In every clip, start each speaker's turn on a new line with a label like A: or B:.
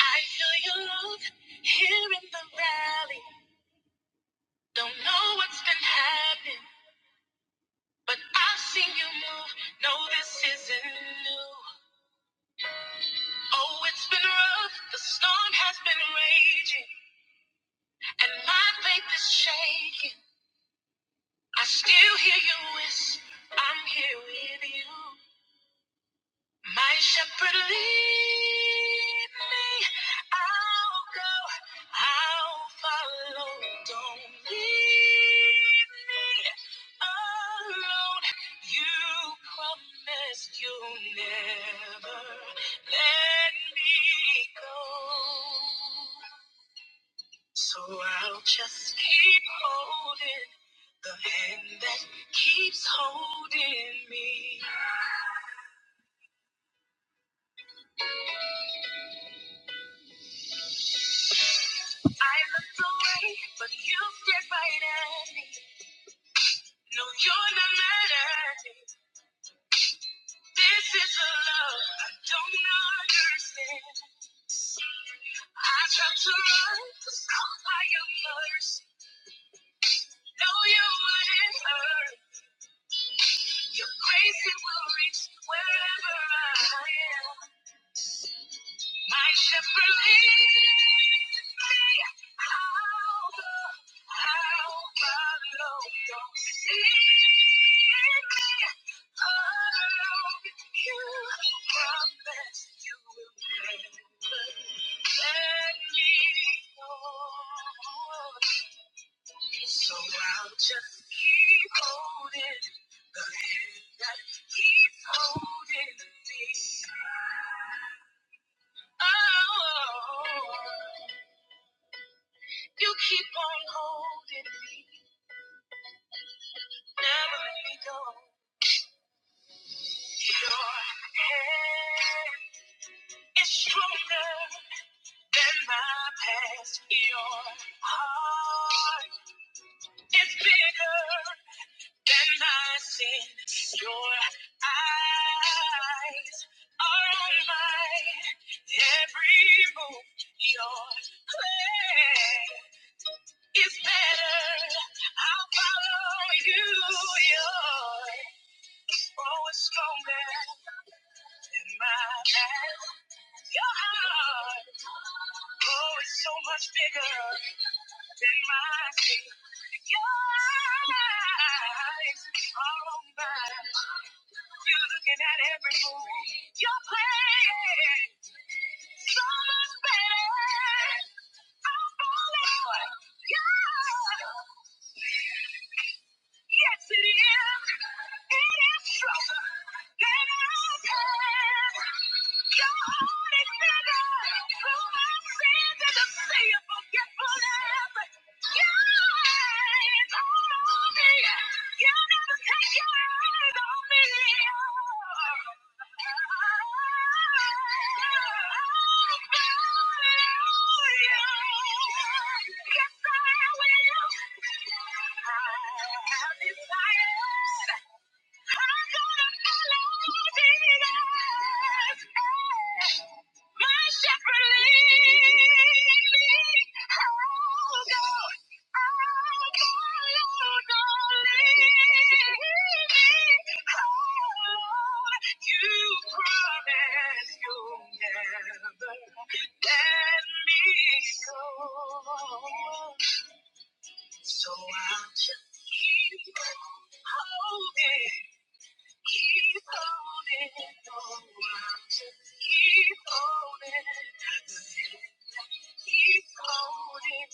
A: I feel your love here in the valley. Don't know what's been happening, but I've seen you move. No, this isn't new. Oh, it's been rough. The storm has been raging, and my faith is shaking. I still hear you whisper, I'm here with you. My shepherd lead me. I'll go. I'll follow. Don't leave me alone. You promised you'll never let me go. So I'll just keep holding the hand that keeps holding me. I looked away, but you stared right at me. No, you're not mad at me. This is a love I don't understand. I tried to run, was caught by your mercy. No, you wouldn't hurt. Your grace it will reach wherever I am. My shepherd leads me. I'll go. I'll follow. Don't see me. Oh, you promise you will never let me go. So I'll just keep holding the hand that keeps holding me. Oh, you keep on holding me, never let me go. Your hand is stronger than my past. Your heart is bigger than my sin. Your eyes are on my every move. Your plan It's better. I'll follow you. Your bow is stronger than my past. Your heart, oh, it's so much bigger than my feet. Your eyes are on mine. You're looking at every move. You're playing so much better. I'm falling. Yeah. Yes, it is. It is true. That I am. Yes, I will. So I'll just keep holding. Keep holding on. Just keep holding. Keep holding.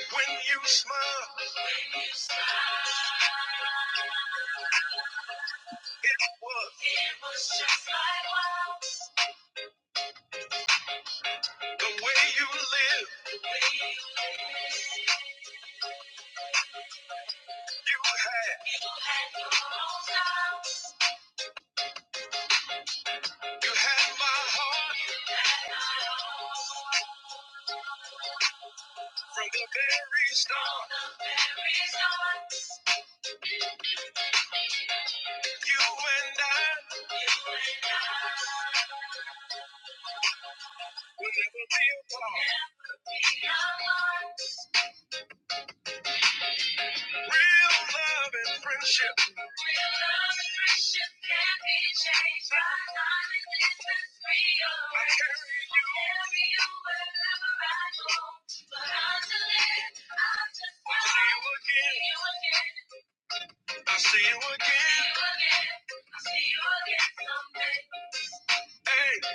A: When you smile, when you smile, it was it was just like wow. the way you live. the way You live, you had, you had your own house, you had my heart. you had my heart. From the very start, you and I will never be apart. Real love and friendship. real and can't be changed by time and distance. Real, I carry you. carry you wherever I go. But until then, I just want to See you again. I will see you again. I'll see you again someday. Hey, I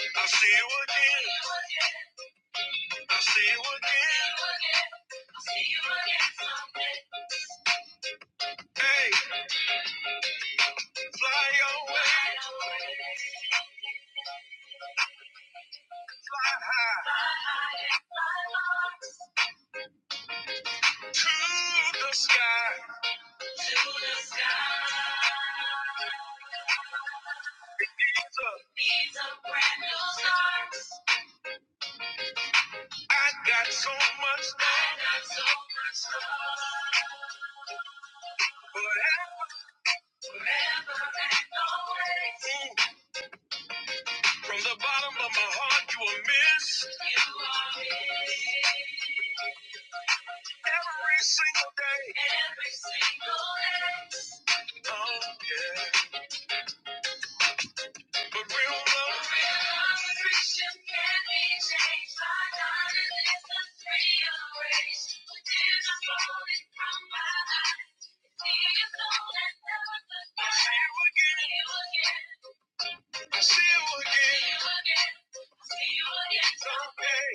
A: will see you again. I will see you again. I'll see you again someday. Hey, fly away. Fly high to the sky. To the sky. He's a brand new start. I got so much love. I got so much love. Forever. Forever and always. Mm. From the bottom of my heart, you are missed. You are missed. Every single day. Every single day. Oh, yeah. The real love. I'm a Christian, can be changed by God and it's a free grace. But tears are flowing from my eyes. See you soon and never goodbye. I see you again. I see you again. I see you again. Someday.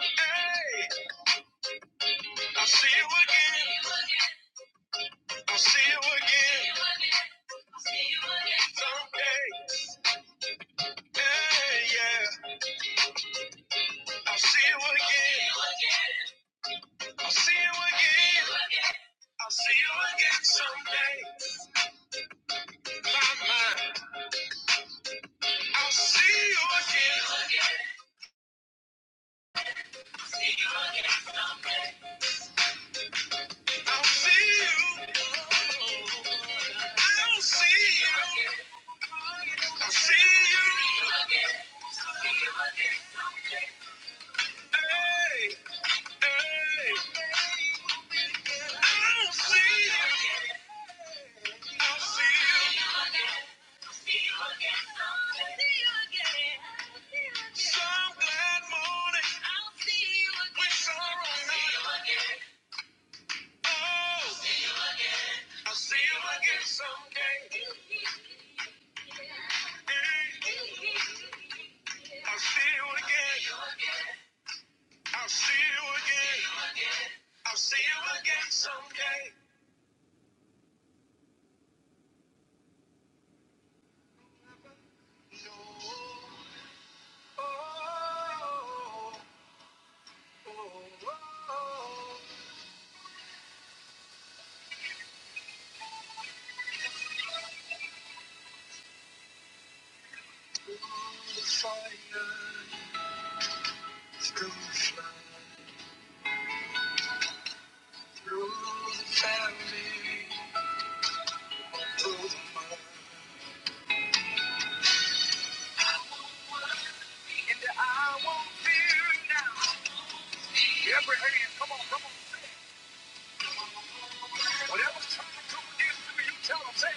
A: Hey, I see you again. I see you again. I see you again. Someday. Hey, yeah. I see you again. I'll see you again. I'll see you again someday. My mind. I'll see you again. I'll see you. I'll see you. I'll see you. Hey, hey. I'll see you. I'll see you. Some glad morning with sorrow night. Oh, I'll see you again someday. Hey, I'll see you again. I'll see you again. I'll see you again someday. No. Oh, oh, oh, oh. oh. Through the fire, through the flood, through the family, through the mud. I won't fear now. Every hand, come on, come on. Whatever's trying to come against me, you tell them, say,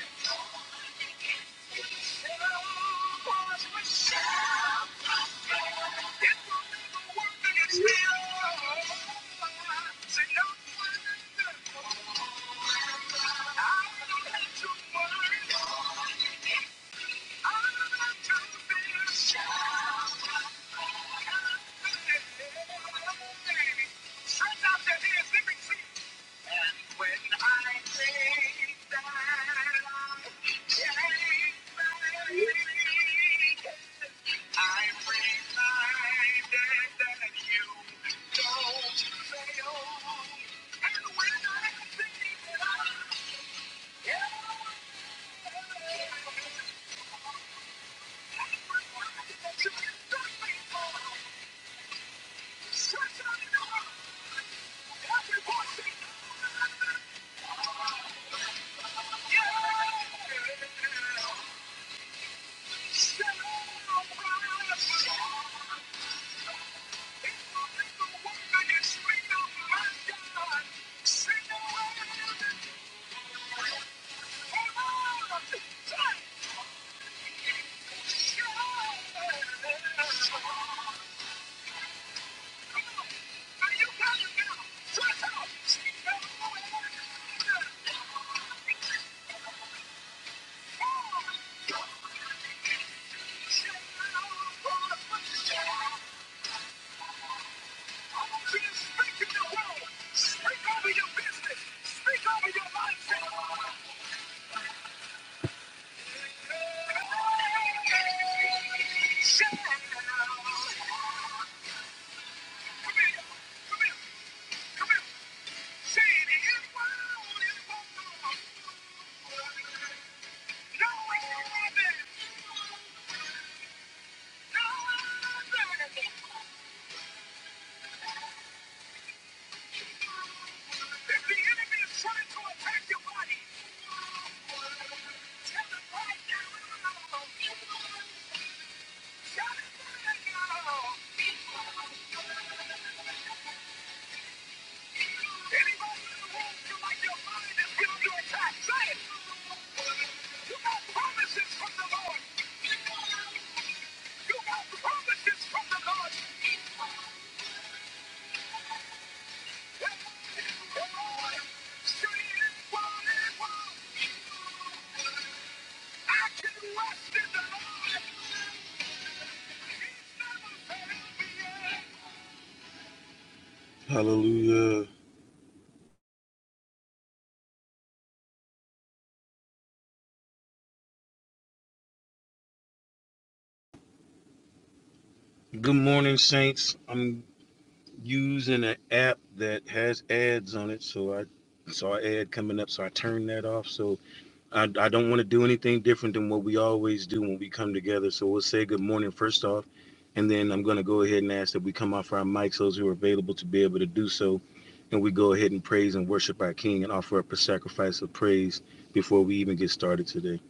A: "Hello, voice, but shout, working it's still." I'm reminded that you don't fail. And when I think that I Yeah, yeah, yeah. speak to your world. Speak over your business. Speak over your life. come here, come here, come here. Say it in world, in world. No other, no other. If the enemy is trying to attack your body, tell him right now. Tell him right now. Anybody in the world feel like your mind is built to attack? Say it. You got promises from the Lord. Hallelujah. Good morning, Saints. I'm using an app that has ads on it, so I saw an ad coming up, so I turned that off. So I, I don't want to do anything different than what we always do when we come together. So we'll say good morning first off, and then I'm going to go ahead and ask that we come off our mics, those who are available to be able to do so, and we go ahead and praise and worship our King and offer up a sacrifice of praise before we even get started today.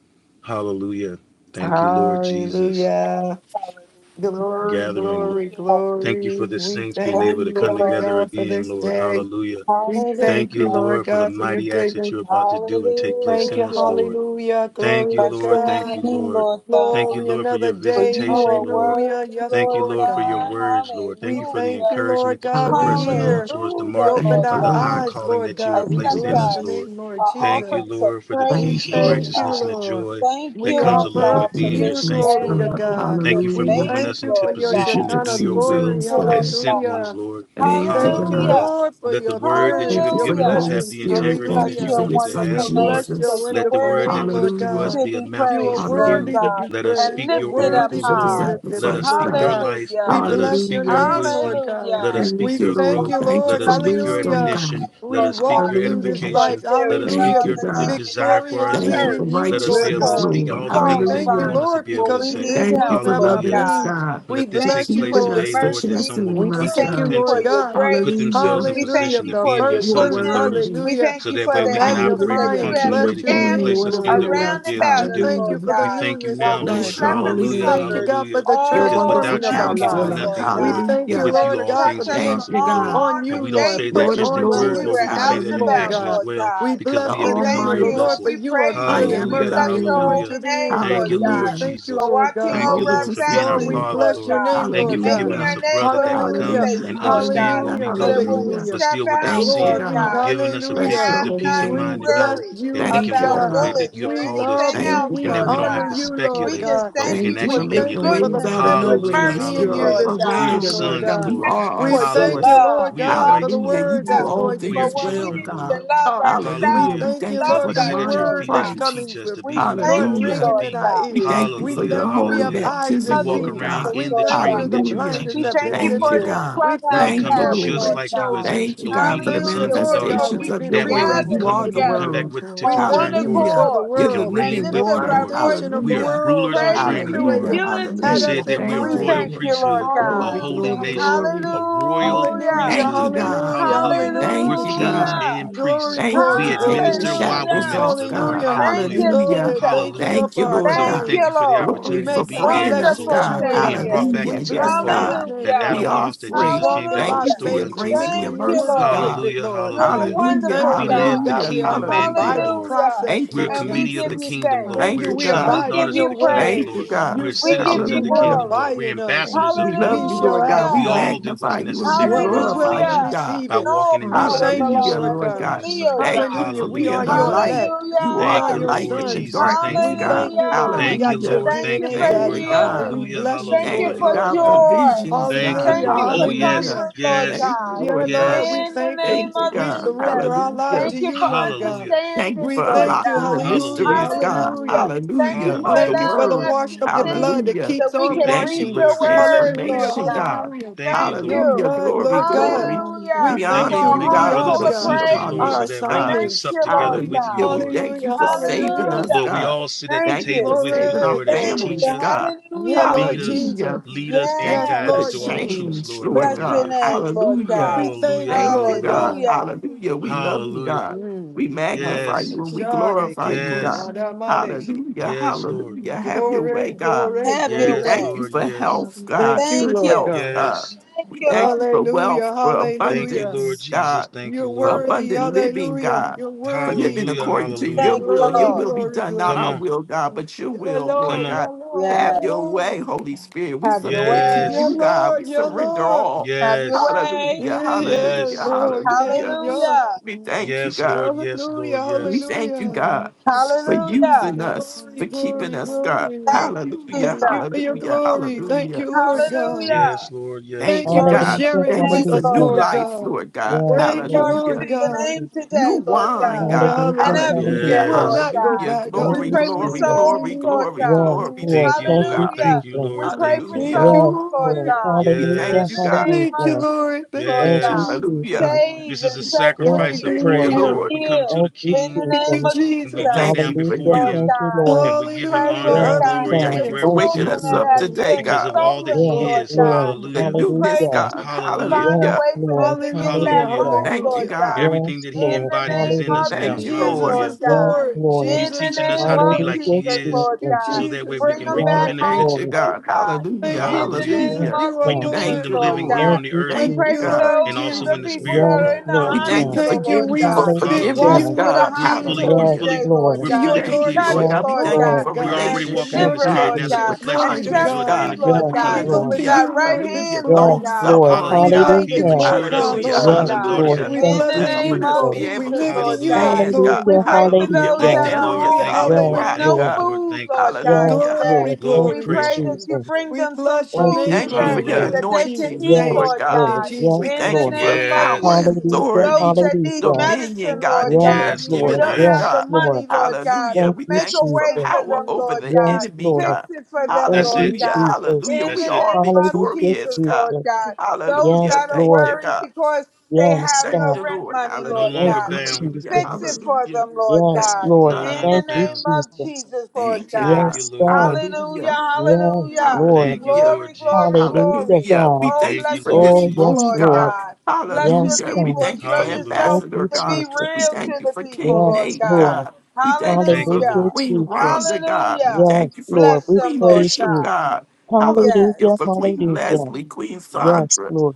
A: Hallelujah. Thank you, Lord Jesus.
B: Hallelujah.
C: Hallelujah.
B: Glory,
A: Gathering,
C: Thank
A: Lord.
B: glory,
C: you, Lord.
A: Thank you
B: glory.
A: for the
B: We
A: saints being
B: thank
A: able
C: Thank
B: you,
A: to
C: you,
A: come
B: Lord
C: Lord.
A: together
B: God, for
A: again,
B: this
A: Lord.
B: day.
A: Hallelujah.
B: We
C: Hallelujah.
A: Thank
B: thank
A: you,
B: you, Lord
A: Lord, for the
B: God, for your
A: mighty acts that
B: goodness.
A: you're about to do and take place
B: Thank
A: in
B: you.
A: us,
C: Hallelujah.
A: Lord.
B: Hallelujah.
A: Thank
B: Glory
A: you,
B: to
C: Bless
A: Lord.
C: your
A: Thank
B: God.
A: you,
C: name,
A: Lord.
C: Lord
A: Thank you,
B: Glory,
C: God.
A: Lord, for
B: another
A: your
C: For
B: day.
C: you
A: visitation,
C: are
A: Lord.
B: Hallelujah.
C: worthy,
B: Yes,
A: Thank you,
C: Lord
B: Lord
A: Lord, for your
B: God.
C: God.
A: words, Lord. Thank
B: We
A: you for the
B: thank
C: Hallelujah.
B: you,
A: encouragement
B: Lord
A: to
B: God.
A: keep
B: We're
A: pressing
D: Hallelujah.
A: on
B: here.
A: towards the
B: We
C: Hallelujah,
A: mark
B: opened
C: Lord
D: Thank
A: of
D: you,
B: our
A: the
C: God.
A: high
D: Lord.
B: eyes,
A: calling
B: Lord
A: that you
B: God.
A: have
B: We
D: Thank you,
C: Accept
A: placed in
B: bless
D: God.
A: us,
B: your
C: our,
A: Lord.
B: name, Lord
C: our
A: Thank
B: Jesus.
A: you,
C: offerings of
A: Lord, for the
B: We
C: praise,
A: peace,
D: Thank
A: the
D: you,
C: Lord
B: thank
D: Lord.
B: you,
A: righteousness,
C: God.
A: and the
B: Lord.
A: joy
C: Thank
A: that
C: you,
B: We
A: comes
C: Lord
D: Thank you
B: offer
A: along
D: for
C: God,
B: up
A: with
B: to
C: for
A: being your
B: you
C: this
D: creating us,
A: saints,
C: day
B: glory to
A: Lord.
C: in
D: God.
C: which
B: God.
C: you
A: Thank
C: have
A: you for
B: We
D: Hallelujah.
A: moving
C: made,
B: thank
A: us
B: you
A: into
B: for
C: Lord
B: your
D: Thank you
A: position
C: God.
A: to
D: for
A: do
B: Shekinah
A: your
D: choosing
A: will
B: glory.
C: Thank
D: us,
C: you,
A: as
C: Lord
D: God.
A: sent
C: God.
A: ones,
B: Hallelujah.
A: Lord.
B: We
D: Thank you,
B: thank you,
C: Hallelujah.
A: Hallelujah.
D: God.
B: Lord, for
A: Let
B: your
A: the word that you
B: appearance,
D: Thank you
A: have
B: your
D: for
A: given
D: your
A: us
C: Hallelujah.
D: Holy
A: have the
B: presence.
C: We
D: Spirit.
A: integrity
D: Thank
C: bless
A: that
D: you
A: you
D: for
B: Hallelujah.
C: your
D: your
A: wanted to
D: Son,
B: We
A: have,
C: wonderful name
A: Lord.
B: bless your
C: because
D: Jesus.
C: you're
A: Let the
B: wonderful
A: word that
B: name,
C: worthy
A: comes
B: Lord
A: through us
D: Hallelujah.
B: God.
C: to
A: be a
C: be
B: You are
A: mouthpiece
C: praised,
A: from
C: Lord
A: you.
B: worthy to
D: Hallelujah.
C: God,
B: be
A: Let us
B: praised.
C: and
A: speak
B: You're
A: your
C: lifted
D: Thank
C: up
D: you
B: worthy
A: oracles,
B: to
D: for the
B: be
A: Lord.
C: high.
B: lifted
A: Let
B: up,
A: us
D: sacrifice,
B: Lord
A: speak your
D: God.
B: God.
A: life.
B: We
C: Hallelujah.
A: Let us
B: bless your
A: speak your
D: Hallelujah.
B: name, Lord
A: wisdom.
B: God.
A: Let
C: Hallelujah.
A: us
D: Thank
B: We
A: speak
D: you,
A: your
B: thank
D: Lord.
A: growth.
B: you,
C: Lord, we
D: Thank you
A: Let
B: Lord.
A: us
D: for
C: bless
A: speak
C: your
A: your
D: wisdom,
B: Hallelujah.
C: holy
D: God.
A: admonition.
C: name,
A: Let
B: We
C: Lord
A: us speak
B: walk
C: God,
A: your
B: through this
D: Hallelujah.
C: because
B: life.
A: edification.
C: there
A: Let
C: is
A: us
B: Hallelujah
D: Thank
A: speak
C: no
D: you,
A: your
C: other
A: d-
D: God.
C: name in
A: desire
C: heaven or
A: for
C: on
A: us,
D: Thank
B: victoriously
D: you
A: Lord.
C: earth
D: for
B: in you,
A: Let us be
B: Lord
A: able to
D: righteousness,
C: wherefore
B: God.
C: we
A: speak
D: Lord.
C: can
A: all the
B: We
C: call
A: things that
B: thank
A: you
B: you,
C: upon
D: Hallelujah.
A: want us to
B: Lord,
A: be able
C: when
A: to
B: because
C: we
B: we
A: say.
B: live,
C: need
D: Thank you
B: move,
C: help,
D: for
B: have
C: Lord
B: our
D: loving
A: Hallelujah.
D: us,
C: God.
B: being.
D: God,
A: And
B: We
A: Let
C: We
A: this
D: for
C: thank
A: take
B: bless
C: you
B: you,
A: place
C: for
D: keeping
C: your
B: Lord.
A: today,
D: us, for
A: Lord, that
C: mercy.
A: someone
D: chastening
B: We
A: would
C: We
A: come
D: us,
A: to
B: thank
C: thank
B: you,
C: you
D: God.
B: Lord
C: for
A: repentance,
C: your
B: God.
A: put
C: grace.
D: Hallelujah.
A: themselves in
C: We thank
B: Hallelujah.
A: position
C: you
A: of
B: The
C: for
A: being your
C: your
B: first
D: You are
A: sons
B: fruits,
A: and
C: goodness.
A: daughters,
D: worthy.
C: We
B: hallelujah,
C: thank
A: so
C: you
A: that
C: for
A: way
B: to
C: the
A: we can
C: angels
A: operate and
C: that
B: magnify
D: Hallelujah.
C: you
B: and
A: function
C: have
A: the
D: King
A: way
B: bless
D: of
A: that
B: your
A: you have
D: kings,
C: encamped
B: name.
A: placed
D: Lord
A: us
D: of
A: in
B: Glory
A: the
B: to
A: earth to
B: God.
C: around
D: lords.
A: be able to
B: We
C: about
A: do.
C: us,
B: thank you
C: Lord
D: Hallelujah.
B: for the
A: We
C: God,
A: thank you
B: newness of
C: while
A: now,
C: we
B: life.
A: Lord.
D: Bless your
C: slept and
D: holy
B: We
A: Hallelujah,
B: thank you,
D: name.
C: slumbered
B: God, for
A: hallelujah.
B: the
D: Your
A: Because
C: all
D: wonderful
B: transforming
A: without
B: of
A: you,
C: night
B: our
A: we can do
C: long,
B: lives.
D: counselor.
C: Lord
A: nothing,
B: We
A: Lord.
C: God
B: thank
A: But
B: you,
D: Hallelujah.
A: with
C: and
A: you,
B: Lord
A: all
B: God, for
C: protect
A: things are
C: us
B: being
C: from
D: Thank you,
A: possible,
C: all
A: Lord.
D: God.
B: on
C: harm
A: And
B: you,
A: we
C: and
A: don't
B: Lord.
A: say
B: Put
A: that
C: danger
D: Lord of
A: just in
B: on
C: when
A: word,
C: we
A: Lord,
D: lords.
B: Jesus
C: were
A: but we say
C: out
B: Christ,
A: that
C: and
A: in
B: Lord
D: Hallelujah.
C: about,
A: action as
B: God.
C: Lord
A: well,
B: We
C: God.
A: because
D: The
B: bless
A: we
C: We
B: the
A: have
B: name
A: become
C: thank
B: of
A: your
B: the
D: Almighty.
C: you
B: Lord,
C: and
B: for
A: vessels.
C: we
B: you are
C: praise
D: I
C: you
B: good
C: and
B: and
D: am
C: we
D: that
A: Hallelujah,
D: I
B: merciful,
C: bless your
B: pure
D: am.
A: hallelujah.
B: unto
C: holy
B: the
C: name,
B: end.
A: Thank
C: Lord
A: you,
B: We
A: Lord
C: God,
D: Hallelujah.
B: thank you,
A: Jesus.
C: for
B: Lord
C: watching
B: God.
A: Thank you,
C: over
D: Jehovah
A: Lord,
C: our
D: to
A: for
D: seek
A: being our
B: Well,
C: families,
B: we
D: you.
A: Father,
C: Lord
B: bless your
A: Lord.
C: God,
B: name,
A: Thank you
B: Lord
A: for
B: God.
A: giving
C: making
A: us
C: our
D: Hallelujah.
A: a brother that can
C: neighborhoods
A: come
B: Hallelujah.
C: safe,
D: Hallelujah.
A: and
C: Lord
A: understand
C: God,
A: what
D: Hallelujah.
A: we
B: Hallelujah.
C: so
A: go
C: that when
A: through,
C: we
D: Hallelujah.
B: Hallelujah.
A: but
C: step
A: still without
C: out,
D: Thank you,
C: Lord
A: sin,
B: Glory.
D: God.
C: God,
A: giving us a
C: we
A: bit
D: Bless
A: of
B: Hallelujah.
D: your
C: have
A: the
D: holy
A: peace
C: not
A: of
C: to
B: We
D: name.
A: mind to
B: bless
A: know
C: worry
B: you,
A: that we
B: Lord
A: can
D: Thank you,
C: about
A: walk
B: God.
A: the way
D: God.
A: that
C: bullets
A: you have
C: or
B: We
A: called us
B: love
C: anything
A: to,
B: you.
D: Thank you,
C: else,
A: and
B: We
A: that
C: Lord
A: we
D: God.
A: don't
B: honor
A: have
E: Hallelujah,
A: to
C: God.
B: you, Lord
C: We
A: speculate,
E: hallelujah.
C: just
B: God.
A: but we
C: thank
A: can
C: you
D: Thank you
B: We
D: for
C: for
A: actually
C: your
B: thank
D: making
B: you
A: emulate.
B: for the
D: ways
E: Glory
C: goodness
D: out
E: and
D: of
C: and
D: no
C: your
E: honor
B: privilege
E: to
A: Hallelujah,
B: of
E: your
D: ways.
C: mercy,
B: being
D: You're
E: name,
D: our
B: here
A: hallelujah.
C: Lord
B: this
E: Lord.
A: We
C: God.
B: morning,
A: are
D: provider,
B: Lord
D: Lord
A: sons,
D: God.
E: Hallelujah.
C: We
B: God.
D: You
A: Lord.
C: thank
D: are
C: you
E: Father,
D: our
B: We
E: we
C: for your
B: thank
E: bless
B: you,
D: source.
A: Hallelujah.
C: love.
B: Lord
E: you.
A: We are
B: God, for
A: lights,
B: the
D: Hallelujah.
A: Lord.
D: You
B: word
D: do
C: Hallelujah.
B: that's
D: all
B: going to
A: We
C: For
A: are
B: be
E: Glory,
D: things
C: when we
D: well,
A: children,
C: didn't
E: glory,
A: Lord.
E: you're
C: even
D: God.
C: love
E: worthy
B: top.
E: of the
B: We
D: Hallelujah.
C: ourselves,
A: Hallelujah.
D: We
E: praise,
B: thank
C: you
E: oh
B: you,
D: thank you
A: So
B: Lord,
A: we
C: loved
D: for
E: God.
B: for
D: the
C: us,
B: your
A: sit at
D: mind
A: your
D: of
C: Lord
B: word
A: feet
B: that's
A: as
C: God.
A: you
E: Hallelujah,
D: Christ.
A: teach
B: coming
A: us
B: with,
A: to be
C: We
E: hallelujah.
A: who you
C: thank
B: Lord,
A: called
C: you,
A: us
D: Hallelujah.
A: to
B: ringing
C: Lord
B: in
A: be.
B: our
C: God.
E: Glory
D: We
B: ears.
E: to your
D: thank you
B: We
D: for
E: name,
A: Hallelujah.
C: In
D: your
B: thank
C: the
B: you.
E: Lord.
B: We
D: holy
B: have
C: mighty
E: Thank
A: Hallelujah.
E: you for
B: eyes
C: name
A: We
E: this
B: to
C: of
D: baptism,
A: walk
D: Lord
B: see.
E: day,
A: around
D: God.
C: Jesus,
B: We
A: in
E: Lord
A: the
C: Lord
E: God.
B: thank you.
A: training
B: The
C: God.
A: that you are
E: Thank
D: Hallelujah.
B: blinders
A: teaching
C: We
A: us
B: have
A: to
E: you,
C: thank
B: been
C: you
A: walk
E: Father.
D: Thank
C: for
D: you,
A: in,
B: lifted.
C: this
A: Lord.
D: God.
B: We
A: We're
C: clubhouse
B: thank you,
D: Thank
E: Lord,
D: you,
A: becoming
E: we
B: Lord.
C: app,
B: We've
A: just
D: Lord.
E: come
B: been
C: Lord
A: like
E: to
A: you
C: God.
A: as
B: chosen.
D: Thank you,
E: worship
B: We
D: God,
E: you
D: for the
A: obedient
E: and
B: thank you,
A: sons
C: Hallelujah.
E: honor
A: and
B: Lord
E: you,
A: daughters.
C: Wherefore
B: God.
D: manifestations
C: we
B: We've
E: Lord,
D: of
C: can
B: been
D: your
E: for
A: That way
E: you're
A: we
D: word.
C: gather
D: You
B: predestined
A: become
D: are
E: worthy
B: to
A: when
D: the
E: of
A: you
B: be.
A: come
E: all
C: together
E: the
A: back
D: word.
A: with to, to
B: We
C: on
E: glory, oh
C: one
A: return
B: thank you
A: for us,
E: God.
D: Hallelujah.
B: before the
C: accord
A: we
D: You're the
A: can
B: world.
E: Father,
C: and
A: reign
D: living
C: lift
E: we
B: The
A: with
C: up
A: you,
D: water.
C: our
A: Lord.
E: bless
B: foundation
E: you,
B: of
C: voices
B: the
A: We are
C: and
E: Lord
D: Hallelujah.
E: God.
B: world,
A: rulers in
B: Lord, you
C: praise
A: training,
C: you in
A: Lord.
D: Hallelujah.
B: created,
E: Thank you,
A: You
B: had
C: unity.
E: Lord,
D: Hallelujah.
B: us
A: said
E: for
A: that
E: the
B: in
A: we are
D: Thank
C: We
D: you,
E: sunshine
A: royal
B: mind.
C: thank
D: Lord.
C: you, Lord
A: priesthood, a
E: today,
C: God.
D: Glory,
B: Hallelujah,
A: holy
D: glory,
E: Lord God.
A: nation,
B: hallelujah,
C: Hallelujah.
D: glory.
A: a
E: Thank
A: royal
E: you,
B: hallelujah,
E: Father,
D: Thank
E: for
D: you,
A: priesthood,
E: your
A: Lord.
D: God.
E: precious
B: hallelujah,
A: Hallelujah.
E: Holy
B: hallelujah.
A: We're
D: Thank you,
E: Spirit
A: kings
E: that
D: God.
C: Hallelujah.
A: and
E: gives
A: priests.
E: us
B: Glory,
D: Thank you
A: We
B: glory,
D: for
E: hope,
D: taking
B: glory.
D: the
A: administer
E: Lord, for
A: while we
D: shackles
C: Hallelujah.
A: minister,
D: off,
E: today
A: Lord.
D: God.
B: Hallelujah.
C: Thank
A: Hallelujah.
C: you,
E: and
D: Hallelujah.
B: Glory.
E: eternal
C: Jesus.
B: Thank you,
A: Hallelujah.
E: life,
B: Lord,
D: Thank
B: for
D: you,
E: O
B: our
D: Lord
A: So
E: Lord
A: we
C: Thank
D: God.
A: thank you
C: you,
B: callings.
A: for
E: God,
A: the
C: Lord.
E: forever,
B: We
D: Glory
A: opportunity to
D: for
B: make
E: Lord.
B: it
A: be
B: our
D: freeing
A: heirs,
D: us,
B: election
A: Lord,
C: Wonderful
D: God.
B: sure,
A: being
B: God.
C: Savior.
A: brought back
D: Hallelujah.
B: We
E: Hallelujah,
A: into the
D: Yes,
B: bless in
A: fold
B: your
D: God.
E: hallelujah.
A: that
B: name,
C: Hallelujah.
D: We
A: Adam
B: Lord.
D: are
A: lost, that
B: We're
E: Thank
D: free.
A: Jesus
E: you,
A: came
B: walking
A: back and
C: Hallelujah.
D: Thank
B: by
E: Lord.
D: you
E: I
D: for
A: restored
D: your
B: faith and
E: praise
A: unto
D: grace
A: us,
D: and
E: you,
D: your
C: Thank
B: mixing
A: Lord.
B: your
C: you,
E: Father
D: mercy,
B: word
C: Lord.
B: with
E: God.
D: God.
B: it,
A: Hallelujah.
B: Lord.
C: You're a
A: Hallelujah.
B: We
D: Hallelujah.
E: Glory,
B: thank
C: wonderful
A: We
B: you,
E: glory
B: Lord
A: live
E: to
A: the
C: God.
E: you,
B: God.
D: Hallelujah.
B: We are in
A: kingdom
B: the
E: Lord.
A: mandate,
D: Hallelujah.
B: abiding
A: Lord.
E: I
C: Hallelujah.
E: thank you,
B: process,
D: Thank
A: We're
D: you,
A: a
E: Jesus.
B: Lord
C: And
B: God.
C: we
A: committee of
C: give
A: the
C: you
D: Jesus.
A: kingdom,
C: thanks.
A: Lord.
B: Thank
D: Thank
B: you.
A: We're
D: you,
B: We
E: Hallelujah.
A: sons
D: God.
A: and
C: We
B: abide
E: Thank
B: in
C: give
A: daughters
E: you,
A: of
B: your
C: you
A: the
B: word.
A: kingdom,
D: Thank
C: praise.
E: Jesus,
D: you,
A: Lord.
E: for all
B: You
D: God.
A: We're
E: that
C: We
E: you've
B: said
C: give
B: if
A: citizens
B: your
C: you
A: of the
E: done,
B: word
D: Hallelujah.
A: kingdom,
E: Lord.
C: glory.
A: Lord.
B: abide
A: We're
B: in us,
E: Thank
A: ambassadors
E: you,
A: of
D: We
A: the
D: love
B: we
A: kingdom,
D: you,
E: Jesus,
B: shall
A: Lord.
D: Lord
E: for
D: God.
E: the
C: Hallelujah.
D: We
B: ask,
A: We
B: God
A: all do what's
D: magnify
E: sacrifice
D: you and we
E: in
A: necessary
B: what
E: your
A: for us
B: we
A: to
E: life.
D: glorify
B: will
A: please
B: and
D: you,
E: Lord.
C: Hallelujah.
A: you
D: God.
B: receive
A: by
C: And
B: it.
A: walking
C: all
A: in
B: We
A: your
C: power
A: sight
B: thank
A: as your
B: you,
C: belong
E: Hallelujah.
D: Hallelujah,
A: son
B: Lord
D: Lord
A: walked
B: God.
C: unto
A: in
E: That
D: God.
A: your
C: thee,
E: we
A: sight.
C: O
E: might
D: Thank
C: God.
D: you
E: have
B: Hallelujah.
D: for
B: We
D: being
B: are
A: Hallelujah.
D: the
B: your
E: eternal,
D: light.
A: Hallelujah.
B: elect.
D: You
B: We
C: Hallelujah.
D: are
B: are
A: Thank
D: the
A: you,
E: that
B: your
D: light
E: we
A: Lord
D: in the
E: might
B: sons.
A: Jesus.
E: live
A: Thank
D: darkness,
B: We
A: you,
E: forever
D: God.
A: Lord.
B: thank
E: with
B: you,
E: you,
B: Lord. We
C: Hallelujah.
A: Thank you,
E: Lord
B: got your
D: Hallelujah.
A: Lord.
E: Jesus.
C: Thank
A: Thank
C: you
B: DNA,
A: you,
C: for
D: Thank
A: Lord.
D: you,
B: Daddy, and
C: healing.
D: God.
B: we
A: Hallelujah.
B: bless you
C: Thank you
B: for
A: Hallelujah.
D: Thank
B: it,
D: you,
E: Hallelujah.
C: for
B: Lord
D: God, for
A: Hallelujah.
E: The
B: God.
C: joy.
E: Father,
D: visions,
E: the
A: Thank you,
D: God.
C: Thank
B: Hallelujah.
E: Son,
A: Lord.
C: you
E: and the
C: for
A: Oh,
E: Holy
A: yes.
D: Hallelujah.
B: Hallelujah.
C: comfort, Lord
E: Spirit,
A: Yes.
D: Thank you,
E: O
C: God.
B: Yeah,
D: Lord
E: Lord
B: Lord,
D: God.
A: Yes.
B: we
C: In
E: God.
C: the
B: thank you.
C: name
D: Thank you,
C: of
B: We
D: God.
C: Jesus.
B: surrender our
E: Hallelujah.
B: life
D: Hallelujah.
C: Thank
B: to
E: Thank
C: you
E: you,
B: you,
C: for
B: Lord God.
E: Jesus.
A: Hallelujah.
D: Thank you
C: understanding,
B: We
D: for
C: Lord
E: Thank
B: thank you.
E: you,
D: unlocking the
C: God.
E: Lord,
B: Hallelujah.
A: Hallelujah.
D: mysteries,
E: for
D: God.
E: calling me
B: Hallelujah.
E: out
C: Hallelujah.
E: of
C: Thank you
D: Hallelujah.
B: We
C: for
E: darkness
D: Of the
B: thank
A: Hallelujah.
B: you
E: into
B: for
C: allowing
B: the
E: your
D: word.
C: us
B: wash
C: to
B: of the
E: marvelous
C: see
B: blood that
E: light.
D: Hallelujah.
C: that
B: keeps
C: we
D: We
B: on
C: can
D: thank
A: Thank you,
C: read
D: you
B: washing.
D: for
A: Lord
C: your
A: Jesus.
C: word,
B: Hallelujah.
C: Lord
D: transformation,
E: Hallelujah.
C: God.
D: God.
B: Hallelujah.
A: Thank you,
C: Thank
A: Lord.
B: Your
C: you.
D: Hallelujah.
B: blood,
D: Glory,
B: Lord God.
D: glory.
B: We
C: Hallelujah.
D: We
A: Thank you
D: honor
C: For
B: thank
A: for
B: you
E: Hallelujah,
C: a
D: you,
B: who
A: making
B: we
C: heart
D: God,
B: are,
D: with
A: brothers
C: full
D: the
A: and
E: hallelujah,
C: of
B: God.
D: fruit of
A: sisters,
D: our
C: praise.
A: Lord,
B: Our
A: so
E: hallelujah.
D: lips,
A: that way we
D: God.
A: can
C: Thank
B: assignments.
A: sup
C: you,
A: together
C: Lord
A: with
E: Glory
A: you,
D: Hallelujah.
C: God.
E: to
D: We
E: your
A: Lord.
D: thank
E: name,
D: you
B: Hallelujah.
D: for
E: Lord. I
D: saving
B: Hallelujah.
C: Hallelujah.
E: thank
D: us,
A: Lord, we
E: you.
D: God.
A: all sit at the
C: Thank
D: Thank
E: I
D: you
A: table
D: for
C: you.
A: with
E: praise.
A: you,
D: saving
B: Glory,
D: our
A: Lord, as you
C: Thank
B: glory.
C: you.
A: teach
D: families,
A: us,
D: God.
B: Yeah,
C: Hallelujah.
B: Lord
A: feed us,
D: Hallelujah.
B: Jesus.
A: lead
E: Hallelujah.
D: We
A: us, and
D: thank
B: Yes,
D: you
C: Yes.
D: for
A: guide
D: the
A: us
B: Lord
E: I
A: to all
E: yield
A: truths,
D: change,
B: Jesus.
A: Lord.
E: my
D: Lord
C: Bless
E: life,
C: your
A: Hallelujah.
D: God.
C: name, Lord
E: my
D: Hallelujah.
B: We
E: heart,
C: God.
E: my
B: thank
A: Hallelujah.
B: you,
D: Thank you,
B: Lord
E: spirit, my
A: Hallelujah.
D: God.
B: God.
C: Hallelujah.
E: soul
D: Hallelujah.
E: to
D: We
E: you,
D: love you,
E: Lord
A: Hallelujah.
D: God.
E: Jesus,
D: We
B: Mm.
D: magnify
B: Hallelujah.
A: Yes.
D: you
E: that
D: and
E: you
D: we
E: might have
B: Shade
D: glorify
E: your
B: ke
D: you,
E: way
A: Yes.
D: God.
E: in
B: kumada
E: me, Lord.
B: maleshi.
D: Hallelujah.
A: Yes, Lord.
D: Hallelujah. Have your
E: Hallelujah,
B: Glory,
D: way, God.
B: glory,
E: hallelujah,
C: Have
D: We
C: your
A: Yes,
B: glory.
D: thank
C: way.
D: you
A: Lord.
D: for
A: Yes.
D: health, God.
B: Thank you,
C: Thank
E: hallelujah,
D: Good
B: Lord
C: you.
D: health,
B: God.
D: God.
A: Yes.
C: Thank
E: hallelujah.
D: We
C: you,
D: thank
C: Lord.
D: you for wealth,
B: Hallelujah,
D: for
A: Thank you,
B: hallelujah.
E: Thank,
A: Lord
D: abundance,
E: thank you,
A: Jesus.
D: God.
A: Thank
B: You're
A: you,
D: For
A: Lord.
B: worthy,
E: thank
D: abundant
E: you,
D: living,
B: hallelujah.
D: God.
B: You're
D: For living
B: worthy.
A: Hallelujah.
E: thank
D: according to
E: you,
D: your
A: Hallelujah.
C: Thank
E: Lord,
D: will.
C: you,
E: that
D: Your
B: Glory,
E: you
C: Lord.
D: will be
E: never
B: glory,
D: done,
E: leave
D: not
A: Come
D: our
B: glory.
A: on.
D: will, God, but your
E: us.
B: Yeah,
D: will, Lord
A: Come
B: Lord,
A: on.
B: yeah,
D: God.
B: Lord, yeah,
C: Yes.
D: Have your
B: Lord.
D: way,
E: Lord
D: Holy
E: God, I
D: Spirit. We
C: Have
E: thank
C: your
E: you for
D: submit to
E: my
C: way.
B: Yeah,
D: you,
A: Yes.
D: God. We
E: precious
B: Lord, yeah,
D: surrender
B: Lord.
E: babies,
D: all.
C: Have your
A: Yes.
C: way.
D: Hallelujah.
B: Yeah,
E: my
B: yeah,
D: Hallelujah.
A: Yes.
E: entire
B: Lord. Yeah,
D: Hallelujah.
E: family.
B: yeah.
C: Hallelujah.
D: We
E: Lord
D: thank you,
A: Yes,
E: God,
D: God.
A: Lord. Yes,
B: Hallelujah,
A: Lord.
D: We
E: Father
A: Yes.
D: thank you,
E: God,
B: hallelujah.
E: I
D: God,
E: ask you to
D: for
E: speak to
C: Hallelujah.
D: using
E: their
D: us,
B: Glory,
D: for
E: hearts, oh
D: keeping
B: glory,
D: us,
E: God,
D: God.
B: glory.
C: Thank you, Jesus.
D: Hallelujah,
B: Thank
E: speak
B: you for
E: to
B: your
E: their
D: hallelujah,
B: glory.
E: spirit,
B: Thank
D: hallelujah.
B: you, Lord
F: Thank
E: Lord,
F: you,
B: God.
F: Jesus.
A: Yes,
C: Hallelujah.
A: Lord. Yes,
D: Thank
B: Thank
D: you,
E: that
B: you
A: Lord.
B: for
E: they
C: Glory
D: God.
C: to
A: Yes.
E: might
F: Hallelujah,
B: sharing
C: your
B: it
D: Thank
E: hear,
C: name,
D: you
B: with
D: for
B: us,
C: Lord
D: new
F: hallelujah.
B: Lord
C: God.
D: life,
B: God.
D: Lord
E: that
D: God.
E: they
F: Yes,
C: Bring
B: Thank
E: might
B: you,
F: Lord.
C: glory
E: hear
B: Lord
C: to
F: Thank
D: Hallelujah.
F: you,
C: your
B: God.
E: you
C: name
F: Jesus.
D: New
C: today, Lord
D: wine,
C: God,
E: and
B: Hallelujah,
D: God.
E: ask,
C: and
F: Hallelujah,
B: hallelujah.
E: Lord,
C: every
B: We
D: Hallelujah,
C: day,
B: will
F: hallelujah.
C: Lord
A: Yes.
B: not go
C: God.
D: hallelujah.
B: back.
F: Thank
C: We
D: Glory,
F: you,
E: and
C: pray for
D: glory,
B: Hallelujah,
E: surrender
F: Jesus.
D: glory,
C: souls,
E: to you.
C: Lord
D: glory,
B: hallelujah.
C: God.
F: Yes,
D: glory
E: will.
D: to
F: Lord.
A: Thank you,
D: you,
F: Thank you,
A: Lord.
D: God.
A: Thank
C: Hallelujah.
A: you,
F: Jesus.
C: We
A: Lord.
C: pray
A: Thank
C: for
A: you.
E: Hallelujah,
B: Thank
D: Hallelujah.
B: you,
F: Yes,
C: souls, Lord
F: Lord.
B: Lord.
C: God.
D: We thank
F: Hallelujah,
C: In
D: you,
A: Yes.
C: the
D: God.
C: name
B: Thank you,
C: of
F: hallelujah.
B: Lord.
C: Jesus,
B: Thank
C: Lord
B: you,
F: Thank you,
C: God.
A: Yes.
B: Jesus.
E: hallelujah.
D: Hallelujah.
F: Jesus.
C: Save
A: This is a
C: and set
F: Yes,
A: sacrifice
C: free
A: of
D: Thank you,
F: Lord.
C: and
A: praise,
B: Hallelujah.
A: y'all.
D: Lord.
A: We come
C: heal.
A: to the
F: Thank you,
C: In
A: King
C: the
B: Thank
C: name
B: you,
F: Jesus.
C: of
A: and we
D: We
A: lay
B: Jesus.
C: Jesus,
D: thank
A: down
D: you for
A: before
F: Hallelujah.
C: Lord
D: new.
F: Thank
A: him
F: you,
C: God.
F: Lord.
A: and we
C: We
A: give him
C: pray,
B: Hallelujah,
A: honor
C: Lord
A: and
F: Yes,
C: God,
D: We
A: glory and we
F: God.
C: for
D: thank you
B: hallelujah.
C: the
D: for
F: Thank
A: reverence
D: waking
F: you,
A: him
C: children
D: us
C: that
D: up
C: has
F: Jesus.
E: Oh
D: today,
C: been
E: God,
A: because of
D: God.
E: I
A: all that
B: Glory,
C: stolen,
E: praise
A: he
F: Yes,
B: glory,
C: Lord
A: is.
E: you,
B: glory.
F: Lord.
C: God.
D: For the
A: Hallelujah.
C: We
E: Father,
D: newness,
C: pray that
F: Hallelujah.
D: God.
C: you
A: Hallelujah.
C: find a
F: Yes,
D: Hallelujah.
C: way for
F: Lord.
C: them to get
B: Hallelujah,
C: back
A: Hallelujah.
F: Hallelujah.
C: home,
D: Thank you,
B: hallelujah.
C: Lord
D: God.
C: God.
A: Everything
F: Yes,
A: that he
C: In
F: Lord.
C: the
A: embodies
E: Lord,
A: is
C: name
A: in us
E: we
C: of
A: now.
D: Thank
F: Hallelujah.
D: you,
E: praise
C: Jesus,
E: you
B: Jesus
D: Lord.
A: Hallelujah.
C: Lord
B: is
E: all the
F: Yes,
C: God.
B: Lord.
E: more.
F: Lord.
A: He's
C: In the
B: Jesus
A: teaching
B: is
A: us
C: name
A: how to be
C: of
F: Hallelujah,
B: Lord.
A: like
C: Jesus,
A: he is
B: Thank
C: Lord
B: you,
F: Jesus.
E: Yes,
C: God.
A: so that way
E: we
B: Jesus
A: we
B: is
C: Bring
A: can
E: do.
C: them
A: reap the
F: Yes,
B: Lord.
C: back
D: Thank
C: home,
A: benefits.
D: you,
F: Lord.
C: Lord
D: God.
C: God.
D: Hallelujah.
E: Thank
B: Thank you,
C: In
E: you,
C: the
A: Hallelujah.
E: Lord.
C: name
B: Jesus.
F: Yes,
D: Hallelujah.
C: of
B: You are
A: We do
F: God.
C: Jesus,
D: Thank
B: Lord.
A: kingdom
D: you,
C: Lord
A: living
D: Lord.
A: here
C: God.
F: Thank
A: on the
F: you,
A: earth
C: We
D: Thank
B: Thank
C: pray
D: you,
B: you,
C: for
F: Jesus.
D: God.
B: Lord
A: and
C: those of
A: also
B: Jesus.
C: your
A: in the
C: people
A: spirit
C: that
F: Yes,
C: are
E: Hallelujah,
A: world.
C: in the
D: We
F: Lord
B: We
A: Hallelujah.
D: thank
F: God.
D: you
E: hallelujah,
D: for
C: hospital,
B: thank you.
C: Lord
B: We
E: hallelujah.
D: for
C: God.
F: Hallelujah.
B: submit
F: Yes,
B: to
A: Hallelujah.
C: Walk
D: forgiveness,
B: you,
C: through the
B: Lord
D: God.
A: We're
B: Jesus,
A: fully
C: hospital
A: we're
E: Oh,
D: Hallelujah.
C: today,
A: fully
E: glory
C: Lord
F: Lord.
A: we're
B: to
E: to
B: your
C: God.
A: fully
E: your
D: Thank you,
E: name,
A: completed.
C: Touch,
D: Lord
B: Lordship.
F: Yes,
D: God. We
E: Lord.
C: Lord
D: thank
E: Have
B: Glory
D: you
F: Lord.
B: to
C: God,
D: for
A: We're
B: God.
E: you,
A: already
C: and
A: walking in
F: Thank
B: Your
D: relationship,
A: the
C: deliver,
F: you,
A: spirit
D: God,
C: Lord
A: now that the
B: kingship.
D: for
F: Jesus.
C: God,
A: flesh
C: and
A: gets
B: Glory to
A: to
E: have
D: kindness,
C: set
A: enjoy
E: you
A: the
B: God.
C: free,
D: God.
E: faith
A: benefit of
C: Lord
A: the
F: Yes,
B: We
C: God,
E: me?
A: kingdom.
B: kneel
F: Lord.
B: to
C: with
D: Hallelujah.
C: that
B: you,
C: right
B: Lord, this
D: Hallelujah.
C: hand, Lord
D: Long
E: And
B: morning.
F: Yes,
C: God.
E: I
F: Lord.
E: pray
C: We
B: We
D: suffering,
E: for
A: Hallelujah.
C: know
D: God.
B: thank
A: He's
B: you
C: that you
F: Hallelujah.
B: for
C: can
B: it,
A: matured us
C: do
B: God,
C: it,
A: into
D: Hallelujah.
C: Lord
B: Lord.
A: sons
F: Yes,
A: and
C: God.
E: you
A: daughters
F: Lord.
E: with
A: that
D: Hallelujah.
A: he
B: We
E: me.
A: can
F: Thank
A: be
C: In the
D: For
F: you,
B: blessing
A: pleased
D: helping
B: you,
A: with.
C: name
D: us
C: of
D: be
F: Jesus.
B: Lord. We
D: able
C: Jesus,
D: to
B: lifting
C: Lord
B: you
A: Hallelujah.
B: up,
C: God.
D: withstand, God.
B: Lord
C: We
F: Hallelujah.
B: God.
C: pray for
F: Hallelujah.
D: Hallelujah.
C: those
D: We
A: Thank
C: that
A: you,
D: stand
C: are
D: on your
A: Lord.
B: Hallelujah.
C: home
A: Thank
F: Yes,
A: you,
D: solid
A: Lord.
C: with
D: rock,
A: Thank
B: Hallelujah.
C: no
F: Lord.
A: you,
D: God.
A: Lord.
C: food,
A: Thank you.
C: Lord God,
F: Yes,
D: Hallelujah.
C: today.
B: Glory,
F: Lord.
A: Lord,
E: Check
A: we
F: Thank
C: We
B: glory,
F: you,
A: praise
C: pray
A: you.
C: that
F: Jesus.
B: glory.
C: you bring
B: We
C: them some
B: bless your
F: Thank
D: We
C: food
F: you,
B: name,
D: thank you
B: Lord
D: for
C: today
E: me
D: your
E: and
F: Jesus.
B: God,
A: Hallelujah.
C: that
B: in
C: they can
B: Jesus'
D: anointings,
C: eat,
E: see your
D: Lord
F: Yes,
B: name.
C: Lord
D: God.
F: Lord.
B: In
C: God.
E: prayer
F: Yes,
D: We
B: Jesus'
C: In
B: name.
C: the
D: thank you
F: Lord.
D: for the
C: name of
D: power,
A: Yes.
D: and
C: Jesus
E: over
F: Hallelujah.
E: hunger
C: those
D: authority,
E: and
C: that
F: Hallelujah.
C: need
D: dominion,
C: medicine,
E: oh
D: God,
C: Lord
E: God,
D: that you
F: Yes,
E: for
C: God,
A: Yes,
D: have
E: your
B: Thank
C: and
A: Lord.
D: given
F: Lord.
C: don't
D: us,
F: Yes,
C: have
A: Yes.
C: the
D: God.
C: money,
F: Lord.
E: righteousness. Oh,
C: Lord God.
D: Hallelujah.
F: Thank
D: We
F: you,
C: Make
D: thank
C: a
D: you for
C: way
F: Jesus.
C: for
D: power
C: them,
E: hallelujah,
D: over
C: Lord
D: the
C: God.
F: Yes,
D: enemy,
F: Lord.
C: Fix
D: God.
C: it for them,
F: Thank
A: That's
C: Lord
F: you,
A: it.
D: Hallelujah.
E: hallelujah.
C: God.
F: Jesus.
D: Hallelujah.
C: In
D: We
A: That's
C: the
A: it.
D: are
C: name of
F: Hallelujah,
D: victorious,
C: Jesus,
D: God.
C: Lord
F: Jesus.
E: We
C: God. Those
F: Yes,
D: Hallelujah.
C: that are
D: Thank
F: Lord.
D: you,
C: worried
D: God.
C: because they
F: Yes,
C: have
D: Thank
C: no
F: God.
D: you,
C: rent
D: Lord.
C: money,
A: No
C: Lord
F: Thank
D: Hallelujah.
A: longer
C: God.
F: you,
A: bound.
D: Hallelujah.
C: Fix
F: Jesus.
C: it for
D: Hallelujah.
C: them, Lord
F: Yes,
D: Thank
C: God.
D: you,
F: Lord.
A: No
D: God.
C: In
A: longer
C: the
F: Thank you,
C: name
A: bound.
C: of
F: Jesus.
C: Jesus, Lord
D: Thank you,
A: Thank
C: God.
D: God.
A: you,
F: Yes,
A: Lord.
F: God.
C: Hallelujah,
D: Hallelujah.
F: Yes,
C: hallelujah.
F: Lord.
A: Thank you,
D: Hallelujah.
E: Amen.
A: Lord
C: Glory, glory,
A: Jesus.
E: Glory
F: Hallelujah,
C: glory.
D: Hallelujah. We
F: God.
C: Oh,
D: thank
A: Thank
D: you
A: you,
C: bless
D: for
C: your
A: Lord
D: this
F: Oh,
C: people,
F: yes,
A: Jesus.
D: room,
C: Lord
F: Lord.
D: God.
C: God. Bless your
F: Yes,
D: Hallelujah. We
F: God.
C: people and
D: thank you
C: show
D: for
A: Hallelujah.
C: yourself
F: Thank
D: Ambassador,
F: you,
C: to
D: God.
C: be
F: Jesus.
D: We
C: real
D: thank
C: to
D: you
C: the
D: for
C: people,
D: King
C: Lord
F: Yes,
D: Nate,
C: God.
F: Lord.
D: God. We thank you
A: Thank you,
D: for
F: Hallelujah,
A: Lord.
C: Hallelujah,
D: Queen
F: Jesus.
D: Rhonda, God. We
C: hallelujah.
F: Yes,
D: thank you for
F: Lord.
C: Bless
F: We
C: them,
D: Queen
C: Lord
F: praise
D: Bishop,
F: you.
C: God.
D: God. Hallelujah.
F: Hallelujah,
C: Yes.
D: For Queen
F: hallelujah.
D: Leslie, Queen
F: Yes,
D: Sandra.
F: Lord.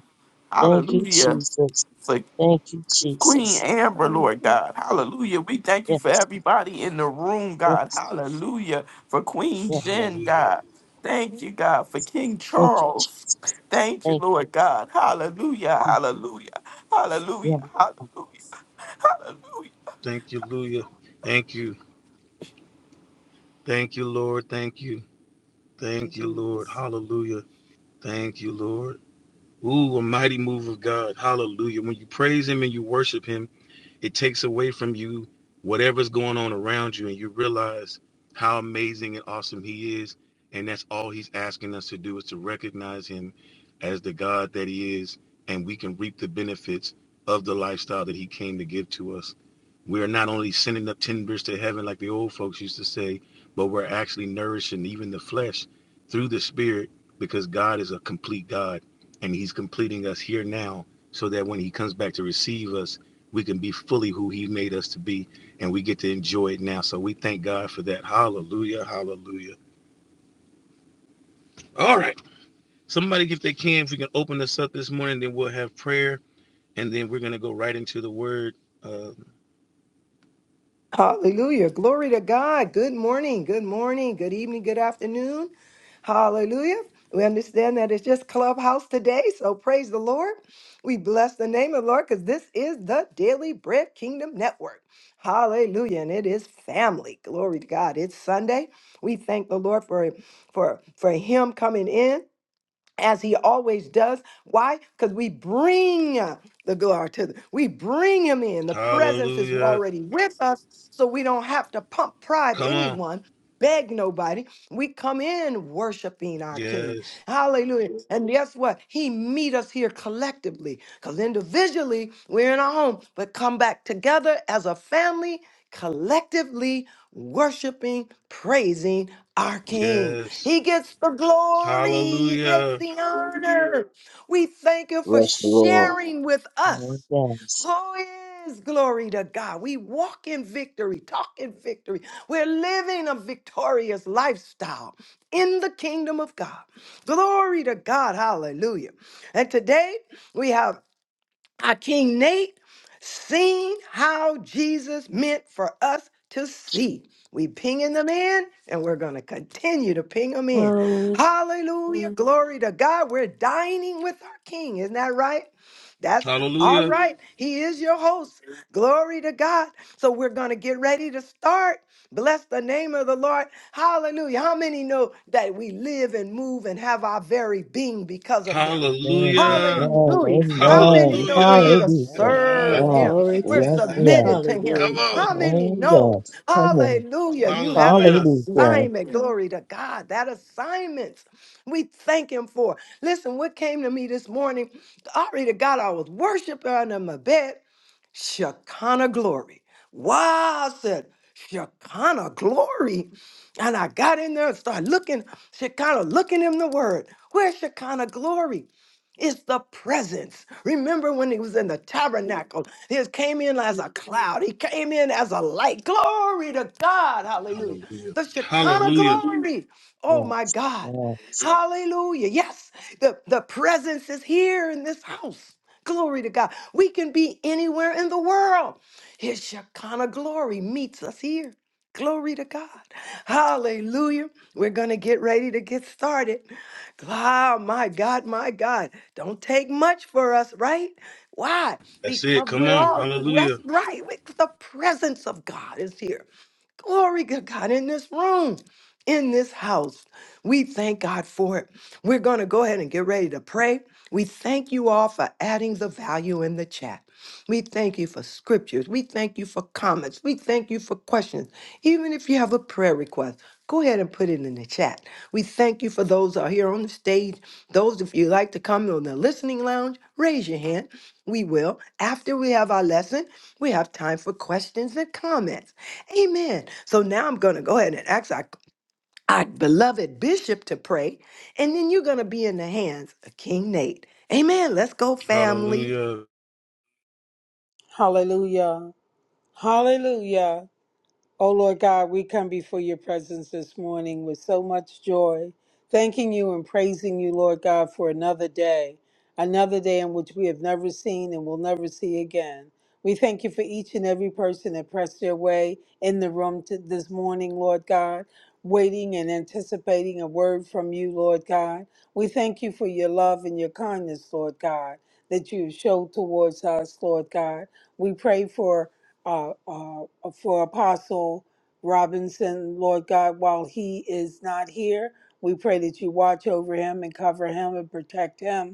F: Thank you,
D: Hallelujah
F: Jesus. Thank you,
D: Queen
F: Jesus.
D: Amber, Lord God. Hallelujah. We thank you
F: Yes,
D: for everybody in the room, God.
F: yes,
D: Hallelujah. For Queen
F: yes.
D: Jen,
A: Hallelujah.
D: God. Thank you, God, for King
F: Thank you. Je-
D: Charles. Thank you,
F: Thank
D: Lord God. Hallelujah.
F: you.
D: Hallelujah. Hallelujah.
F: Yes,
D: Hallelujah. Hallelujah.
A: Thank you, Hallelujah. Thank you. Thank you, Lord. Thank you.
B: you,
A: Thank you, Lord.
B: Jesus.
A: Hallelujah. Thank you, Lord. Ooh, a mighty move of God. Hallelujah. When you praise Him and you worship Him, it takes away from you whatever's going on around you and you realize how amazing and awesome he is and that's all he's asking us to do is to recognize him as the god that he is and we can reap the benefits of the lifestyle that he came to give to us we're not only sending up timbers to heaven like the old folks used to say but we're actually nourishing even the flesh through the spirit because god is a complete god and he's completing us here now so that when he comes back to receive us we can be fully who he made us to be and we get to enjoy it now so we thank god for that hallelujah hallelujah all right somebody if they can if we can open us up this morning then we'll have prayer and then we're going to go right into the word uh,
B: Hallelujah. Glory to God. Good morning. Good morning. Good evening. Good afternoon. Hallelujah. We understand that it's just Clubhouse today. So praise the Lord. We bless the name of the Lord because this is the Daily Bread Kingdom Network. Hallelujah. And it is family. Monday, we thank the Lord for, for, for him coming in. as he always does. Why? Because we bring the glory to the, we bring him in. The presence is
A: hallelujah
B: already with us have to pump pride
A: come on
B: anyone, beg nobody. We come in worshiping our King.
A: yes
B: Hallelujah. Yes. And guess what? He meet us here collectively because individually we're in our home, but come back together as a family, collectively worshiping, praising our King.
A: yes
B: He gets the glory. He gets
A: hallelujah
B: the honor. We thank you for
G: Bless the Lord.
B: sharing with us.
F: Lord. Yes.
B: Oh, yes. Glory to God. We walk in victory, talk in victory. We're living a victorious lifestyle in the kingdom of God. Glory to God. Hallelujah. And today, we have our King Nate seen how Jesus meant for us to see. We pinging them in, and we're going to continue to ping them in.
H: Um,
B: Hallelujah. Mhm. Glory to God. We're dining with our King. Isn't that right? That's all Mhm.
A: hallelujah
B: right. He is your host. Glory to God. So we're going to get ready to start. Bless the name of the Lord. Hallelujah. How many know that we live and move and have our very being because of him?
F: Amen.
A: hallelujah
B: Hallelujah.
F: Amen.
B: How many
F: Amen.
B: know we're here
A: hallelujah
B: to
F: Hallelujah. Yes, yes, yes.
B: serve
F: Oh,
B: him?
E: to
B: We're
E: God.
B: submitted to him.
A: come
E: Hallelujah.
A: on
B: How many know?
F: yes. Come on.
B: Hallelujah. You have an
A: hallelujah
F: Hallelujah.
B: assignment. Glory to God. That assignment we thank him for. Listen, what came to me this morning? Glory to God. I was worshiping under my bed Shekinah glory. Wow, I said, Shekinah glory. And I got in there and started looking, Shekinah, looking in the word. Where's Shekinah glory? It's the presence. Remember when he was in the tabernacle? He came in as a cloud. He came in as a light. Glory to God. Hallelujah.
A: hallelujah
B: The Shekinah
A: hallelujah
B: glory. Oh my
F: Yes.
B: God.
F: Yes.
B: Hallelujah. Yes, the, the presence is here in this house. Glory to God. We can be anywhere in the world. His Shekinah glory meets us here. Glory to God. Hallelujah. We're going to get ready to get started. Ah, my God, my God. Don't take much for us, right? Why?
A: that's it
B: Because
A: come
B: we're
A: on
B: all,
A: hallelujah
B: that's right. We- The presence of God is here. Glory to God in this room, in this house. We thank God for it. We're going to go ahead and get ready to pray. We thank you all for adding the value in the chat. We thank you for scriptures. We thank you for comments. We thank you for questions. Even if you have a prayer request, go ahead and put it in the chat. We thank you for those that are here on the stage. Those of you who like to come on the listening lounge, raise your hand. We will. After we have our lesson, we have time for questions and comments. Amen. So now I'm going to go ahead and ask our, our beloved bishop to pray, and then you're going to be in the hands of King Nate. Amen. Let's go, family.
A: Hallelujah.
C: Hallelujah, hallelujah. O Lord God, we come before your presence this morning with so much joy, thanking you and praising you, Lord God, for another day, another day in which we have never seen and will never see again. We thank you for each and every person that pressed their way in the room to this morning, Lord God, waiting and anticipating a word from you, Lord God. We thank you for your love and your kindness, Lord God, that you have showed towards us, Lord God. We pray for uh, uh, for Apostle Robinson, Lord God, while he is not here, we pray that you watch over him and cover him and protect him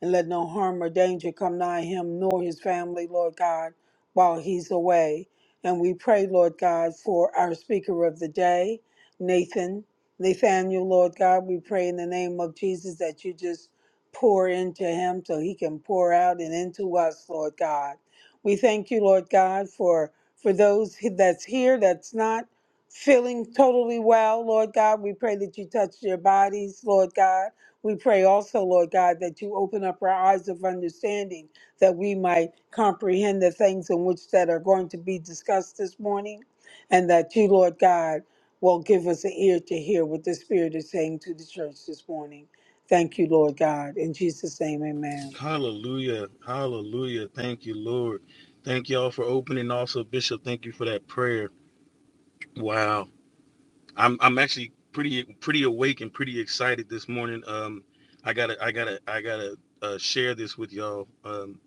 C: and let no harm or danger come nigh him nor his family, Lord God, while he's away. And we pray, Lord God, for our speaker of the day, Nathan, Nathaniel, Lord God. We pray in the name of Jesus that you just pour into him so he can pour out and into us, Lord God. We thank you, Lord God, for for those that's here that's not feeling totally well, Lord God. We pray that you touch their bodies, Lord God. We pray also, Lord God, that you open up our eyes of understanding that we might comprehend the things in which that are going to be discussed this morning, and that you, Lord God, will give us an ear to hear what the Spirit is saying to the church this morning. Thank you, Lord God. In Jesus' name, amen.
A: Hallelujah. Hallelujah. Thank you, Lord. Thank y'all for opening. Also, Bishop, thank you for that prayer. Wow. I'm I'm actually pretty pretty awake and pretty excited this morning. Um I gotta I gotta I gotta uh, share this with y'all. Um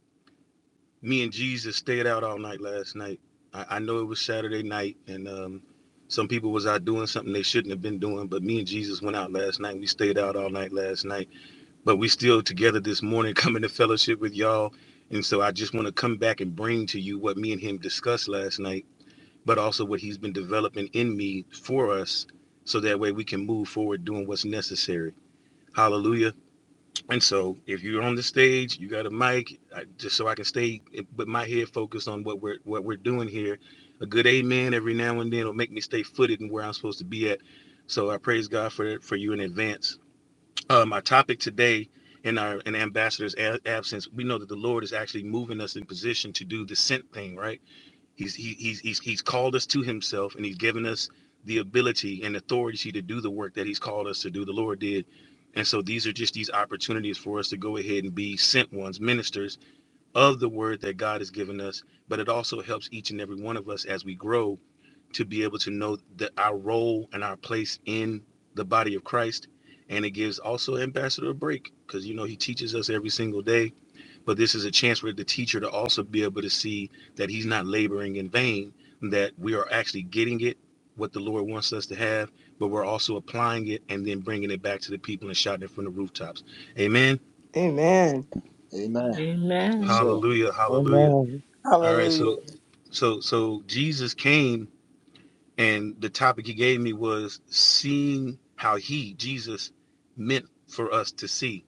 A: me and Jesus stayed out all night last night. I, I know it was Saturday night and um some people was out doing something they shouldn't have been doing, but me and Jesus went out last night. We stayed out all night last night but we still together this morning coming to fellowship with y'all and so i just want to come back and bring to you what me and him discussed last night but also what he's been developing in me for us so that way we can move forward doing what's necessary hallelujah and so if you're on the stage you got a mic I, just so i can stay with my head focused on what we're what we're doing here a good amen every now and then will make me stay footed in where i'm supposed to be at so i praise god for for you in advance um, our topic today in our in ambassador's a- absence, we know that the Lord is actually moving us in position to do the sent thing, right? He's he, he's he's he's called us to Himself, and He's given us the ability and authority to do the work that He's called us to do. The Lord did, and so these are just these opportunities for us to go ahead and be sent ones, ministers of the word that God has given us. But it also helps each and every one of us as we grow to be able to know that our role and our place in the body of Christ. And it gives also Ambassador a break because, you know, he teaches us every single day. But this is a chance for the teacher to also be able to see that he's not laboring in vain, that we are actually getting it, what the Lord wants us to have, but we're also applying it and then bringing it back to the people and shouting it from the rooftops. Amen.
B: Amen.
G: Amen. Yes,
E: Amen.
G: sir.
A: Hallelujah. Hallelujah.
F: Amen.
A: All right.
C: Hallelujah.
A: So, so, so Jesus came And the topic he gave me was seeing how he, Jesus, meant for us to see.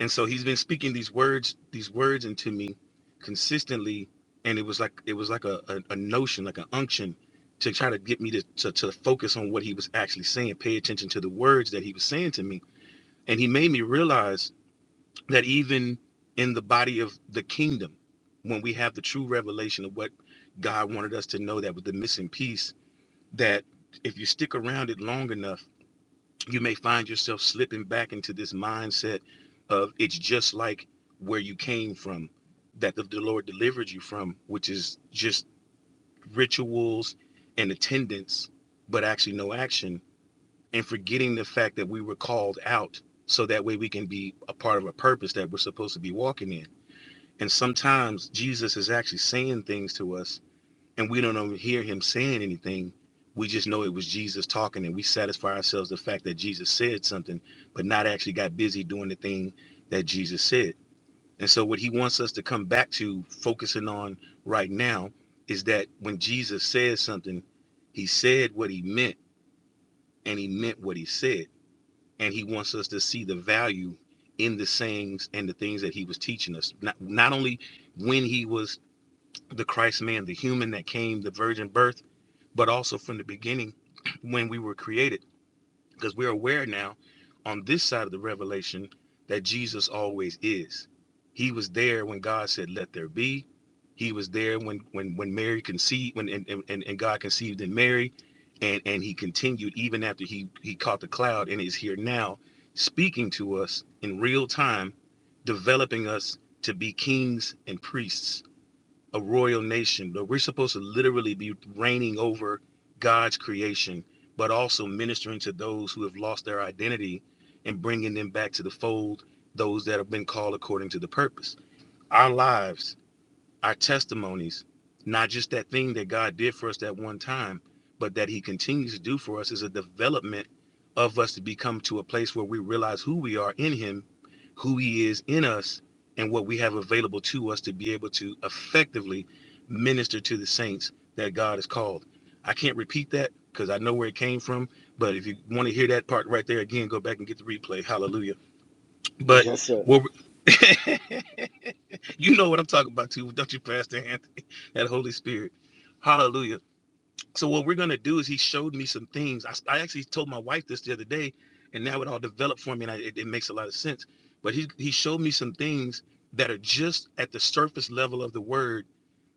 A: And so he's been speaking these words, these words into me consistently. And it was like it was like a, a, a notion, like an unction to try to get me to, to, to focus on what he was actually saying, pay attention to the words that he was saying to me. And he made me realize that even in the body of the kingdom, when we have the true revelation of what God wanted us to know, that was the missing piece that if you stick around it long enough, you may find yourself slipping back into this mindset of it's just like where you came from, that the, the Lord delivered you from, which is just rituals and attendance, but actually no action, and forgetting the fact that we were called out so that way we can be a part of a purpose that we're supposed to be walking in. And sometimes Jesus is actually saying things to us and we don't even hear him saying anything. We just know it was Jesus talking, and we satisfy ourselves the fact that Jesus said something, but not actually got busy doing the thing that Jesus said. And so, what he wants us to come back to focusing on right now is that when Jesus says something, he said what he meant, and he meant what he said. And he wants us to see the value in the sayings and the things that he was teaching us, not, not only when he was the Christ man, the human that came, the virgin birth but also from the beginning when we were created, because we're aware now on this side of the revelation that Jesus always is. He was there when God said, Let there be. He was there when when when Mary conceived when and, and, and God conceived in Mary. And and he continued even after he he caught the cloud and is here now speaking to us in real time, developing us to be kings and priests a royal nation, but we're supposed to literally be reigning over God's creation, but also ministering to those who have lost their identity and bringing them back to the fold, those that have been called according to the purpose. Our lives our testimonies, not just that thing that God did for us that one time, but that He continues to do for us is a development of us to become to a place where we realize who we are in Him, who He is in us, and what we have available to us to be able to effectively minister to the saints that God has called. I can't repeat that because I know where it came from. But if you want to hear that part right there again, go back and get the replay. Hallelujah. But
G: Yes, sir.
A: what You know what I'm talking about too, don't you, Pastor Anthony? That Holy Spirit. Hallelujah. So what we're gonna do is he showed me some things. I, I actually told my wife this the other day, and now it all developed for me, and I, it, it makes a lot of sense. But he he showed me some things that are just at the surface level of the word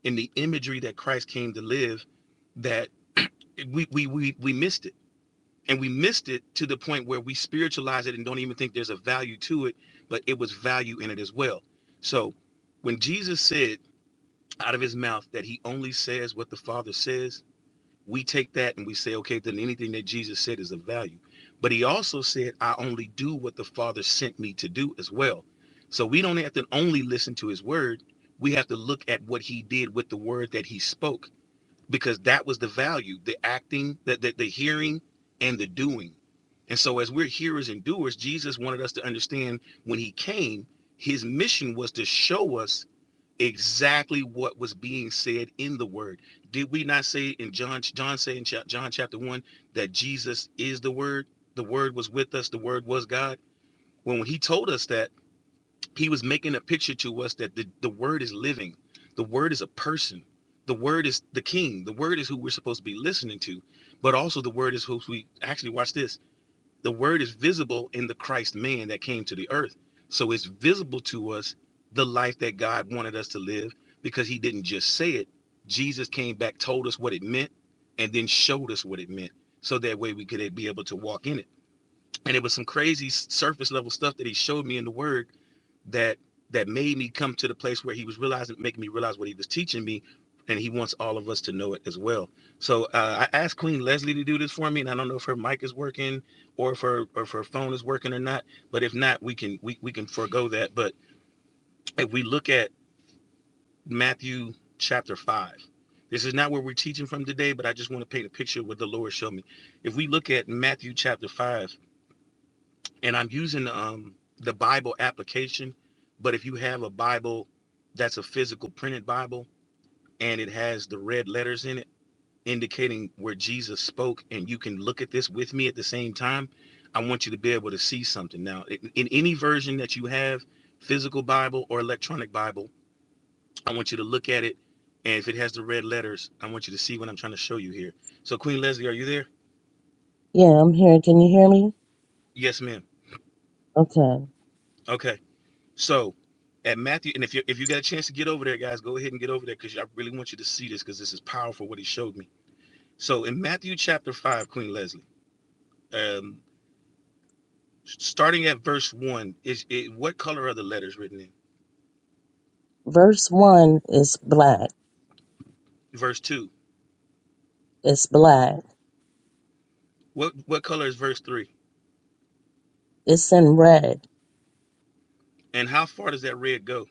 A: in the imagery that Christ came to live. That we we we we missed it, and we missed it to the point where we spiritualize it and don't even think there's a value to it, but it was value in it as well. So when Jesus said out of his mouth that he only says what the Father says, we take that and we say, okay, then anything that Jesus said is of value. But he also said, I only do what the Father sent me to do as well. So we don't have to only listen to his word, we have to look at what he did with the word that he spoke, because that was the value the acting, the, the, the hearing, and the doing. And so, as we're hearers and doers, Jesus wanted us to understand when he came, his mission was to show us exactly what was being said in the word. Did we not say in John John say in John chapter 1 that Jesus is the word? The word was with us, the word was God. When he told us that, he was making a picture to us that the, the word is living. The word is a person. The word is the king. The word is who we're supposed to be listening to. But also the word is who we actually watch this the word is visible in the Christ man that came to the earth. So it's visible to us the life that God wanted us to live because he didn't just say it. Jesus came back, told us what it meant, and then showed us what it meant. So that way we could be able to walk in it. And it was some crazy surface level stuff that he showed me in the word that that made me come to the place where he was realizing making me realize what he was teaching me and he wants all of us to know it as well so uh, i asked queen leslie to do this for me and i don't know if her mic is working or if her or if her phone is working or not but if not we can we, we can forego that but if we look at matthew chapter 5 this is not where we're teaching from today but i just want to paint a picture of what the lord showed me if we look at matthew chapter 5 and I'm using um the Bible application, but if you have a Bible that's a physical printed Bible and it has the red letters in it indicating where Jesus spoke and you can look at this with me at the same time, I want you to be able to see something. Now, in, in any version that you have, physical Bible or electronic Bible, I want you to look at it and if it has the red letters, I want you to see what I'm trying to show you here. So Queen Leslie, are you there?
F: Yeah, I'm here. Can you hear me?
A: Yes, ma'am.
F: Okay.
A: Okay. So at Matthew, and if you if you get a chance to get over there, guys, go ahead and get over there because I really want you to see this because this is powerful what he showed me. So in Matthew chapter five, Queen Leslie, um, starting at verse one, is it, what color are the letters written in?
F: Verse 1 is black.
A: Verse two,
F: It's black.
A: what what color is verse three?
F: It's in red.
A: And how far does that red go?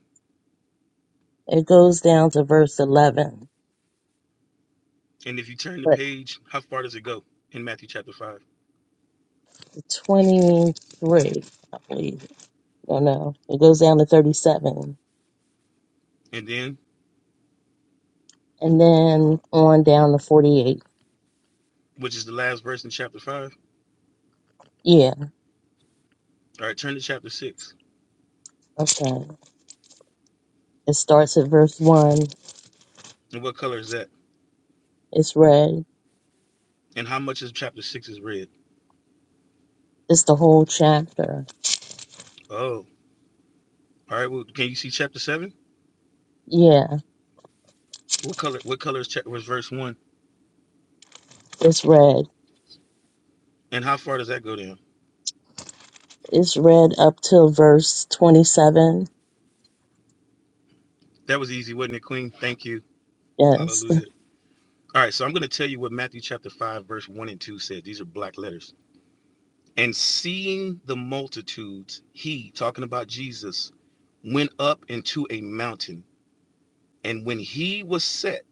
F: It goes down to verse 11.
A: And if you turn the
F: But
A: page, how far does it go in Matthew chapter five?
F: 23, I believe. No, no. It goes down to 37.
A: And then,
F: And then on down to 48.
A: which is the last verse in chapter five?
F: Yeah,
A: All right, turn to chapter six.
F: okay. It starts at verse 1.
A: And what color is that?
F: It's red.
A: And how much is chapter six is red?
F: It's the whole chapter.
A: Oh, All right. Well, can you see chapter seven?
F: Yeah,
A: What color? What color is chap was verse one?
F: it's red.
A: And how far does that go down?
F: It's red up till verse 27.
A: That was easy, wasn't it, Queen? Thank you.
F: Yes.
A: Hallelujah. All right. So I'm going to tell you what Matthew chapter five, verse one and two said. These are black letters. And seeing the multitudes, he talking about Jesus went up into a mountain. And when he was set,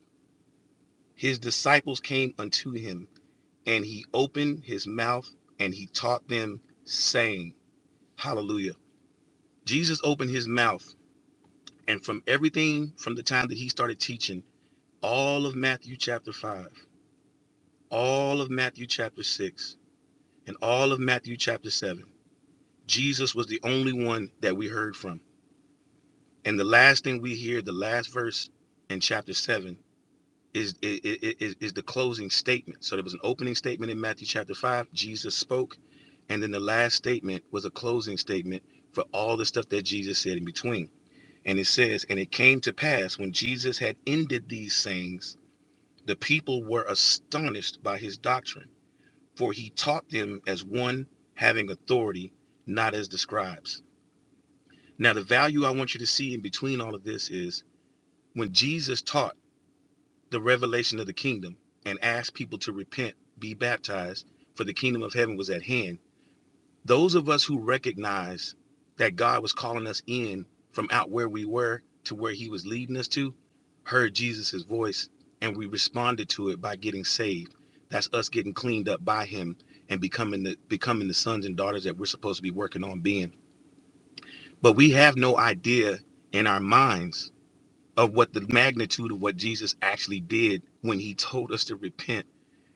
A: his disciples came unto him, and he opened his mouth and he taught them, saying, Hallelujah. Jesus opened his mouth And from everything from the time that he started teaching, all of Matthew chapter 5, all of Matthew chapter 6, and all of Matthew chapter 7, Jesus was the only one that we heard from. And the last thing we hear, the last verse in chapter 7, is, i- is, is the closing statement. So there was an opening statement in Matthew chapter 5, Jesus spoke. And then the last statement was a closing statement for all the stuff that Jesus said in between. And it says, And it came to pass when Jesus had ended these sayings The people were astonished by his doctrine, for he taught them as one having authority, not as the scribes. Now, the value I want you to see in between all of this is when Jesus taught the revelation of the kingdom and asked people to repent, be baptized, for the kingdom of heaven was at hand Those of us who recognize that God was calling us in from out where we were to where he was leading us to heard Jesus' voice and we responded to it by getting saved. That's us getting cleaned up by him and becoming the becoming the sons and daughters that we're supposed to be working on being. But we have no idea in our minds of what the magnitude of what Jesus actually did when he told us to repent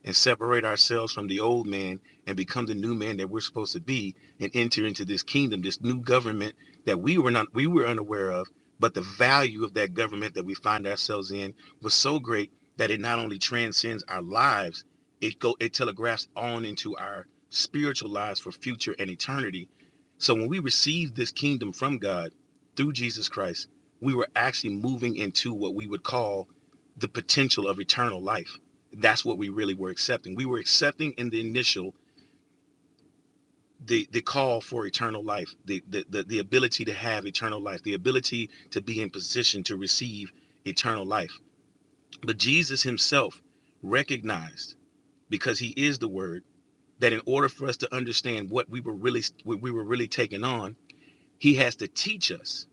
A: and separate ourselves from the old man and become the new man that we're supposed to be and enter into this kingdom, this new government that we were not we were unaware of, but the value of that government that we find ourselves in was so great that it not only transcends our lives, it go it telegraphs on into our spiritual lives for future and eternity. So when we receive this kingdom from God through Jesus Christ, we were actually moving into what we would call the potential of eternal life that's what we really were accepting. We were accepting in the initial the the call for eternal life, the the the, the ability to have eternal life, the ability to be in position to receive eternal life. But Jesus himself recognized because he is the word that in order for us to understand what we were really what we were really taking on, he has to teach us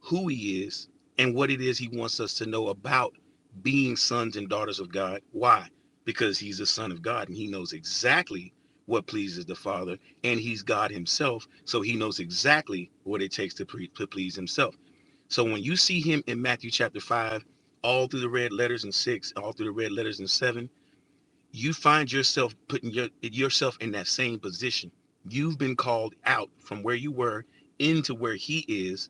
A: who he is and what it is he wants us to know about being sons and daughters of God. Why? Because he's the son of God and he knows exactly what pleases the Father and he's God himself. So he knows exactly what it takes to, pre- to please himself. So when you see him in Matthew chapter 5, all through the red letters and 6, all through the red letters and 7, you find yourself putting your, yourself in that same position. You've been called out from where you were into where he is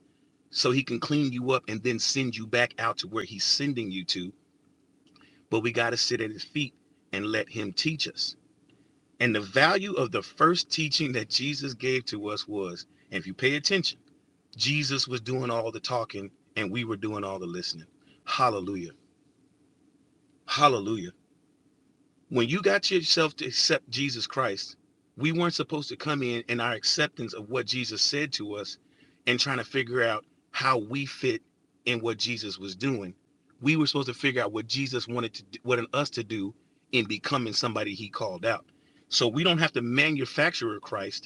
A: so he can clean you up and then send you back out to where he's sending you to. But we got to sit at his feet and let him teach us. And the value of the first teaching that Jesus gave to us was, and if you pay attention, Jesus was doing all the talking and we were doing all the listening. Hallelujah. Hallelujah when you got yourself to accept Jesus Christ, we weren't supposed to come in in our acceptance of what Jesus said to us and trying to figure out how we fit in what Jesus was doing. We were supposed to figure out what Jesus wanted to do, wanted us to do in becoming somebody he called out. So we don't have to manufacture Christ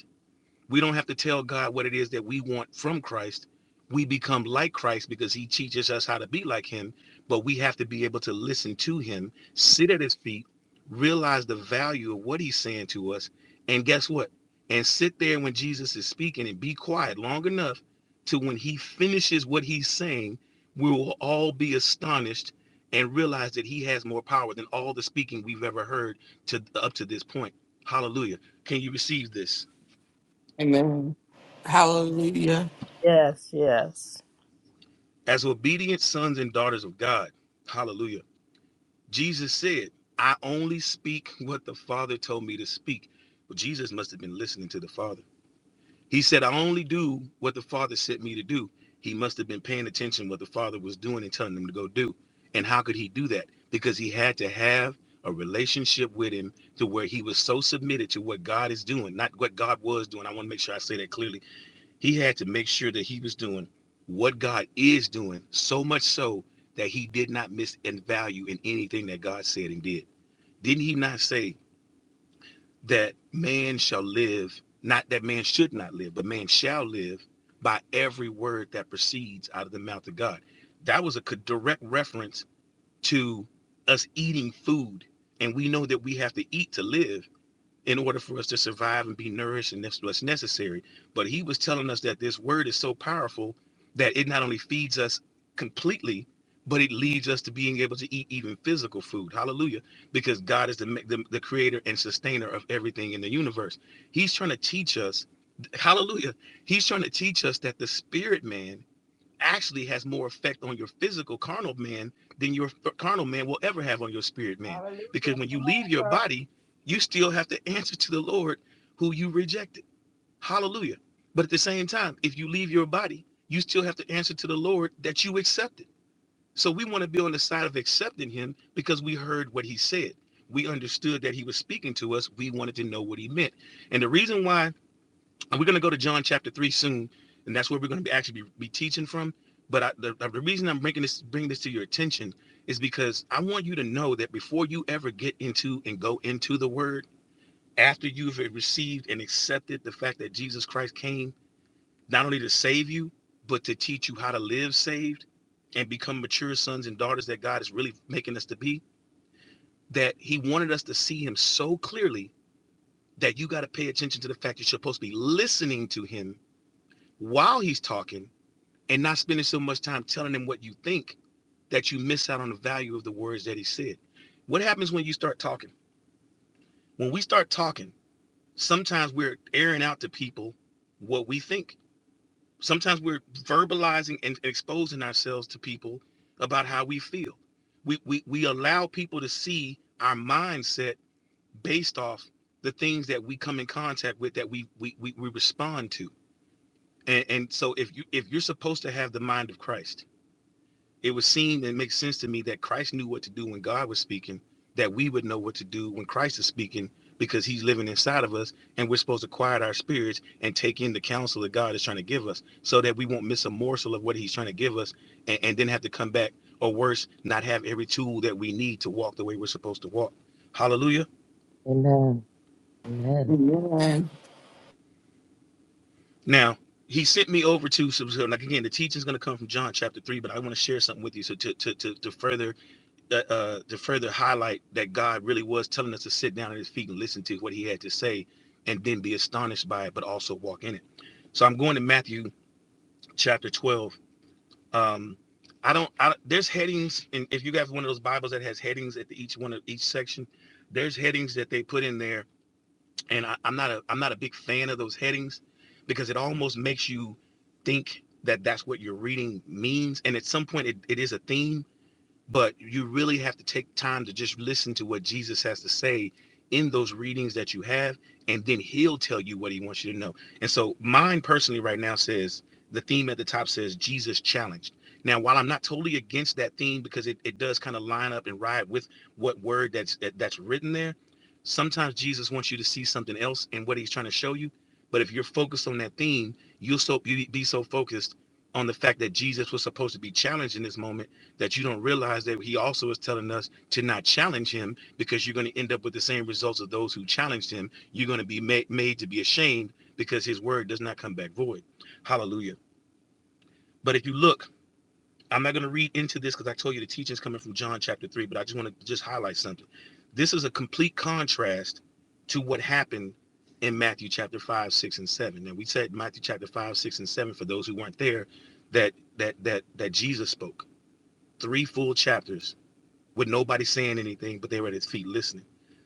A: we don't have to tell God what it is that we want from Christ. We become like Christ because he teaches us how to be like him, but we have to be able to listen to him, sit at his feet, realize the value of what he's saying to us, and guess what? And sit there when Jesus is speaking and be quiet long enough to when he finishes what he's saying, we will all be astonished and realize that he has more power than all the speaking we've ever heard to up to this point. Hallelujah. Can you receive this?
D: Amen. Hallelujah.
E: Yes, yes.
A: As obedient sons and daughters of God, hallelujah. Jesus said, I only speak what the Father told me to speak. But Jesus must have been listening to the Father. He said, I only do what the Father sent me to do. He must have been paying attention what the Father was doing and telling him to go do. And how could he do that? Because he had to have a relationship with him to where he was so submitted to what God is doing, not what God was doing. I want to make sure I say that clearly he had to make sure that he was doing what God is doing, so much so that he did not miss in value in anything that God said and did. Didn't he not say that man shall live, not that man should not live, but man shall live by every word that proceeds out of the mouth of God? That was a direct reference to us eating food. And we know that we have to eat to live in order for us to survive and be nourished, and that's what's necessary. But he was telling us that this word is so powerful that it not only feeds us completely, but it leads us to being able to eat even physical food. Hallelujah. Because God is the, the, the creator and sustainer of everything in the universe. He's trying to teach us, hallelujah. He's trying to teach us that the spirit man actually has more effect on your physical carnal man than your carnal man will ever have on your spirit man. Because
I: Hallelujah.
A: when you
I: Come
A: leave
I: on,
A: your
I: sir.
A: body, you still have to answer to the Lord who you rejected. Hallelujah. But at the same time, if you leave your body, you still have to answer to the Lord that you accepted. So we want to be on the side of accepting him because we heard what he said. We understood that he was speaking to us. We wanted to know what he meant. And the reason why and we're going to go to John chapter three soon, and that's where we're going to be actually be, be teaching from. But I, the, the reason I'm bringing this bringing this to your attention is because I want you to know that before you ever get into and go into the Word, after you've received and accepted the fact that Jesus Christ came not only to save you, but to teach you how to live saved and become mature sons and daughters that God is really making us to be, that He wanted us to see Him so clearly that you got to pay attention to the fact you're supposed to be listening to Him while he's talking and not spending so much time telling him what you think that you miss out on the value of the words that he said. What happens when you start talking? When we start talking, sometimes we're airing out to people what we think. Sometimes we're verbalizing and exposing ourselves to people about how we feel. We, we, we allow people to see our mindset based off the things that we come in contact with that we we, we, we respond to. And, and so if you if you're supposed to have the mind of Christ, it would seem and make sense to me that Christ knew what to do when God was speaking, that we would know what to do when Christ is speaking because he's living inside of us and we're supposed to quiet our spirits and take in the counsel that God is trying to give us so that we won't miss a morsel of what he's trying to give us and, and then have to come back or worse, not have every tool that we need to walk the way we're supposed to walk. Hallelujah.
F: Amen. Amen.
D: Amen.
A: Now, he sent me over to, so so, like again, the teaching is going to come from John chapter three, but I want to share something with you. So to, to, to, to further that uh, to further highlight that God really was telling us to sit down at His feet and listen to what He had to say, and then be astonished by it, but also walk in it. So I'm going to Matthew chapter 12. Um, I don't. I, there's headings, and if you have one of those Bibles that has headings at the, each one of each section, there's headings that they put in there, and I, I'm not a I'm not a big fan of those headings because it almost makes you think that that's what you're reading means, and at some point it, it is a theme but you really have to take time to just listen to what Jesus has to say in those readings that you have, and then he'll tell you what he wants you to know. And so, mine personally, right now, says the theme at the top says Jesus challenged. Now, while I'm not totally against that theme because it, it does kind of line up and ride with what word that's that, that's written there, sometimes Jesus wants you to see something else in what he's trying to show you. But if you're focused on that theme, you'll so be so focused on the fact that Jesus was supposed to be challenged in this moment that you don't realize that he also is telling us to not challenge him because you're going to end up with the same results of those who challenged him. You're going to be made, made to be ashamed because his word does not come back void. Hallelujah. But if you look, I'm not going to read into this because I told you the teaching is coming from John chapter 3, but I just want to just highlight something. This is a complete contrast to what happened in Matthew chapter 5, 6, and 7. And we said Matthew chapter 5, 6, and 7 for those who weren't there that that that that Jesus spoke. Three full chapters with nobody saying anything, but they were at his feet listening.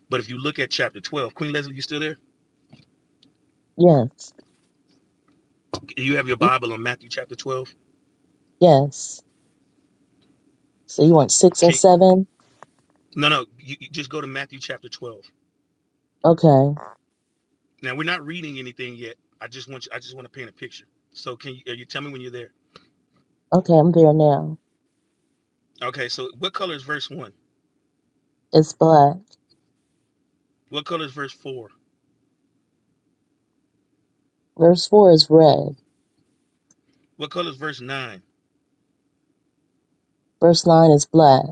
A: But if you look at chapter 12, Queen Leslie, you still there?
F: Yes.
A: You have your
F: You,
A: Bible on Matthew chapter 12?
F: yes. So you want six and
A: Can
F: seven?
A: no, no, you, you just go to Matthew chapter 12.
F: Okay.
A: Now we're not reading anything yet. I just want you, I just want to paint a picture. So can you, you tell me when you're there?
F: Okay, I'm there now.
A: Okay, so what color is verse one?
F: It's black.
A: What color is verse four?
F: Verse four is red.
A: What color is verse nine?
F: Verse nine is black.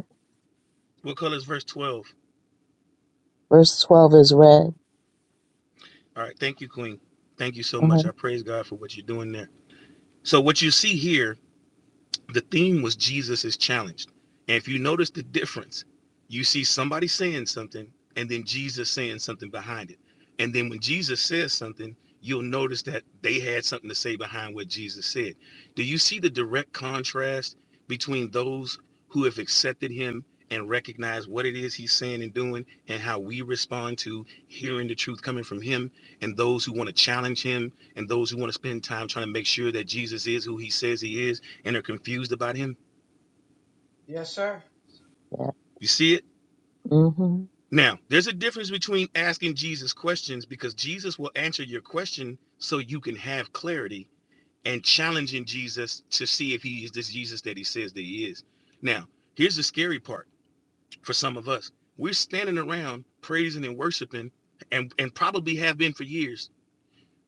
A: What color is verse 12?
F: Verse twelve is red.
A: All right, thank you, Queen. Thank you so
F: Uh huh.
A: much. I praise God for what you're doing there. So what you see here the theme was Jesus is challenged. And if you notice the difference, you see somebody saying something and then Jesus saying something behind it. And then when Jesus says something, you'll notice that they had something to say behind what Jesus said. Do you see the direct contrast between those who have accepted him and recognize what it is he's saying and doing and how we respond to hearing the truth coming from him and those who want to challenge him and those who want to spend time trying to make sure that Jesus is who he says he is? and are confused about him.
I: Yes, sir.
F: Yeah.
A: You see it?
F: Mm-hmm.
A: Now, there's a difference between asking Jesus questions because Jesus will answer your question so you can have clarity and challenging Jesus to see if he is this Jesus that he says that he is. Now, here's the scary part for some of us. We're standing around praising and worshiping and, and probably have been for years,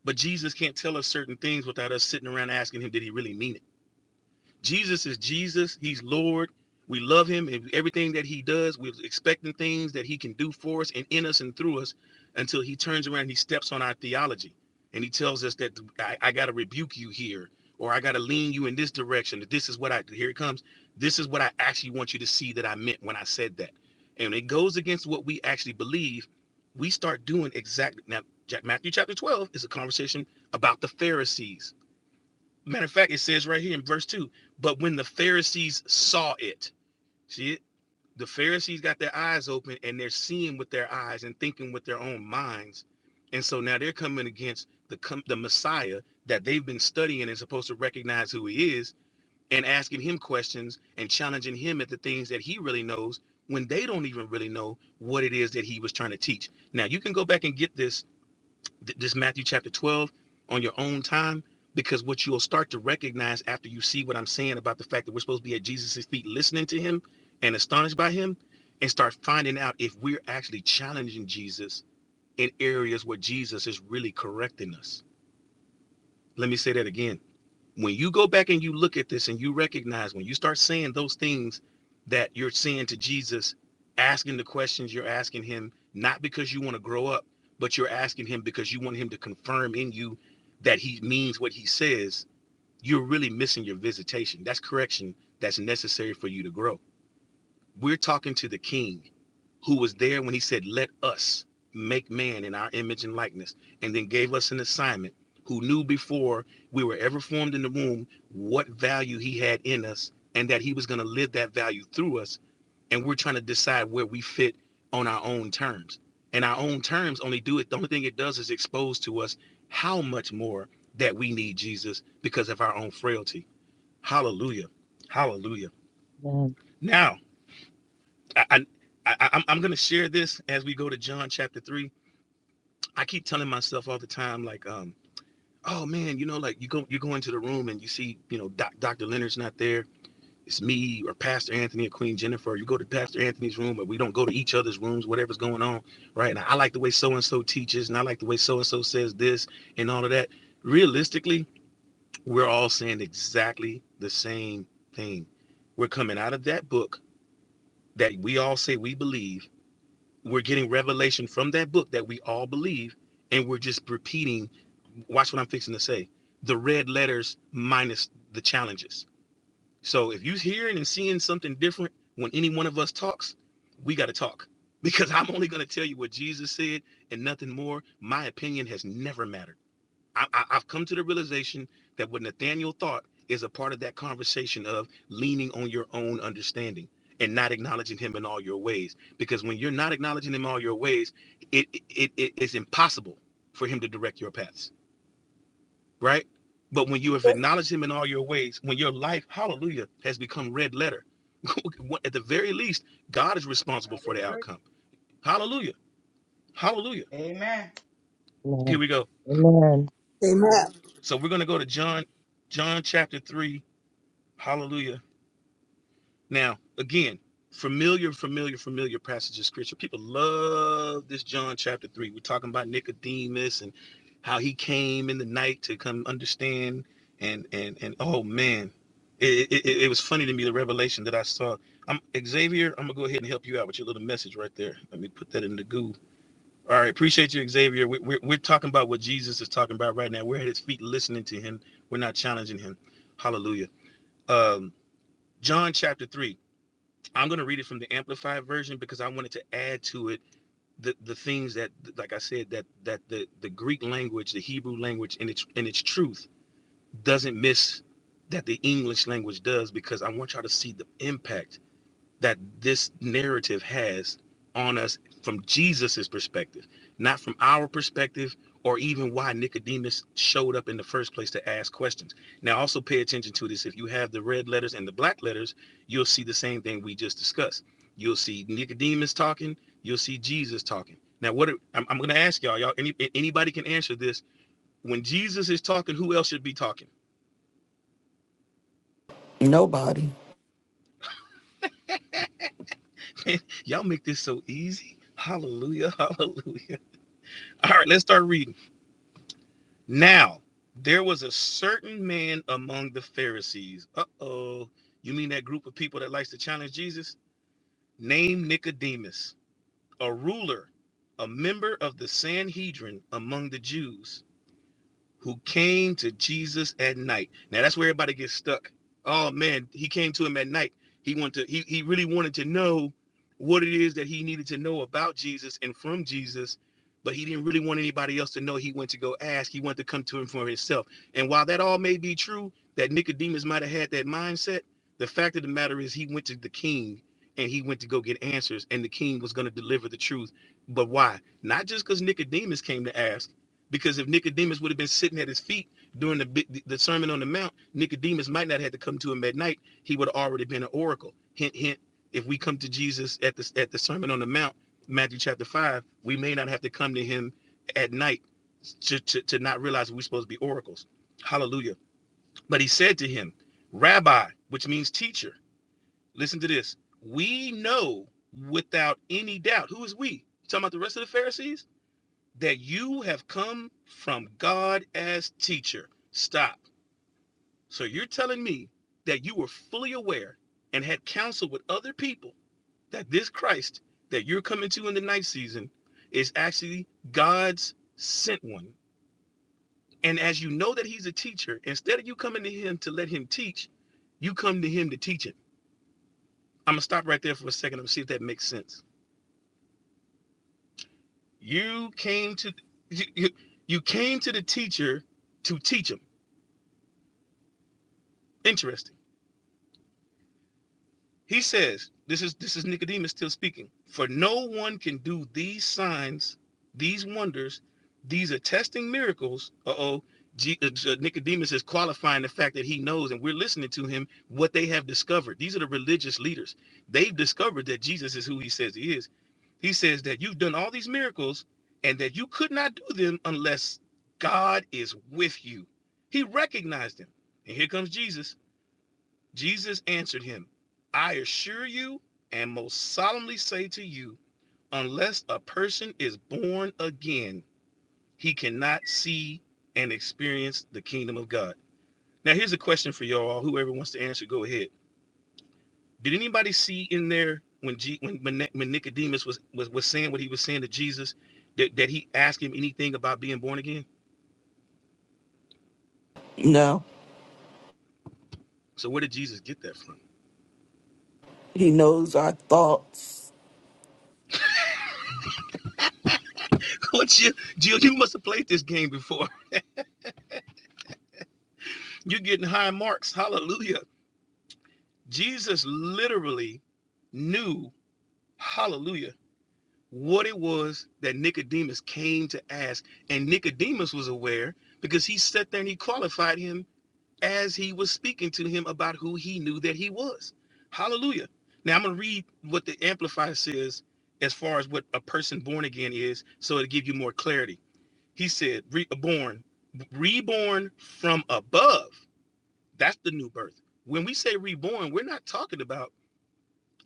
A: but Jesus can't tell us certain things without us sitting around asking him, did he really mean it? Jesus is Jesus. He's Lord. We love him and everything that he does. We're expecting things that he can do for us and in us and through us until he turns around and he steps on our theology and he tells us that I, I got to rebuke you here or I got to lean you in this direction. That This is what I, here it comes. This is what I actually want you to see that I meant when I said that. And it goes against what we actually believe. We start doing exactly now. Ja- Matthew chapter 12 is a conversation about the Pharisees Matter of fact, it says right here in verse 2 But when the Pharisees saw it, see it? The Pharisees got their eyes open and they're seeing with their eyes and thinking with their own minds. And so now they're coming against the, the Messiah that they've been studying and supposed to recognize who he is and asking him questions and challenging him at the things that he really knows when they don't even really know what it is that he was trying to teach. Now, you can go back and get this th- this Matthew chapter 12 on your own time because what you'll start to recognize after you see what I'm saying about the fact that we're supposed to be at Jesus' feet listening to him and astonished by him and start finding out if we're actually challenging Jesus in areas where Jesus is really correcting us. Let me say that again when you go back and you look at this and you recognize when you start saying those things that you're saying to Jesus, asking the questions you're asking him, not because you want to grow up, but you're asking him because you want him to confirm in you that he means what he says, you're really missing your visitation. That's correction that's necessary for you to grow. We're talking to the king who was there when he said, Let us make man in our image and likeness, and then gave us an assignment, who knew before we were ever formed in the womb what value he had in us and that he was going to live that value through us. And we're trying to decide where we fit on our own terms. And our own terms only do it, the only thing it does is expose to us how much more that we need Jesus because of our own frailty. Hallelujah. Hallelujah.
F: Yeah.
A: Now, I, I, I I'm I'm gonna share this as we go to John chapter three. I keep telling myself all the time, like, um, oh man, you know, like you go you go into the room and you see, you know, Doc, Dr. Leonard's not there. It's me or Pastor Anthony or Queen Jennifer. or You go to Pastor Anthony's room, but we don't go to each other's rooms, whatever's going on, right? And I like the way so and so teaches, and I like the way so and so says this and all of that. Realistically, we're all saying exactly the same thing. We're coming out of that book that we all say we believe We're getting revelation from that book that we all believe, and we're just repeating. Watch what I'm fixing to say. The red letters minus the challenges. So if you're hearing and seeing something different when any one of us talks, we got to talk because I'm only going to tell you what Jesus said and nothing more. My opinion has never mattered. I, I, I've come to the realization that what Nathaniel thought is a part of that conversation of leaning on your own understanding and not acknowledging him in all your ways. Because when you're not acknowledging him in all your ways, it it, it is impossible for him to direct your paths, right? But when you have acknowledged him in all your ways, when your life, hallelujah, has become red letter, at the very least, God is
I: I
A: responsible for the
I: agree.
A: outcome. Hallelujah. Hallelujah.
I: Amen.
A: Here
F: Amen.
A: we go.
F: Amen.
C: Amen.
A: So we're going to go to John, John chapter 3. Hallelujah Now, again, familiar, familiar, familiar passages of scripture. People love this John chapter three. We're talking about Nicodemus and how he came in the night to come understand and and and oh man. It, it, it it was funny to me the revelation that I saw. I'm Xavier. I'm gonna go ahead and help you out with your little message right there. Let me put that in the goo. All right, appreciate you, Xavier. We, we're we're talking about what Jesus is talking about right now. We're at his feet, listening to him. We're not challenging him. Hallelujah. Um, John chapter three. I'm going to read it from the amplified version because I wanted to add to it the, the things that, like I said, that that the, the Greek language, the Hebrew language, and its and its truth doesn't miss that the English language does because I want y'all to see the impact that this narrative has on us from Jesus's perspective, not from our perspective or even why Nicodemus showed up in the first place to ask questions. Now also pay attention to this. If you have the red letters and the black letters, you'll see the same thing we just discussed. You'll see Nicodemus talking, you'll see Jesus talking. Now what are, I'm, I'm going to ask y'all, y'all any, anybody can answer this. When Jesus is talking, who else should be talking?
D: Nobody.
A: Man, y'all make this so easy. Hallelujah, hallelujah. All right, let's start reading. Now, there was a certain man among the Pharisees. Uh oh. You mean that group of people that likes to challenge Jesus? Named Nicodemus, a ruler, a member of the Sanhedrin among the Jews who came to Jesus at night. Now that's where everybody gets stuck. Oh man, he came to him at night. He wanted to, he, he really wanted to know what it is that he needed to know about Jesus and from Jesus, but he didn't really want anybody else to know. He went to go ask. He wanted to come to him for himself. And while that all may be true, that Nicodemus might have had that mindset, the fact of the matter is he went to the king and he went to go get answers, and the king was going to deliver the truth. But why? Not just because Nicodemus came to ask because if Nicodemus would have been sitting at his feet during the the Sermon on the Mount, Nicodemus might not have had to come to him at night. He would have already been an oracle. Hint, hint. If we come to Jesus at the at the Sermon on the Mount, Matthew chapter five, we may not have to come to him at night to, to, to not realize we're supposed to be oracles. Hallelujah. But he said to him, Rabbi, which means teacher. Listen to this. We know without any doubt. Who is we? You talking about the rest of the Pharisees? that you have come from God as teacher. Stop. So you're telling me that you were fully aware and had counsel with other people that this Christ that you're coming to in the night season is actually God's sent one. And as you know that he's a teacher, instead of you coming to him to let him teach, you come to him to teach him. I'm gonna stop right there for a second and see if that makes sense. You came to you, you, you came to the teacher to teach him. Interesting He says, this is this is Nicodemus still speaking. For no one can do these signs, these wonders, these attesting miracles. Uh-oh. G- uh, uh, Nicodemus is qualifying the fact that he knows and we're listening to him what they have discovered. These are the religious leaders. They've discovered that Jesus is who he says he is. He says that you've done all these miracles and that you could not do them unless God is with you. He recognized him. And here comes Jesus. Jesus answered him, I assure you and most solemnly say to you, unless a person is born again, he cannot see and experience the kingdom of God. Now, here's a question for y'all. Whoever wants to answer, go ahead. Did anybody see in there when G, when, when Nicodemus was, was was saying what he was saying to Jesus that, that he asked him anything about being born again?
D: No.
A: So where did Jesus get that from?
D: He knows our thoughts.
A: What you, Jill? You must have played this game before. You're getting high marks. Hallelujah. Jesus literally knew, hallelujah, what it was that Nicodemus came to ask. And Nicodemus was aware because he sat there and he qualified him as he was speaking to him about who he knew that he was. Hallelujah. Now I'm going to read what the Amplifier says as far as what a person born again is so it'll give you more clarity. He said, reborn, reborn from above. That's the new birth. When we say reborn, we're not talking about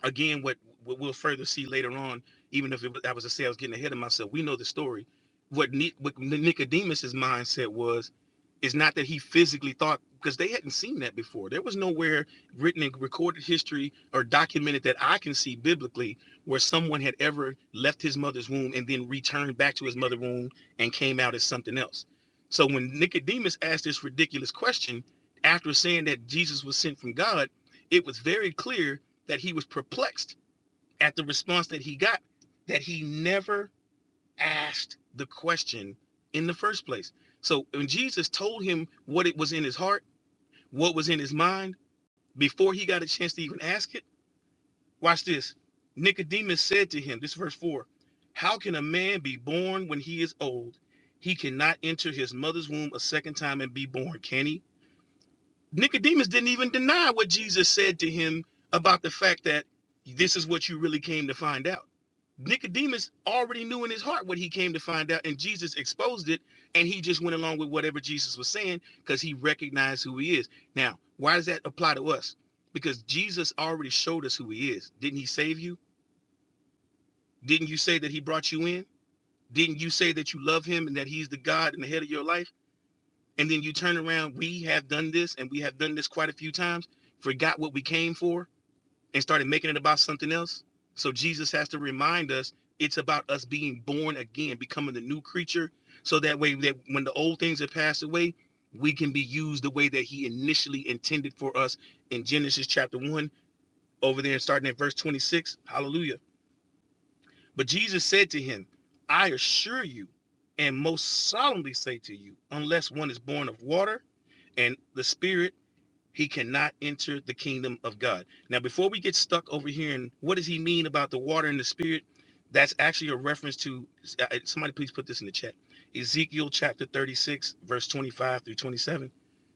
A: again, what, what we'll further see later on, even if it, I was to say I was getting ahead of myself, we know the story. What, Ni- what Nicodemus's mindset was is not that he physically thought because they hadn't seen that before. There was nowhere written in recorded history or documented that I can see biblically where someone had ever left his mother's womb and then returned back to his mother's womb and came out as something else. So when Nicodemus asked this ridiculous question after saying that Jesus was sent from God, it was very clear that he was perplexed at the response that he got, that he never asked the question in the first place. So when Jesus told him what it was in his heart, what was in his mind, before he got a chance to even ask it, watch this. Nicodemus said to him, this is verse 4 How can a man be born when he is old? He cannot enter his mother's womb a second time and be born, can he? Nicodemus didn't even deny what Jesus said to him about the fact that this is what you really came to find out. Nicodemus already knew in his heart what he came to find out, and Jesus exposed it, and he just went along with whatever Jesus was saying because he recognized who he is. Now, why does that apply to us? Because Jesus already showed us who he is. Didn't he save you? Didn't you say that he brought you in? Didn't you say that you love him and that he's the God and the head of your life? and then you turn around, we have done this and we have done this quite a few times, forgot what we came for and started making it about something else. So Jesus has to remind us it's about us being born again, becoming the new creature. So that way that when the old things have passed away, we can be used the way that he initially intended for us in Genesis chapter one, over there starting at verse 26. Hallelujah. But Jesus said to him, I assure you, and most solemnly say to you, unless one is born of water and the spirit he cannot enter the kingdom of God. Now, before we get stuck over here and what does he mean about the water and the spirit, that's actually a reference to uh, uh, somebody please put this in the chat. Ezekiel chapter 36, verse 25 through 27.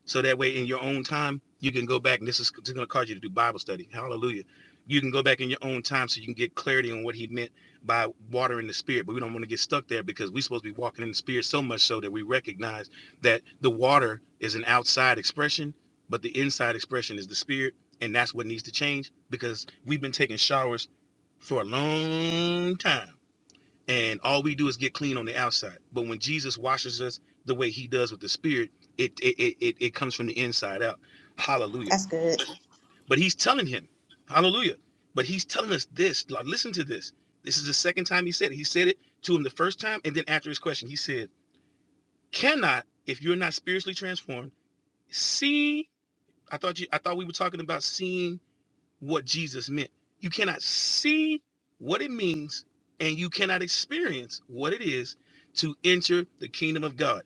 A: So that way in your own time, you can go back and this is going to cause you to do Bible study. Hallelujah. You can go back in your own time so you can get clarity on what he meant by water and the spirit. But we don't want to get stuck there because we're supposed to be walking in the spirit so much so that we recognize that the water is an outside expression but the inside expression is the spirit, and that's what needs to change because we've been taking showers for a long time, and all we do is get clean on the outside. But when Jesus washes us the way He does with the Spirit, it it it it, it comes from the inside out. Hallelujah!
J: That's good.
A: But He's telling him, Hallelujah! But He's telling us this. Like, listen to this. This is the second time He said it. He said it to him the first time, and then after his question, He said, "Cannot if you're not spiritually transformed." See, I thought you. I thought we were talking about seeing what Jesus meant. You cannot see what it means, and you cannot experience what it is to enter the kingdom of God.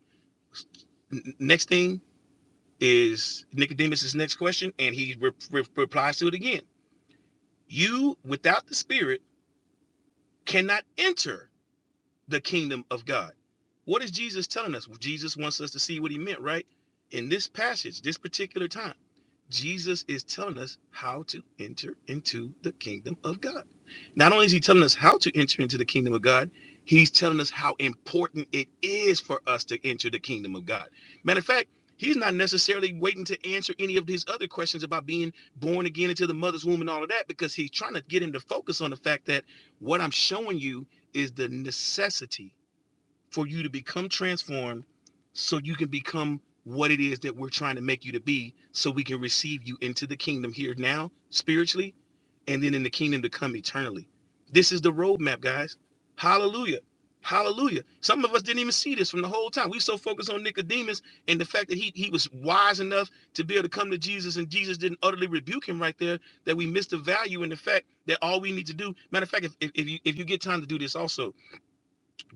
A: Next thing is Nicodemus's next question, and he re- re- replies to it again. You, without the Spirit, cannot enter the kingdom of God. What is Jesus telling us? Well, Jesus wants us to see what he meant, right? In this passage, this particular time. Jesus is telling us how to enter into the kingdom of God. Not only is he telling us how to enter into the kingdom of God, he's telling us how important it is for us to enter the kingdom of God. Matter of fact, he's not necessarily waiting to answer any of his other questions about being born again into the mother's womb and all of that because he's trying to get him to focus on the fact that what I'm showing you is the necessity for you to become transformed so you can become what it is that we're trying to make you to be so we can receive you into the kingdom here now spiritually and then in the kingdom to come eternally this is the roadmap guys hallelujah hallelujah some of us didn't even see this from the whole time we so focused on nicodemus and the fact that he, he was wise enough to be able to come to jesus and jesus didn't utterly rebuke him right there that we missed the value in the fact that all we need to do matter of fact if, if, if you if you get time to do this also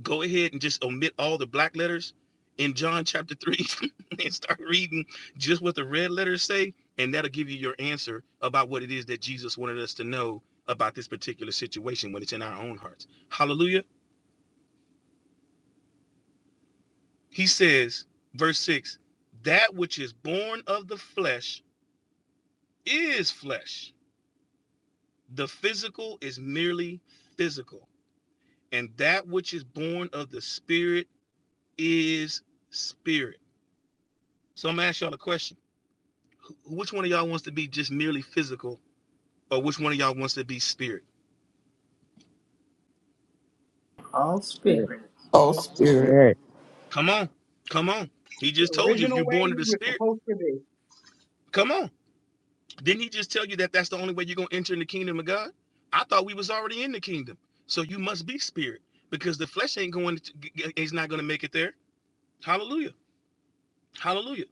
A: go ahead and just omit all the black letters in John chapter 3 and start reading just what the red letters say, and that'll give you your answer about what it is that Jesus wanted us to know about this particular situation when it's in our own hearts. Hallelujah. He says, verse 6 that which is born of the flesh is flesh, the physical is merely physical, and that which is born of the spirit is spirit. So I'm gonna ask y'all a question which one of y'all wants to be just merely physical or which one of y'all wants to be spirit?
E: All
F: Amen. Word,
E: spirit.
D: Oh spirit.
F: word.
A: Come on. Come on. He
I: The
A: just told you if
I: original
A: you're
I: way
A: born of
I: we
A: the
I: were
A: spirit,
I: supposed to be.
A: come on. Didn't he just tell you that that's the only way you're going to enter in the kingdom of God? I thought we was already in the kingdom. So you must be spirit because the flesh ain't going to, is not going to make it there. Hallelujah. Hallelujah.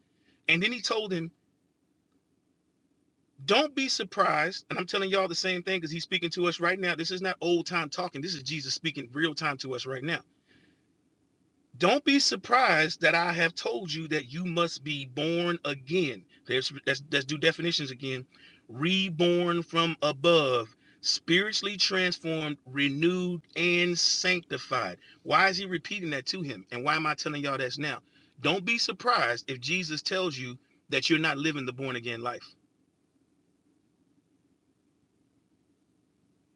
A: And then he told him, don't be surprised. And I'm telling y'all the same thing because he's speaking to us right now. This is not old time talking. This is Jesus speaking real time to us right now. Don't be surprised that I have told you that you must be born again. There's that's that's do definitions again. Reborn from above, spiritually transformed, renewed, and sanctified. Why is he repeating that to him? And why am I telling y'all that's now? Don't be surprised if Jesus tells you that you're not living the born again life.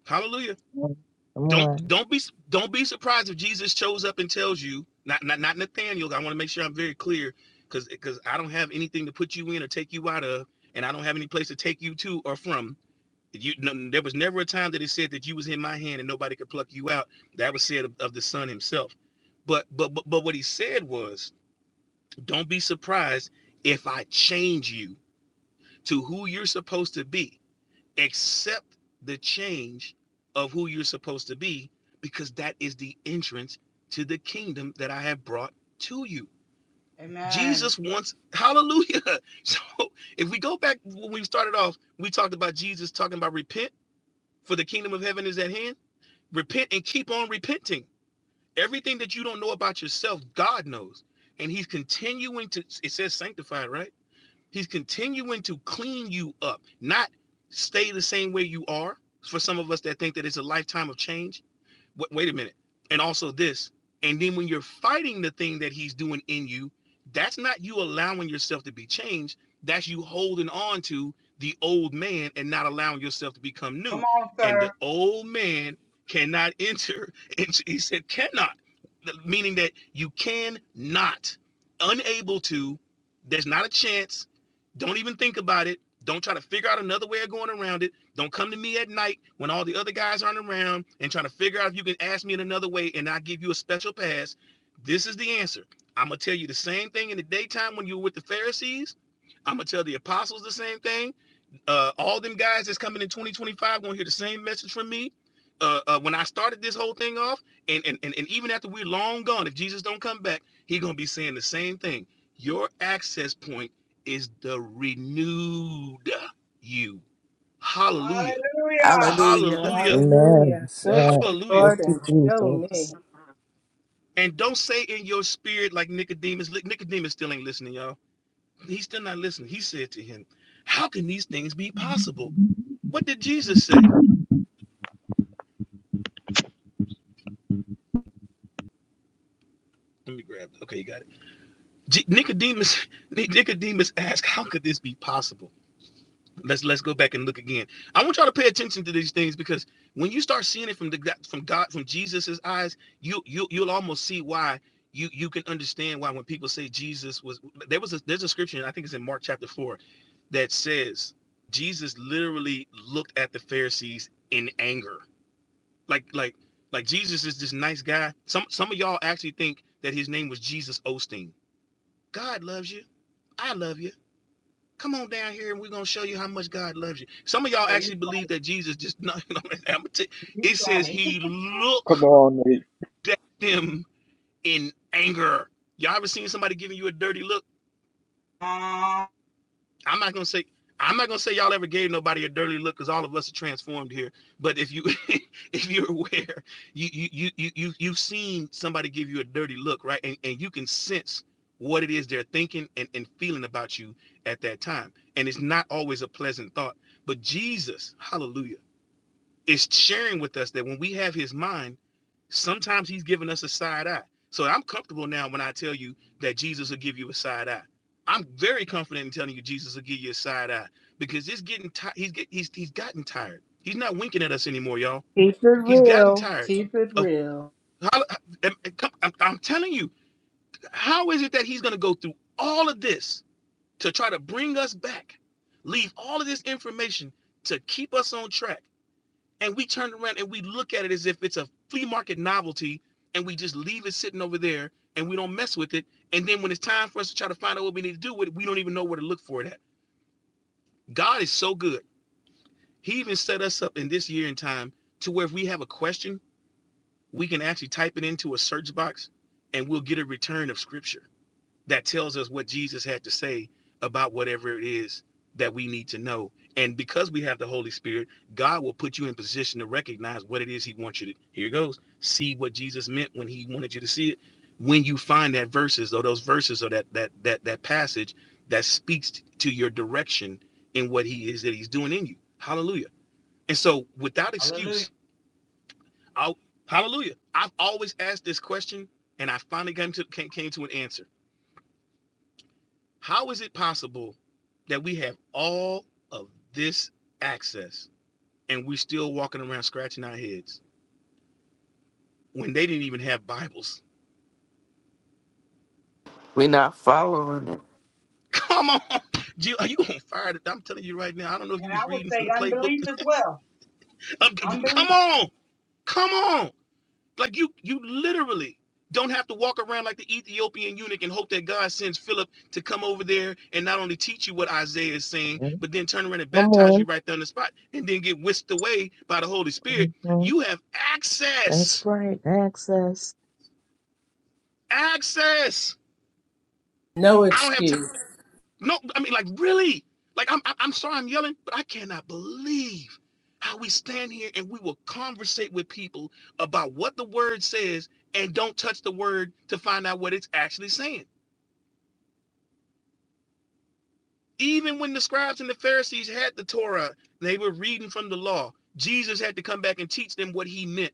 A: Hallelujah.
F: Come
A: don't
F: on.
A: don't be don't be surprised if Jesus shows up and tells you not not not Nathaniel. I want to make sure I'm very clear because because I don't have anything to put you in or take you out of, and I don't have any place to take you to or from. You no, there was never a time that it said that you was in my hand and nobody could pluck you out. That was said of, of the Son Himself. But but but but what He said was, don't be surprised if I change you to who you're supposed to be accept the change of who you're supposed to be because that is the entrance to the kingdom that I have brought to you.
I: Amen.
A: Jesus wants hallelujah. So if we go back when we started off, we talked about Jesus talking about repent for the kingdom of heaven is at hand. Repent and keep on repenting. Everything that you don't know about yourself, God knows. And he's continuing to it says sanctify, right? He's continuing to clean you up, not stay the same way you are. For some of us that think that it's a lifetime of change, wait, wait a minute, and also this. And then when you're fighting the thing that he's doing in you, that's not you allowing yourself to be changed. That's you holding on to the old man and not allowing yourself to become
I: Come
A: new.
I: on,
A: And the
I: sir.
A: old man cannot enter. And he said, cannot, meaning that you can not, unable to. There's not a chance. Don't even think about it. Don't try to figure out another way of going around it don't come to me at night when all the other guys aren't around and trying to figure out if you can ask me in another way and I give you a special pass. This is the answer. I'm going to tell you the same thing in the daytime when you were with the Pharisees. I'm going to tell the apostles the same thing. Uh, all them guys that's coming in 2025 going to hear the same message from me. Uh, uh, when I started this whole thing off, and, and, and, and even after we're long gone, if Jesus don't come back, he's going to be saying the same thing. Your access point is the renewed you. Hallelujah.
I: Hallelujah.
D: Hallelujah.
A: Hallelujah.
F: Amen. What?
A: Hallelujah.
F: Thank you,
E: No,
F: Jesus.
A: And don't say in your spirit like Nicodemus. Nicodemus still ain't listening, y'all. He's still not listening. He said to him, How can these things be possible? What did Jesus say? Let me grab it. Okay, you got it. J- Nicodemus, Nicodemus asked, How could this be possible? Let's let's go back and look again. I want y'all to pay attention to these things because when you start seeing it from the from God from Jesus's eyes, you you you'll almost see why you you can understand why when people say Jesus was there was a there's a scripture I think it's in Mark chapter four that says Jesus literally looked at the Pharisees in anger. Like like like Jesus is this nice guy. Some some of y'all actually think that his name was Jesus Osteen. God loves you. I love you Come on down here and we're gonna show you how much God loves you. Some of y'all
I: Oh, you,
A: actually believe that Jesus just no, no, I'm gonna tell- you,
I: you
A: it says
I: funny.
A: he looked
G: Come on, Nate.
A: at them in anger. Y'all ever seen somebody giving you a dirty look?
I: Uh,
A: I'm not gonna say I'm not gonna say y'all ever gave nobody a dirty look because all of us are transformed here. But if you if you're aware, you you you you you- you've seen somebody give you a dirty look, right? And and you can sense what it is they're thinking and, and feeling about you at that time. And it's not always a pleasant thought. But Jesus, hallelujah, is sharing with us that when we have his mind, Sometimes he's giving us a side eye. So I'm comfortable now when I tell you that Jesus will give you a side eye. I'm very confident in telling you Jesus will give you a side eye because it's getting tired. He's get, he's he's gotten tired. He's not winking at us anymore, y'all. He's gotten tired of. How, I'm, I'm I'm telling you, how is it that he's going to go through all of this to try to bring us back, leave all of this information to keep us on track? and we turn around and we look at it as if it's a flea market novelty and we just leave it sitting over there and we don't mess with it and then when it's time for us to try to find out what we need to do with it we don't even know where to look for it at god is so good he even set us up in this year and time to where if we have a question we can actually type it into a search box and we'll get a return of scripture that tells us what Jesus had to say about whatever it is that we need to know. And because we have the Holy Spirit, God will put you in position to recognize what it is He wants you to. Here it goes. See what Jesus meant when He wanted you to see it. When you find that verses or those verses or that that that that passage that speaks to your direction in what He is that He's doing in you. Hallelujah. And so, without
I: hallelujah.
A: excuse, I'll, Hallelujah. I've always asked this question, and I finally came to came, came to an answer How is it possible that we have all of this access and we are still walking around scratching our heads when they didn't even have Bibles?
D: We're not following it.
A: Come on, Jill, are you gonna fire? The, I'm telling you right now. I don't know if
I: And
A: you
I: I
A: was
I: would
A: reading from
I: say
A: the playbook.
I: unbelief as well. Unbelief.
A: Come on, come on. Like you, you literally don't have to walk around like the Ethiopian eunuch and hope that God sends Philip to come over there and not only teach you what Isaiah is saying,
F: Yeah.
A: but then turn around and
F: Come
A: baptize
F: on.
A: you right there on the spot and then get whisked away by the Holy Spirit.
F: hmm
A: You have
F: That's
A: access.
F: right. Access.
A: Access.
E: No
A: I don't have time.
E: excuse.
A: No, I mean, like, really? Like, I'm, I'm sorry I'm yelling, but I cannot believe how we stand here and we will conversate with people about what the word says and don't touch the word to find out what it's actually saying. Even when the scribes and the Pharisees had the Torah, they were reading from the law. Jesus had to come back and teach them what he meant,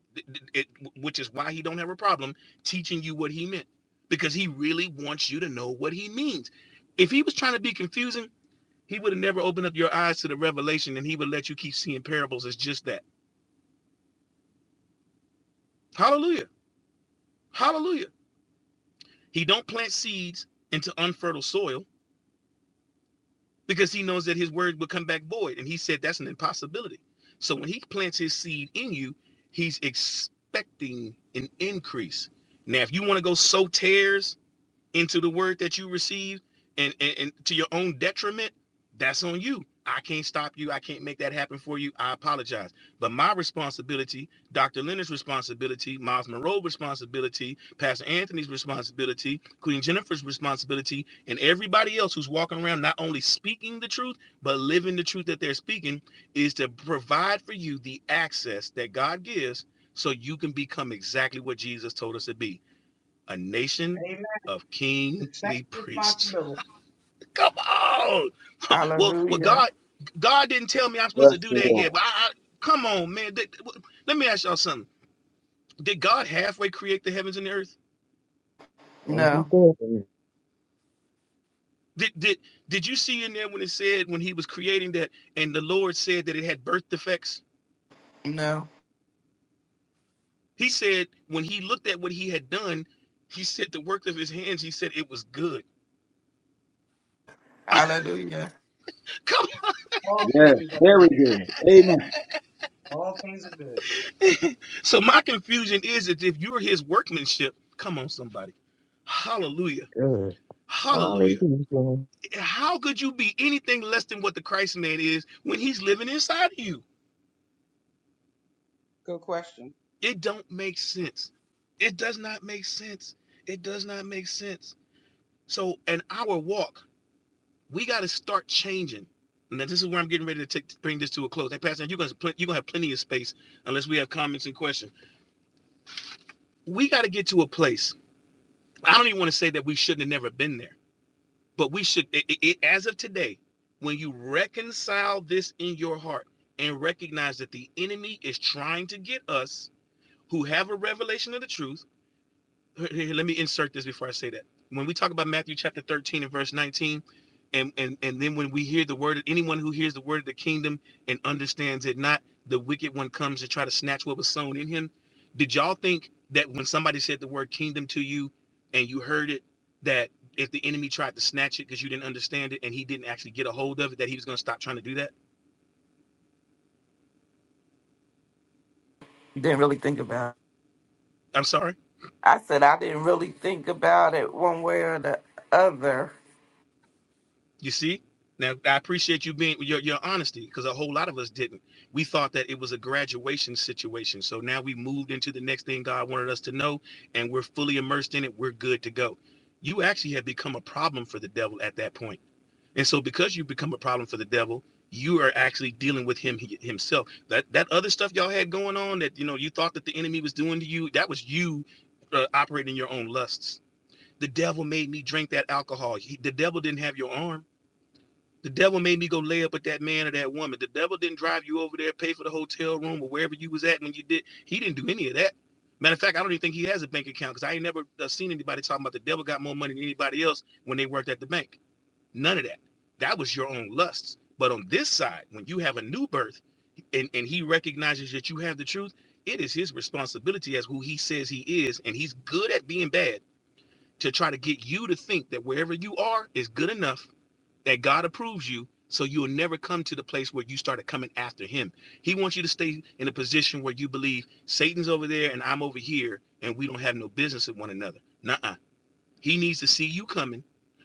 A: it- which is why he don't have a problem teaching you what he meant, because he really wants you to know what he means. If he was trying to be confusing, he would have never opened up your eyes to the revelation, and he would let you keep seeing parables as just that. Hallelujah, hallelujah. He don't plant seeds into unfertile soil because he knows that his word will come back void. And he said that's an impossibility. So when he plants his seed in you, he's expecting an increase. Now, if you want to go sow tares into the word that you receive and, and and to your own detriment that's on you i can't stop you i can't make that happen for you i apologize but my responsibility dr leonard's responsibility miles monroe's responsibility pastor anthony's responsibility queen jennifer's responsibility and everybody else who's walking around not only speaking the truth but living the truth that they're speaking is to provide for you the access that god gives so you can become exactly what jesus told us to be a nation
I: Amen.
A: of
I: The same
A: kingly priests.
I: responsibility.
A: Come on. Well, well,
D: Hallelujah.
A: God, God didn't tell me I'm supposed
G: Bless
A: to do
G: the
A: that yet.
G: Lord.
A: But I, I come on, man. Did- let me ask y'all something. Did God halfway create the heavens and the earth?
F: Oh, he
D: No.
F: did. it.
A: Did did did you see in there when it said when He was creating that, and the Lord said that it had birth defects?
D: No.
A: He said when He looked at what He had done, He said the work of His hands. He said it was good.
D: Hallelujah.
A: Come.
I: All
G: Yes,
I: things are
G: very
I: good.
G: good. Amen.
I: All things are good.
A: So my confusion is that if you're his workmanship, come on, somebody. Hallelujah.
F: Good.
A: Hallelujah.
F: Hallelujah.
A: How could you be anything less than what the Christ man is when he's living inside of you?
I: Good question.
A: It don't make sense. It does not make sense. It does not make sense. So in our walk, we got to start changing. And this is where I'm getting ready to take, bring this to a close. Hey, Pastor, you're going to you're going to have plenty of space unless we have comments and questions. We got to get to a place. I don't even want to say that we shouldn't have never been there But we should, it, it, it- as of today, when you reconcile this in your heart and recognize that the enemy is trying to get us who have a revelation of the truth here- let me insert this before I say that. When we talk about Matthew chapter 13 and verse 19, and, and and then when we hear the word, anyone who hears the word of the kingdom and understands it not, the wicked one comes to try to snatch what was sown in him. Did y'all think that when somebody said the word kingdom to you and you heard it, that if the enemy tried to snatch it because you didn't understand it and he didn't actually get a hold of it, that he was going to stop trying to do that?
D: Didn't really think about it.
A: I'm sorry.
D: I said I didn't really think about it one way or the other.
A: You see? Now I appreciate you being your, your honesty because a whole lot of us didn't. We thought that it was a graduation situation. So now we moved into the next thing God wanted us to know, and we're fully immersed in it. We're good to go. You actually have become a problem for the devil at that point. And so because you become a problem for the devil, you are actually dealing with him he- himself. That that other stuff y'all had going on that you know you thought that the enemy was doing to you, that was you uh, operating your own lusts. The devil made me drink that alcohol. He, the devil didn't have your arm the devil made me go lay up with that man or that woman. The devil didn't drive you over there, pay for the hotel room or wherever you was at when you did. He didn't do any of that. Matter of fact, I don't even think he has a bank account because I ain't never uh, seen anybody talking about the devil got more money than anybody else when they worked at the bank. None of that. That was your own lusts. But on this side, when you have a new birth and, and he recognizes that you have the truth, it is his responsibility as who he says he is. And he's good at being bad to try to get you to think that wherever you are is good enough that God approves you, so you will never come to the place where you started coming after him. He wants you to stay in a position where you believe Satan's over there and I'm over here, and we don't have no business with one another. Nuh-uh. He needs to see you coming,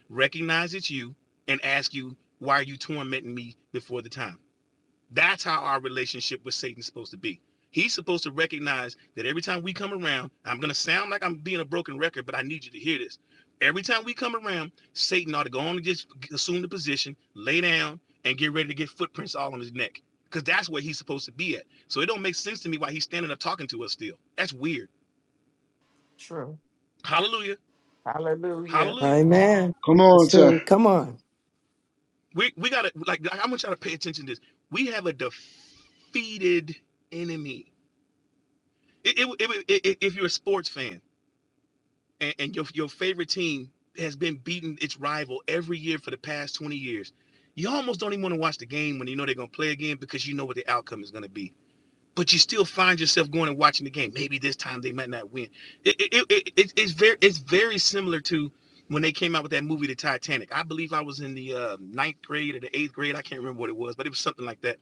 A: recognize it's you, and ask you, why are you tormenting me before the time? That's how our relationship with Satan's supposed to be. He's supposed to recognize that every time we come around, I'm going to sound like I'm being a broken record, but I need you to hear this. Every time we come around, Satan ought to go on and just assume the position, lay down, and get ready to get footprints all on his neck. Because that's where he's supposed to be at. So it don't make sense to me why he's standing up talking to us still. That's weird.
D: True.
A: Hallelujah.
D: Hallelujah.
A: Hallelujah.
B: Amen.
G: Come
B: Let's
G: on,
B: do
G: sir.
B: it. Come on.
A: We we gotta like I- I'm gonna try to pay attention to this. We have a defeated enemy. It, it, it, it- it- if you're a sports fan, and, and your your favorite team has been beating its rival every year for the past 20 years. You almost don't even want to watch the game when you know they're going to play again because you know what the outcome is going to be. But you still find yourself going and watching the game. Maybe this time they might not win. It, it, it, it- it's very it's very similar to when they came out with that movie, The Titanic. I believe I was in the uh, ninth grade or the eighth grade. I can't remember what it was, but it was something like that.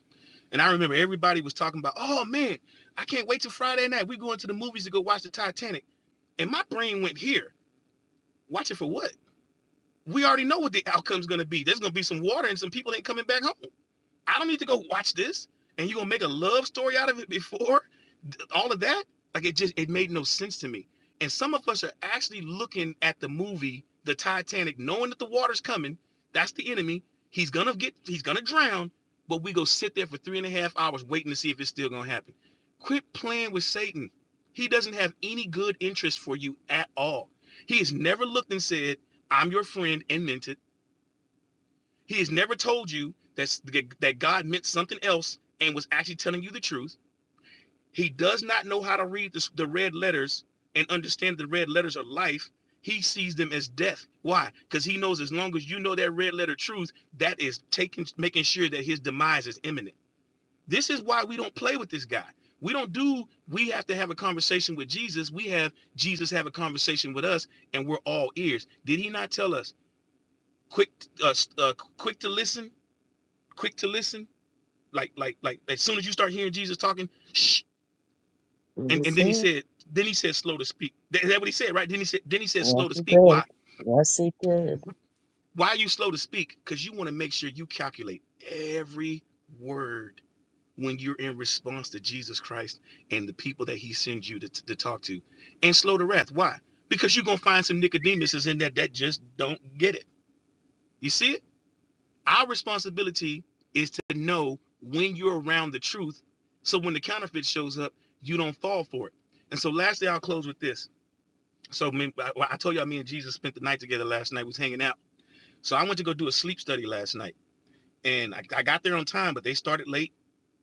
A: And I remember everybody was talking about, oh man, I can't wait till Friday night. We're going to the movies to go watch The Titanic. And my brain went here Watch it for what? We already know what the outcome's going to be. There's going to be some water and some people ain't coming back home. I don't need to go watch this. And you're gonna make a love story out of it before all of that? Like it just it made no sense to me. And some of us are actually looking at the movie, the Titanic, knowing that the water's coming. That's the enemy. He's gonna get he's gonna drown, but we go sit there for three and a half hours waiting to see if it's still gonna happen. Quit playing with Satan. He doesn't have any good interest for you at all. He has never looked and said, I'm your friend and meant it. He has never told you that's, that God meant something else and was actually telling you the truth. He does not know how to read this, the red letters and understand the red letters are life. He sees them as death. Why? Because he knows as long as you know that red letter truth, that is taking making sure that his demise is imminent. This is why we don't play with this guy. We don't do we have to have a conversation with Jesus. We have Jesus have a conversation with us, and we're all ears. Did he not tell us quick uh, uh, quick to listen, quick to listen, like, like, like, as soon as you start hearing Jesus talking, shh. And, and
B: That's
A: then he
B: it.
A: said, then he said, slow to speak. Is that what he said, right? Then he said, then he said, slow
F: Yes,
A: to
F: he
A: speak. Why?
F: did. Yes, he did.
A: Why are you slow to speak? Because you want to make sure you calculate every word when you're in response to Jesus Christ and the people that he sends you to, to, to talk to. And slow to wrath. Why? Because you're gonna find some Nicodemuses in there that just don't get it. You see it? Our responsibility is to know when you're around the truth. So when the counterfeit shows up, you don't fall for it. And so lastly, I'll close with this. So I, I told y'all me and Jesus spent the night together last night. We was hanging out. So I went to go do a sleep study last night and I, I got there on time, but they started late,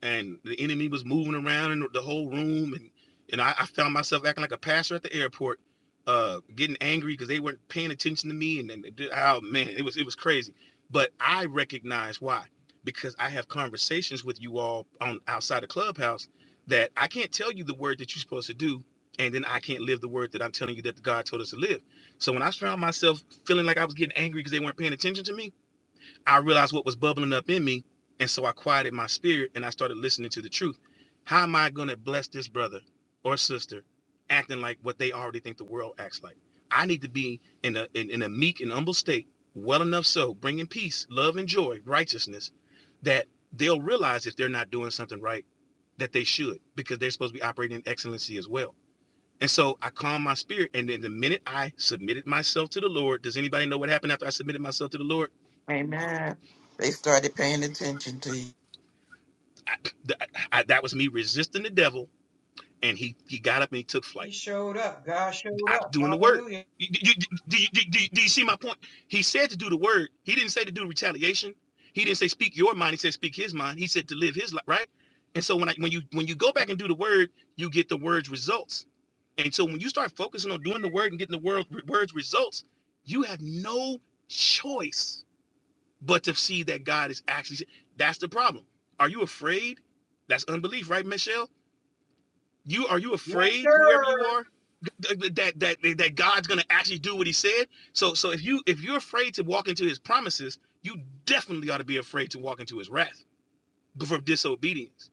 A: and the enemy was moving around in the whole room, and and I, I found myself acting like a pastor at the airport, uh, getting angry because they weren't paying attention to me, and then oh man, it was it was crazy. But I recognize why, because I have conversations with you all on outside the clubhouse that I can't tell you the word that you're supposed to do, and then I can't live the word that I'm telling you that God told us to live. So when I found myself feeling like I was getting angry because they weren't paying attention to me, I realized what was bubbling up in me. And so I quieted my spirit and I started listening to the truth. How am I going to bless this brother or sister acting like what they already think the world acts like? I need to be in a, in, in a meek and humble state, well enough so, bringing peace, love, and joy, righteousness, that they'll realize if they're not doing something right that they should because they're supposed to be operating in excellency as well. And so I calmed my spirit. And then the minute I submitted myself to the Lord, does anybody know what happened after I submitted myself to the Lord?
D: Amen. They started paying attention to you.
A: I, I- that was me resisting the devil, and he he got up and he took
I: He
A: flight.
I: showed up. God showed
A: I was
I: up.
A: doing the word.
I: Hallelujah.
A: You- you- do, you, do, do- do you see my point? He said to do the word. He didn't say to do retaliation. He didn't say speak your mind. He said speak his mind. He said to live his life, right? And so when I when you when you go back and do the word, you get the word's results. And so when you start focusing on doing the word and getting the word word's results, you have no choice but to see that God is actually. That's the problem. Are you afraid? That's unbelief, right, Michelle? You are you
I: Yes,
A: afraid, whoever
I: sir.
A: you are, that that that God's going to actually do what He said? So so if you if you're afraid to walk into His promises, you definitely ought to be afraid to walk into His wrath for disobedience.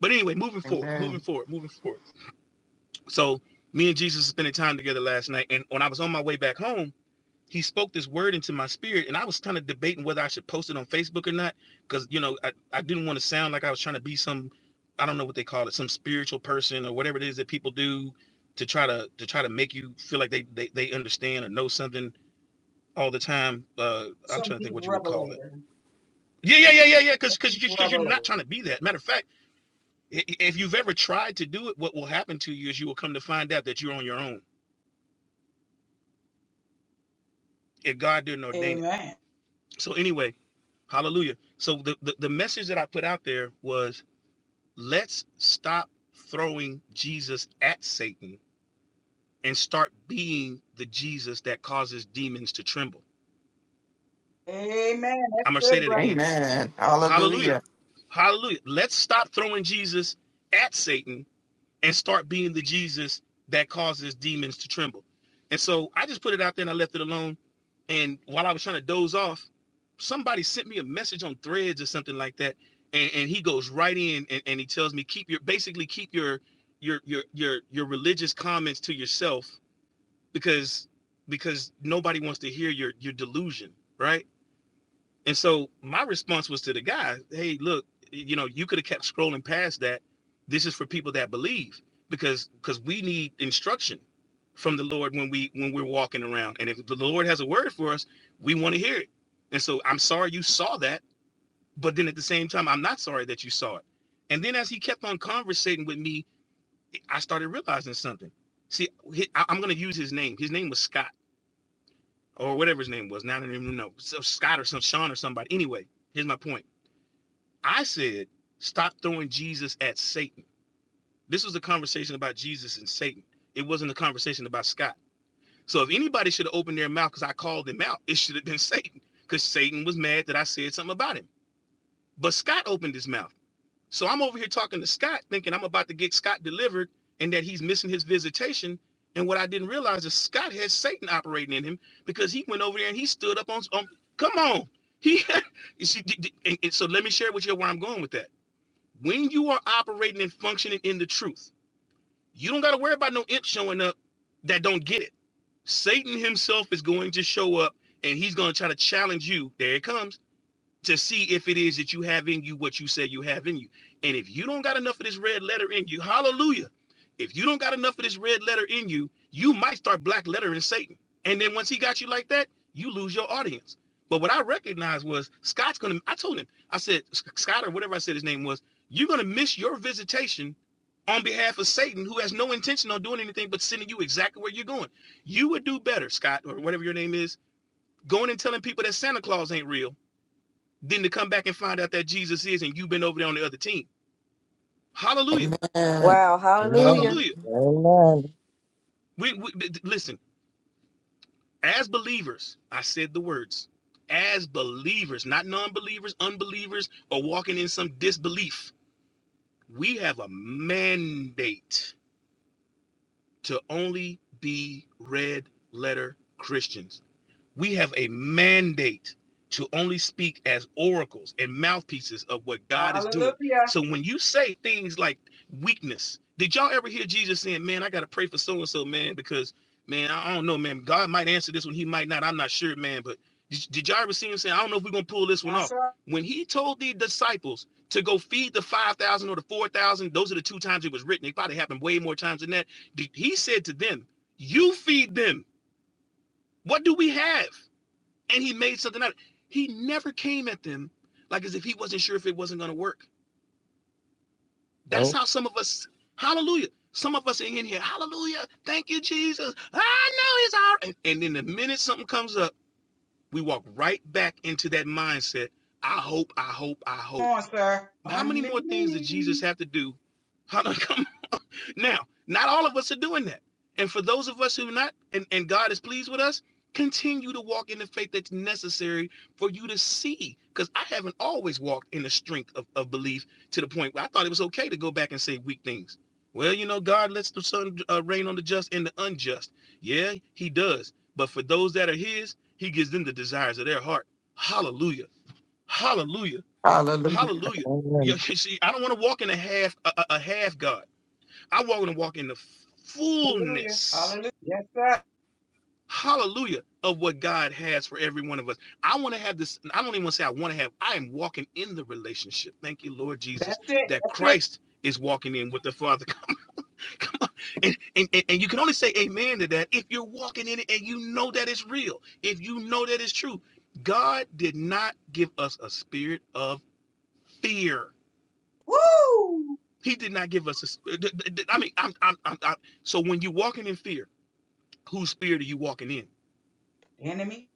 A: But anyway, moving forward, moving
D: Amen.
A: forward, moving forward. So me and Jesus spending time together last night, and when I was on my way back home he spoke this word into my spirit and i was kind of debating whether i should post it on facebook or not because you know I, I didn't want to sound like i was trying to be some i don't know what they call it some spiritual person or whatever it is that people do to try to to try to make you feel like they they, they understand or know something all the time uh i'm
I: Some
A: trying to think
I: deep
A: what you would call that
I: revelator.
A: yeah yeah yeah yeah yeah
I: Some
A: because because
I: deep
A: because you're not
I: revelator.
A: trying to be that matter of fact if you've ever tried to do it what will happen to you is you will come to find out that you're on your own if god didn't ordain it
I: Amen.
A: so anyway Hallelujah. So the, the, the message that I put out there was let's stop throwing Jesus at Satan and start being the Jesus that causes demons to tremble.
I: Amen. That's
A: I'm gonna say
I: good,
A: that
I: brother.
A: again.
D: Amen.
A: Hallelujah.
D: Hallelujah.
A: Hallelujah. Let's stop throwing Jesus at Satan and start being the Jesus that causes demons to tremble. And so I just put it out there and I left it alone. And while I was trying to doze off, somebody sent me a message on threads or something like that. And, and he goes right in and, and he tells me keep your basically keep your your your your your religious comments to yourself because because nobody wants to hear your your delusion, right? And so my response was to the guy, hey, look, you know, you could have kept scrolling past that. This is for people that believe because because we need instruction from the Lord when we when we're walking around. And if the Lord has a word for us, we want to hear it. And so I'm sorry you saw that, but then at the same time, I'm not sorry that you saw it. And then as he kept on conversating with me, I started realizing something. See, he- I- I'm going to use his name. His name was Scott or whatever his name was. Now I don't even know. So Scott or some Sean or somebody. Anyway, here's my point I said, stop throwing Jesus at Satan. This was a conversation about Jesus and Satan. It wasn't a conversation about Scott. So if anybody should have opened their mouth because I called them out, it should have been Satan because Satan was mad that I said something about him. But Scott opened his mouth. So I'm over here talking to Scott, thinking I'm about to get Scott delivered and that he's missing his visitation. And what I didn't realize is Scott has Satan operating in him because he went over there and he stood up on. on come on, he. you see, and so let me share with you where I'm going with that when you are operating and functioning in the truth, you don't got to worry about no imp showing up that don't get it. Satan himself is going to show up and he's going to try to challenge you. There it comes to see if it is that you have in you what you say you have in you. And if you don't got enough of this red letter in you, hallelujah. If you don't got enough of this red letter in you, you might start black lettering Satan. And then once he got you like that, you lose your audience. But what I recognized was Scott's gonna, I told him, I said, Scott or whatever I said his name was, you're gonna miss your visitation on behalf of Satan, who has no intention on doing anything but sending you exactly where you're going. You would do better, Scott, or whatever your name is, going and telling people that Santa Claus ain't real than to come back and find out that Jesus is and you've been over there on the other team. Hallelujah.
D: Amen.
K: Wow. Hallelujah.
F: Amen.
A: Hallelujah.
F: Amen.
A: We, we listen, as believers, I said the words. As believers, not non-believers, unbelievers, or walking in some disbelief, we have a mandate to only be red letter Christians. We have a mandate to only speak as oracles and mouthpieces of what God is doing.
I: Hallelujah.
A: So when you say things like weakness, did y'all ever hear Jesus saying, Man, I got to pray for so and so, man, because, man, I don't know, man, God might answer this one, He might not. I'm not sure, man. But did, did y'all ever see Him saying, I don't know if we're going to pull this one
I: Now,
A: off?
I: sir,
A: When He told the disciples to go feed the 5,000 or the 4,000, those are the two times it was written. It probably happened way more times than that. He said to them, You feed them. What do we have? and he made something out of it. He never came at them like as if he wasn't sure if it wasn't going to work. That's
F: Oh,
A: how some of us, hallelujah, some of us are in here, hallelujah, thank you, Jesus. I know he's all right. And, and then the minute something comes up, we walk right back into that mindset. I hope, I hope, I
I: come
A: hope.
I: on, sir.
A: How many
I: Unmute
A: more things did
I: me.
A: Jesus have to do? How, Come. Now, not all of us are doing that. And for those of us who are not, and, and God is pleased with us, continue to walk in the faith that's necessary for you to see. Because I haven't always walked in the strength of, of belief to the point where I thought it was okay to go back and say weak things. Well, you know, God lets the sun uh, rain on the just and the unjust. Yeah, he does. But for those that are his, he gives them the desires of their heart. Hallelujah. Hallelujah.
D: Hallelujah.
A: Hallelujah. Yeah,
F: amen.
A: see, I don't want to walk in a half a, a a half God. I want to walk in the
I: Hallelujah.
A: fullness,
I: Hallelujah. Yes, sir.
A: hallelujah, of what God has for every one of us. I want to have this. I don't even want to say I want to have. I am walking in the relationship. Thank you, Lord Jesus,
I: That's it.
A: that
I: That's it.
A: Christ is walking in with the Father. Come on, And, and, and you can only say amen to that if you're walking in it and you know that it's real, if you know that it's true. God did not give us a spirit of fear.
I: Woo!
A: He did not give us a. I mean, I'm, I'm, I'm, I'm, so when you're walking in fear, whose spirit are you walking in?
I: enemy.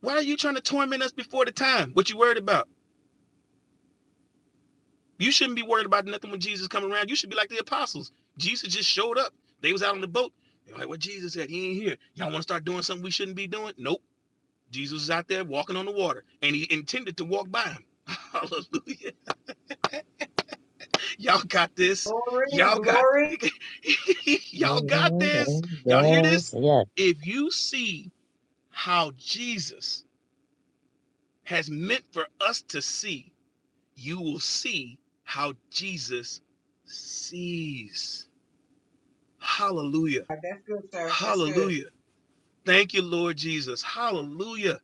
A: Why are you trying to torment us before the time? What you worried about? You shouldn't be worried about nothing when Jesus come around. You should be like the apostles. Jesus just showed up. They was out on the boat. They're like, what Jesus said, he ain't here. Y'all want to start doing something we shouldn't be doing? Nope. Jesus is out there walking on the water, and he intended to walk by him. Hallelujah. Y'all got this.
I: Glory,
A: Y'all got
I: glory.
A: y'all got
F: Amen.
A: this.
F: And
A: Y'all hear this?
F: Yes, yes.
A: If you see how Jesus has meant for us to see you will see how Jesus sees. Hallelujah.
I: That's good, sir. That's good.
A: Hallelujah. Thank you, Lord Jesus. Hallelujah.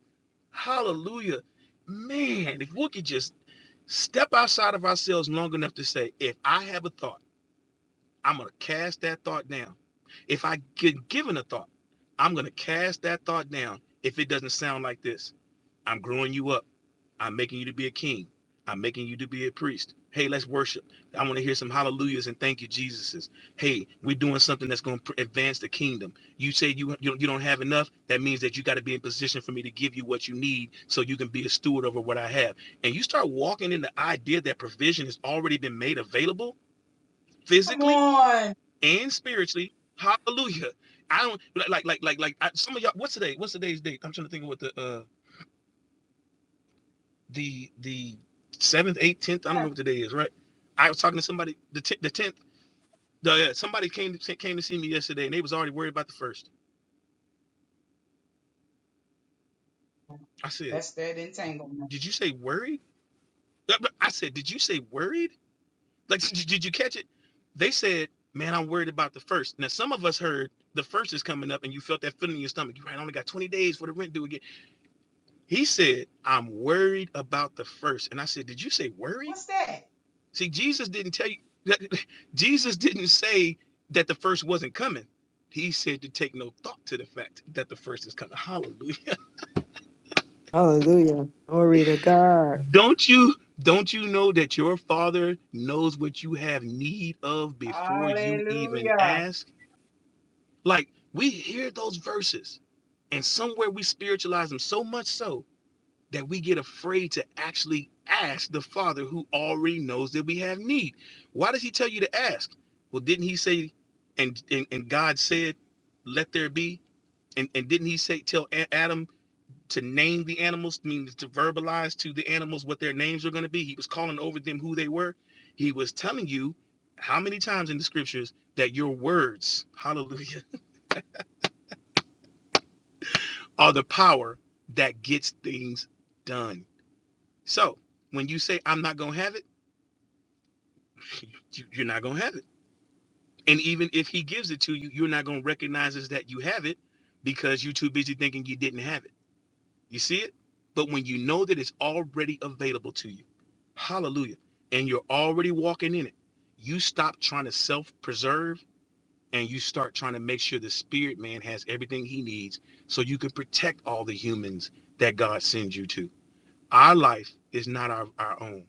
A: Hallelujah. Man, if we could just step outside of ourselves long enough to say, if I have a thought, I'm going to cast that thought down. If I get given a thought, I'm going to cast that thought down. If it doesn't sound like this, I'm growing you up. I'm making you to be a king. I'm making you to be a priest. Hey, let's worship. I want to hear some hallelujahs and thank you, Jesuses. Hey, we're doing something that's going to advance the kingdom. You say you, you you don't have enough. That means that you got to be in position for me to give you what you need, so you can be a steward over what I have. And you start walking in the idea that provision has already been made available
I: Come
A: physically
I: on.
A: and spiritually. Hallelujah. I don't like like like like like I, some of y'all. What's today? What's today's date? I'm trying to think of what the uh the the seventh, eighth, tenth. I don't know
I: sir.
A: what today is, right? I was talking to somebody. The t- the tenth. The uh, somebody came to, came to see me yesterday, and they was already worried about the first. I said,
I: That's that entanglement.
A: "Did you say worried?" Uh, I said, "Did you say worried?" Like, did, you, did you catch it? They said, "Man, I'm worried about the first." Now, some of us heard the first is coming up, and you felt that feeling in your stomach. You right, I only got 20 days for the rent due again. He said, "I'm worried about the first," and I said, "Did you say worried?"
I: What's that?
A: See, Jesus didn't tell you that Jesus didn't say that the first wasn't coming. He said to take no thought to the fact that the first is coming. Hallelujah.
B: Hallelujah. Glory to God.
A: Don't you don't you know that your father knows what you have need of before you even
I: Hallelujah.
A: ask? Like we hear those verses and somewhere we spiritualize them so much so that we get afraid to actually ask the Father who already knows that we have need. Why does he tell you to ask? Well, didn't he say, and and, and God said, let there be? And and didn't he say tell Adam to name the animals, means to verbalize to the animals what their names are going to be? He was calling over them who they were. He was telling you how many times in the scriptures that your words, hallelujah, are the power that gets things done. So when you say I'm not gonna have it you- are not gonna have it. And even if he gives it to you, you're not gonna recognize as that you have it because you're too busy thinking you didn't have it. You see it? But when you know that it's already available to you, hallelujah, and you're already walking in it, you stop trying to self-preserve and you start trying to make sure the spirit man has everything he needs so you can protect all the humans that God sends you to. Our life is not our, our own.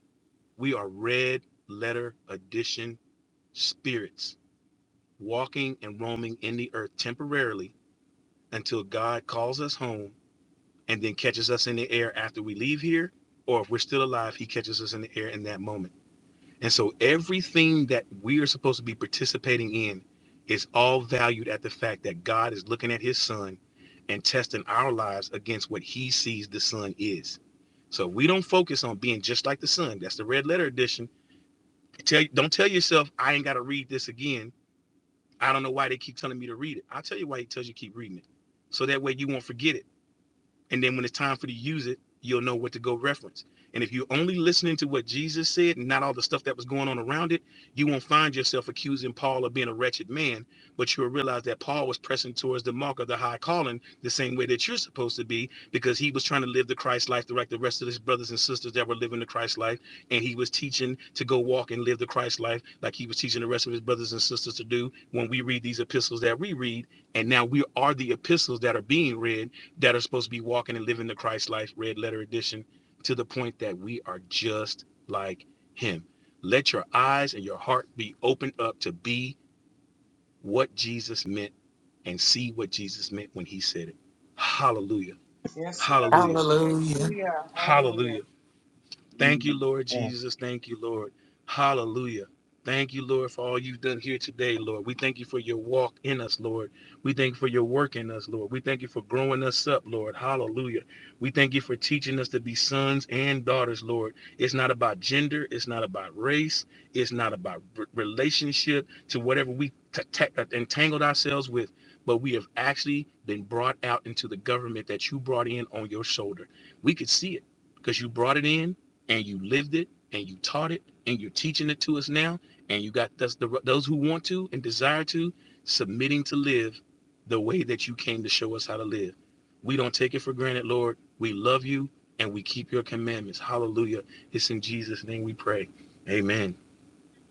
A: We are red letter edition spirits walking and roaming in the earth temporarily until God calls us home and then catches us in the air after we leave here, or if we're still alive, he catches us in the air in that moment. And so everything that we are supposed to be participating in is all valued at the fact that God is looking at his son and testing our lives against what he sees the son is. So we don't focus on being just like the Son. That's the red letter edition. Tell don't tell yourself I ain't got to read this again I don't know why they keep telling me to read it. I'll tell you why he tells you keep reading it. So that way you won't forget it. And then when it's time for you to use it, you'll know what to go reference. And if you're only listening to what Jesus said and not all the stuff that was going on around it, you won't find yourself accusing Paul of being a wretched man, but you'll realize that Paul was pressing towards the mark of the high calling the same way that you're supposed to be, because he was trying to live the Christ life like the rest of his brothers and sisters that were living the Christ life. And he was teaching to go walk and live the Christ life like he was teaching the rest of his brothers and sisters to do when we read these epistles that we read. And now we are the epistles that are being read that are supposed to be walking and living the Christ life, red letter edition, to the point that we are just like him. Let your eyes and your heart be opened up to be what Jesus meant and see what Jesus meant when he said it. Hallelujah.
I: Yes, sir.
A: Hallelujah.
D: Hallelujah.
I: Hallelujah. Hallelujah.
A: Hallelujah. Thank you,
F: Amen.
A: Lord
F: Yes.
A: Jesus. Thank you, Lord. Hallelujah. Thank you, Lord, for all you've done here today, Lord. We thank you for your walk in us, Lord. We thank you for your work in us, Lord. We thank you for growing us up, Lord. Hallelujah. We thank you for teaching us to be sons and daughters, Lord. It's not about gender. It's not about race. It's not about r- relationship to whatever we t- t- entangled ourselves with. But we have actually been brought out into the government that you brought in on your shoulder. We could see it because you brought it in and you lived it and you taught it and you're teaching it to us now and you got those, the, those who want to and desire to submitting to live the way that you came to show us how to live we don't take it for granted lord we love you and we keep your commandments hallelujah it's in jesus name we pray amen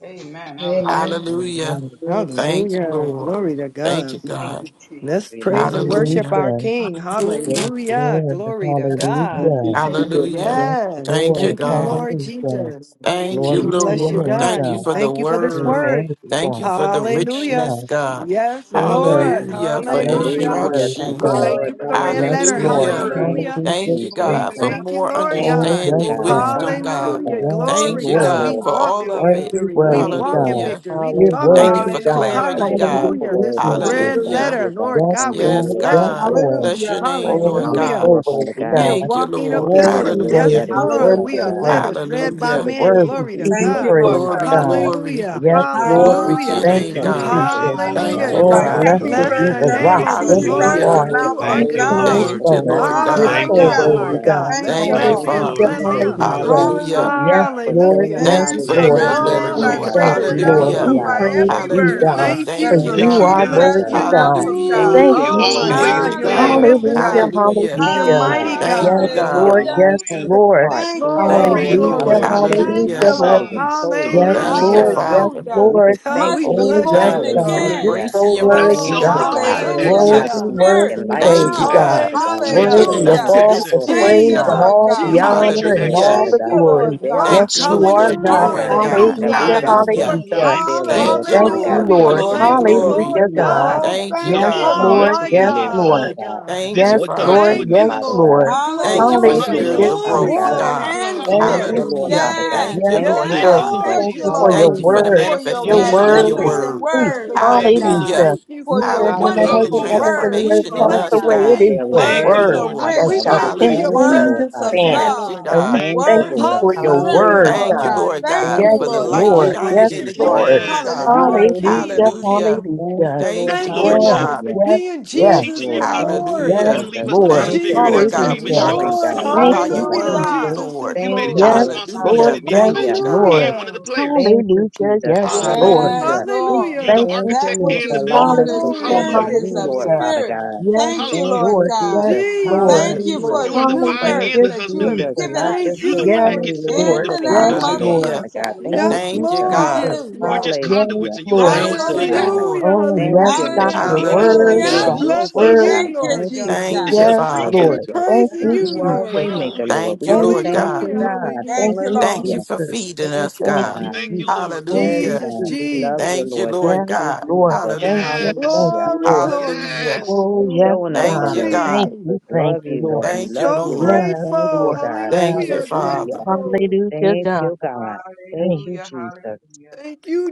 I: Amen. Hallelujah.
D: Hallelujah.
F: Amen.
D: Thank you,
B: Hallelujah.
D: Lord.
B: Glory to
D: Thank
B: God.
D: you,
F: God.
D: God.
B: Let's praise
L: Amen.
B: and worship
D: Hallelujah.
B: our
F: Hallelujah.
B: King.
F: Yes,
B: Hallelujah.
F: Lord.
B: Glory to
F: Hallelujah.
B: God.
G: Thank you, Jesus.
D: Hallelujah.
F: Yes,
B: Yes.
D: Thank you,
F: Lord.
B: Thank you,
D: God.
B: Lord
F: Hallelujah.
B: Jesus.
I: You,
D: Thank
I: Jesus,
D: you,
B: We
F: Glory to your
B: bless
I: You're
B: you,
D: Lord.
F: name,
D: Thank
B: God.
I: worthy,
D: you
F: God.
B: We
D: for
I: God.
D: the
B: thank
I: We
B: you for
I: bless
B: this
I: your
F: You're
D: word.
B: word.
I: name.
F: worthy,
D: Thank you
F: God.
D: for the
I: Holy
F: Yes,
I: King,
B: Hallelujah.
D: richness,
F: God.
D: God.
B: Yes,
F: So
I: your
B: Lord.
F: worthy.
D: Hallelujah.
I: majesty,
D: For
I: we honor
F: Worthy,
B: Hallelujah.
I: you.
L: Hallelujah.
F: worthy,
L: Thank
B: We
L: you,
D: instructions.
F: God.
B: thank you
L: Lord.
B: for the
I: Hallelujah.
B: red
I: Thank you
F: Yes,
B: letter.
I: for your
L: Hallelujah.
F: Lord.
D: Hallelujah.
I: word.
L: Thank
B: Hallelujah.
F: Hallelujah,
L: you,
I: Thank
D: Thank
I: you
D: you,
I: for
L: Jesus.
F: Jesus.
B: We
D: God,
I: wisdom
D: for
I: and
B: thank you,
D: more
B: Lord
I: understanding.
F: Oh,
L: Thank
B: God.
L: you,
F: yes,
D: understanding,
I: Glory
L: God.
I: to
F: God.
I: God.
D: wisdom,
L: Thank you,
D: God.
B: Hallelujah.
I: Hallelujah.
L: God.
F: Yes,
B: Glory,
D: Thank
L: Thank
D: you,
L: you,
B: God.
F: Lord.
B: We
D: God,
L: Lord.
D: for
B: walk
D: all
B: in
D: of
I: Hallelujah.
D: it.
F: Worthy,
B: victory. We
L: Thank
F: worthy
L: you,
B: walk in
L: Lord.
F: God.
D: Hallelujah.
B: victory. We
F: You're
B: talk in
D: Thank
B: it.
D: you
L: Hallelujah.
F: worthy
D: for
F: God.
I: Hallelujah.
L: That's
D: clarity,
L: a
D: God.
L: powerful
B: Hallelujah.
F: Hallelujah,
B: This
L: word, Lord. We
F: Jesus.
L: just
B: red
L: thank
C: Hallelujah.
D: Hallelujah.
B: letter,
L: you, God.
B: Lord
F: Yes,
B: God,
L: Thank you,
B: we
F: Lord.
D: Yes,
L: Lord, for
B: bless
F: Yes,
B: you
L: the
D: God.
B: for it.
L: wisdom
F: Lord.
D: Bless your
C: Hallelujah.
L: and
D: name,
L: the
F: Oh,
D: Lord
F: you're
L: knowledge,
B: Hallelujah.
D: God.
L: Lord,
F: so
L: Father
F: worthy
B: We
L: God.
B: are
F: God.
D: Thank you,
B: walking
L: Thank
D: Lord.
L: you for the
F: Worthy,
B: epistles.
L: red
B: Yes,
D: Hallelujah.
L: letters,
F: worthy,
L: Lord,
B: Lord.
L: Father
B: We are
F: worthy,
C: Hallelujah.
L: God.
F: worthy,
B: letters
L: Thank
B: read
L: you
B: by
L: for the
D: Hallelujah.
B: men.
L: words that
F: worthy
B: Glory to
L: you
F: to be
C: Thank
L: spoke,
C: you,
B: God.
L: Lord,
C: Lord
F: praised,
L: Father
D: Glory,
C: God.
L: God.
F: God.
D: glory.
L: We
B: Hallelujah.
F: Yes,
L: thank you,
F: Lord,
L: Jesus,
D: Glory
F: we
D: to
L: for
D: your
B: Hallelujah.
F: thank
A: thank
D: name,
A: you
F: you,
D: God.
L: instruction,
A: lord
C: Hallelujah.
L: Lord
F: Jesus.
A: jesus
L: Father
D: Thank
L: God,
D: you,
C: But
B: Hallelujah.
L: that
F: Oh,
C: Provide
L: God
D: God.
A: hallelujah
L: could,
C: every
F: blessed
L: Lord
B: Bless
F: be
B: the
C: word
L: Father
F: the
A: hallelujah
C: that
L: God.
B: name
F: rock.
I: Thank
B: of
I: you,
B: the
F: Yes,
C: proceedeth
I: Jesus.
A: hallelujah
F: you
C: out
L: Thank
B: Lord
C: of
D: Hallelujah.
C: the
L: you,
F: are.
B: because
L: Lord,
F: The
B: you
C: mouth of
I: Hallelujah.
B: are
F: chief
A: thank you
B: good.
L: hallelujah,
C: God.
A: lord
L: for
D: Thank
L: the
D: you,
F: cornerstone.
D: Lord
L: lessons
B: Ah,
F: You're
L: learned,
B: my
D: God.
A: thank
L: Lord
A: you
F: so
B: God,
C: Hallelujah.
L: Father
B: my
F: worthy,
A: lord
L: God.
F: God.
B: God. Let's
C: Thank you,
D: Thank you,
B: bless
A: thank
L: Thank
A: you
C: Lord.
L: you,
B: him.
A: lord
F: Hallelujah,
D: Father.
B: Bless
L: Jesus,
B: him.
A: hallelujah
F: hallelujah.
L: hallelujah,
D: Hallelujah.
F: Yes,
C: Hallelujah.
L: for
F: Lord.
L: showing us
B: Hallelujah.
D: Thank
F: Yes,
L: how
D: you
C: Man
L: we
D: for
C: shall
D: the
L: should
A: Thank
F: Lord.
A: you,
L: live,
D: red
C: not
L: Lord
D: letter,
A: Lord
C: live
F: We
L: Father
B: Glory,
C: by
D: Lord.
L: God. We
A: Jesus.
F: thank
C: bread
L: just
B: glory,
F: you,
A: Praise
L: thank
A: the
F: Lord.
C: alone,
L: you,
D: Hallelujah.
F: We
C: but
B: glory.
A: Lord.
C: by
L: God,
F: praise
C: every
A: Hallelujah.
F: you,
B: We
L: hallelujah.
C: word
D: Hallelujah.
F: God,
A: Ah,
B: thank
F: for
C: that
D: Thank you,
L: Thank
B: you.
A: thank
F: you
B: We
A: you,
L: you,
D: God.
F: are
C: proceedeth
A: God.
C: out
B: bless
C: of
L: Jesus.
F: worthy,
C: the
B: you.
C: mouth
F: God.
I: Thank
C: of
I: you,
D: Hallelujah.
I: Lord,
L: Thank
C: God.
A: Ooh,
F: Thank
L: you,
A: you
F: you,
B: Oh,
L: Lord.
B: my
A: always
D: Thank
F: Jesus.
L: Thank
B: God.
D: you,
B: You're
L: you,
D: God.
A: win.
L: Lord. Thank
F: Hallelujah,
L: you
C: Hallelujah.
B: magnificent.
L: for the
D: Hallelujah.
B: You're
L: change,
F: hallelujah.
B: mighty
L: God.
A: Always
D: Thank
F: Yes,
D: you,
B: God.
A: win.
L: Change of
D: God.
F: Lord.
C: Hallelujah.
F: Yes,
L: mind,
A: Hallelujah.
L: change of
F: Lord.
L: heart.
C: Thank
L: Thank
C: you,
L: you,
C: Lord.
B: Glory,
D: Thank you,
L: Lord.
A: Thank
F: Hallelujah,
A: you,
B: glory
D: Lord.
B: to
A: Lord
B: the
L: Hallelujah.
A: Jesus.
B: King.
C: Thank
F: hallelujah,
D: Hallelujah.
C: you,
L: Mind,
F: Lord.
L: body,
C: Lord.
L: and
A: Sons,
L: soul, Lord
F: Yes,
L: Father
D: Thank
A: daughters,
D: you,
L: God.
F: Lord.
B: Hallelujah.
F: Yes,
D: Father.
L: So
C: Hallelujah.
L: we
F: Lord.
L: just thank
B: We
C: Must
L: you,
C: be
F: Oh,
L: Lord.
B: bless
F: yes,
C: born
D: Thank
B: you,
D: you for
F: God.
D: your
B: Lord.
F: You're
C: again.
L: Hallelujah.
D: grace and
F: so
D: your
A: not
F: worthy,
D: mercy,
L: Thank
A: self
B: Oh,
F: God.
L: you,
D: God.
L: God. Your
A: proclaimed
L: word is
C: Hallelujah.
D: Hallelujah.
F: Worthy,
L: not
C: Of
L: to
A: access,
B: hallelujah.
L: be
C: spirit.
L: taken
F: worthy,
L: lightly,
D: Thank
A: actual
D: you,
F: worthy,
C: Huh?
L: Lord
F: God.
D: God,
L: Father
A: access,
L: God, nor
D: for
L: put
B: Hallelujah.
D: getting
F: Worthy
D: us
F: of
L: upon
A: transformed
C: Hallelujah.
D: to
F: all
L: itself,
D: this
F: the
L: Lord
A: access,
C: Thank
D: point,
L: Father
F: praise
C: you,
L: God.
F: and
D: God.
B: Jesus,
C: Lord
F: all
L: We just
F: the
C: God.
A: new
L: thank
B: Jesus,
A: creature
L: you,
F: honor and
L: Lord
I: for
D: Hallelujah.
F: all
I: your
L: Father
A: access,
F: the
C: Thank
L: God,
C: you,
L: for
I: glory.
L: the
F: glory.
C: Lord God.
L: daily
B: rock.
D: Thank you
F: Yes,
D: for
L: things,
F: you
D: what
F: are,
D: you're
L: Lord Father
F: God.
B: Hallelujah.
L: God,
D: doing,
I: Thank
B: Thank
I: you.
B: you
A: new
D: God.
B: for
L: that we
F: Hallelujah,
B: being
C: Hallelujah.
A: wine,
B: our
L: die to
A: new
D: Hallelujah.
B: fortress.
L: ourselves
F: hallelujah.
A: wine
L: daily,
F: We
D: Thank
L: Lord
D: you,
A: skins.
I: Bless
F: thank
L: Father
F: you,
L: God,
D: Lord.
C: Hallelujah.
L: so
B: Hallelujah.
L: we
F: Lord.
L: can
D: Glory,
A: Hallelujah.
B: Thank
L: know
B: you,
L: more of
D: glory.
L: you,
F: Hallelujah,
B: Lord
L: Lord
F: God.
L: Father
B: God.
I: you.
C: Oh,
L: God,
D: Thank you,
A: The
C: thank
F: Yes,
C: you,
D: God.
A: old
L: and
B: Oh,
L: live
A: wine
C: Lord.
F: Lord.
L: for
B: my
A: skin
L: you,
F: Yes,
A: can't
L: Lord
B: God,
L: Father
F: Lord.
B: my
A: hold
L: God,
B: God.
D: Thank
L: and
A: this
D: you,
F: Yes,
L: live
A: what
L: for the
A: God is
F: Lord.
D: Father.
A: putting
L: kingdom,
B: Thank
A: in
F: Yes,
B: you,
L: Father
A: us.
B: Lord, for
L: God.
F: Lord.
B: the
L: We just
D: Thank you for
L: thank
C: Hallelujah.
L: you,
B: glory,
F: Hallelujah,
A: Hallelujah.
L: Lord
D: spiritual
L: Father
B: glory,
D: growth,
F: Jesus.
I: I
L: God.
C: Water
B: glory,
D: God.
I: love you,
C: and
I: Lord.
B: glory,
I: I
F: Thank
L: Thank
I: so
A: Hallelujah.
F: you,
L: you,
C: spirit.
B: glory.
L: Lord
I: love you,
D: Hallelujah.
L: Father
F: Jesus.
I: Jesus.
L: God.
C: Yes,
D: Thank you,
F: Yes,
L: Thank
B: Yes,
D: Lord
L: you,
A: Thank
F: Lord.
A: you,
D: God.
C: yes.
F: We
A: Lord
L: Jesus.
C: Thank
B: Lord,
I: I
F: thank
C: you,
B: your
F: you
I: so
A: Jesus.
F: for your
C: Lord,
D: Thank
I: love
D: you for
B: glory.
I: you,
L: Hallelujah.
D: the
F: word.
I: Jesus.
C: for
A: Thank you,
C: your
F: Your
A: Lord.
L: Thank
D: manifestation
B: Fill
D: of
L: you,
B: the
F: word
D: your
A: Hallelujah.
F: is
L: God.
C: magnificent
D: word.
B: room,
F: truth.
L: Thank
B: fill
C: word,
L: you,
B: the room.
C: Lord
A: Thank you,
B: We
L: Jesus.
I: Hallelujah.
C: God,
A: Lord.
D: Hallelujah.
F: Hallelujah.
B: thank you
F: You
C: for
B: for
C: your
F: said
B: it,
F: when the
D: Hallelujah.
B: God.
D: The
F: heaven,
C: wonderful
A: Hallelujah.
L: Hallelujah.
F: heavens and the
C: words,
B: We
F: earth
D: transformation in
F: pass
C: Lord
L: Thank you
B: bless
D: us,
B: your
F: away,
L: for
C: God.
L: this
F: it
D: God.
B: name,
F: is
L: daily
F: your
B: Lord.
A: Thank
D: Thank
A: you,
L: bread,
D: you,
C: Words
F: word
L: Lord
C: of
A: Lord
D: Lord.
L: Father
F: that
B: We
A: Jesus.
L: God. We
F: shall
C: wisdom,
L: just
B: thank you,
A: Hallelujah.
B: your
L: thank you,
D: Hallelujah.
F: continue
L: Lord
F: to
B: presence
C: words
L: Father
B: is
C: of
B: here,
F: stand.
L: God.
D: Thank you,
B: Lord
C: love,
F: And we
B: God.
D: God.
A: Thank
L: Thank
A: you,
I: Thank
L: you,
F: thank
A: Lord.
F: you
C: words
L: Lord.
I: you,
C: of
F: for your
C: strength,
B: Hallelujah,
F: word,
C: Lord
D: Thank
L: Hallelujah.
D: you,
F: God.
C: God.
D: Lord
B: hallelujah.
C: Thank
D: God,
L: Thank
C: you,
F: Yes,
D: for
L: you,
D: the
C: Lord
L: Lord.
D: light
I: Jesus.
B: We
C: God.
L: Thank
F: Lord.
L: you,
D: shining
F: Yes,
D: in
B: worship
D: the
L: Jesus.
B: you,
F: Lord.
B: Lord
D: darkness,
A: Yes.
B: God.
D: God.
B: You
C: Hallelujah.
B: are
F: Hallelujah.
I: Thank you,
B: King
L: Hallelujah.
B: of
I: Lord.
D: Hallelujah.
B: kings.
L: Thank
F: Hallelujah.
L: you,
D: Thank
L: Lord.
A: That's
D: you,
F: Yes,
B: Thank you,
D: Lord
A: lordship.
B: Lord,
D: God.
B: for
L: Hallelujah.
F: yes,
B: being
L: Yes,
F: yes.
B: Jesus
A: Teaching your
L: Lord.
B: is
A: people.
L: Thank you,
B: Lord.
A: You
F: Yes,
A: don't
D: Hallelujah.
A: leave
L: Jesus.
A: us to try
C: Hmm.
F: Lord.
A: to
L: Thank
D: Thank
L: you,
D: you,
A: figure
I: Thank
A: it
L: Lord,
D: Lord
A: out.
B: Jesus
A: You
L: for the
D: God.
B: is
A: came
I: you,
A: and
D: We are
F: Hallelujah.
A: showed
L: covering,
A: us.
B: Lord.
L: God.
D: consumed
F: Thank
L: Thank
D: by
A: Hallelujah.
L: you,
D: your
F: you,
L: God.
B: Hallelujah.
D: word,
F: Jesus.
C: Hallelujah.
B: Jesus is
D: Lord.
A: You
L: Thank
A: made
I: Lord.
A: it
L: you,
A: your
B: Lord.
F: Yes,
L: Lord.
A: responsibility
F: Lord.
D: Hallelujah.
A: to be the
F: Yes,
D: Thank you,
L: Hallelujah.
A: coach
I: Glory,
D: God.
F: Lord.
A: and one of
B: Hallelujah.
A: the
I: glory,
A: players.
I: glory,
L: Thank you,
F: Hallelujah.
L: Jesus.
F: Yes,
A: Hallelujah.
F: Lord.
D: Hallelujah.
C: Yes,
L: Hallelujah.
F: We
I: glory,
C: Lord.
A: You're the
I: glory.
F: thank
B: Hallelujah.
L: Thank
F: you,
L: you,
C: That
A: architect
C: which
L: Lord,
A: and the
F: Jesus.
L: for
C: is
L: allowing
A: builder.
C: born
L: us
C: of
F: Hallelujah.
L: the
B: Glory,
I: Great
L: choice
I: and
C: spirit
L: of
A: Hallelujah.
I: mighty,
B: glory,
C: is
L: you,
C: of
L: Lord,
I: great
F: Hallelujah.
B: glory.
I: and
L: Father
C: spirit.
I: mighty,
L: God.
C: Thank
F: Yes,
C: you,
L: Thank
A: Hallelujah.
C: Lord
F: Lord.
L: you,
I: great
C: God.
F: Yes,
L: Jesus.
I: and mighty,
B: Jesus
F: Lord.
C: Thank
I: great
B: is
I: and
C: you
L: Hallelujah.
C: for
I: mighty,
A: You
C: the
B: Lord.
A: are the
C: new
A: vine
F: Hallelujah,
L: Thank
A: and
C: birth
A: the
L: you,
C: that you have
A: husbandman.
L: Jesus.
F: Jesus.
I: great
C: given
L: Not
B: Thank
I: and
L: just
A: You are
L: for
A: the
C: us.
B: you,
I: mighty.
A: one
F: Yes,
A: that
L: eternity,
B: Lord
A: gets the
C: In
L: Lord,
A: fruit,
L: but
F: Lord.
B: Jesus.
A: the
L: for
C: the
A: fruit
L: the
F: Yes,
C: name
L: now,
A: producing
C: of
L: Lord,
A: going.
F: Lord.
D: Hallelujah.
L: Father
C: Jesus.
L: God. Thank
I: Hallelujah,
L: you,
F: Thank
B: Yes,
F: you,
D: Thank you,
L: Jesus.
B: Lord.
I: hallelujah,
D: God.
F: Jesus.
B: Yes,
A: We're
C: Hallelujah.
B: Lord.
A: just
F: Yes,
A: conduits,
L: Hallelujah.
A: and you allow
F: Lord.
L: Thank
A: us
D: Thank
A: to
L: you,
I: hallelujah,
D: you,
A: be that.
C: Hallelujah.
L: God.
D: Lord.
B: Hallelujah.
F: Oh,
I: hallelujah.
L: Thank
A: It's
F: yes,
L: you,
A: not
F: God.
B: Hallelujah.
A: that
L: Lord,
A: you
L: for
F: Your
I: Oh,
A: needed
L: your
A: us; you
I: bless
L: will,
F: word,
I: his
B: We
L: Lord,
C: Hallelujah.
D: Hallelujah.
B: are
L: and
F: God.
I: name,
L: your
A: chose
I: bless
L: way,
B: blessing
F: Word,
I: his
A: us.
L: God.
B: you,
C: Thank
F: God.
I: name,
C: you,
B: Lord
L: Thank
I: bless
L: you,
I: his
B: God.
D: Thank
I: name.
A: This
C: Jesus.
A: is
D: you,
A: a
L: Jesus.
F: Yes,
A: free
D: Father.
B: We're
F: Lord.
A: gift.
L: Hallelujah.
F: Thank
I: Bless
B: praising
L: If
F: you,
I: his
L: you
B: you,
L: are a
C: Mhm.
F: Jesus.
B: Lord
I: wonderful
B: God.
L: waymaker,
A: Hallelujah!
I: name,
L: Lord,
D: Thank
L: we
D: you,
F: Thank
L: just
D: Lord
F: you,
L: thank
D: God.
L: you,
B: Hallelujah,
I: bless
F: Jesus.
I: his
L: God.
F: Thank
C: Thank you,
B: hallelujah.
I: wonderful
F: you,
I: name,
C: Lord.
D: Thank you
L: Hallelujah.
I: his
D: for
F: Jesus.
D: feeding
L: Thank
D: us,
L: you,
F: Thank
D: God.
F: you,
L: God.
A: Thank
F: Jesus.
A: you,
B: Jesus,
A: Lord.
F: Thank
L: Yes,
D: Hallelujah.
F: you,
I: wonderful
B: Jesus,
L: God.
I: name.
L: We
F: Jesus.
L: love you,
D: Thank
B: Jesus.
D: you,
L: Lord.
I: Bless
D: Lord
F: Yes,
L: Thank
I: his
L: you,
D: God.
I: wonderful
F: Lord.
L: Jesus.
I: name,
F: Thank you,
D: Hallelujah.
A: Yes,
F: thank
L: Hallelujah.
F: you,
B: Glory,
F: Lord.
I: bless
B: glory,
I: his
D: Hallelujah.
B: glory,
A: yes.
L: For
F: Oh, yes,
B: glory,
L: showing us the
D: Thank
F: God.
D: you,
L: way,
D: God.
F: Thank
L: God.
B: glory.
L: We
F: you,
L: just
F: thank
L: love
I: wonderful
F: you,
L: you, love
I: name.
F: Lord.
L: you,
D: Thank you,
L: love
B: So
L: you,
D: Lord.
L: Lord.
F: Yes,
L: Thank
B: grateful.
L: you,
F: Lord.
L: God.
F: Yes.
D: Thank you,
B: Hallelujah,
L: Hallelujah.
D: Father.
B: grateful.
F: Hallelujah,
L: Thank
F: God.
L: you, God. Thank
F: Thank
L: you,
I: Hallelujah, hallelujah,
L: Jesus.
I: hallelujah.
B: Thank you,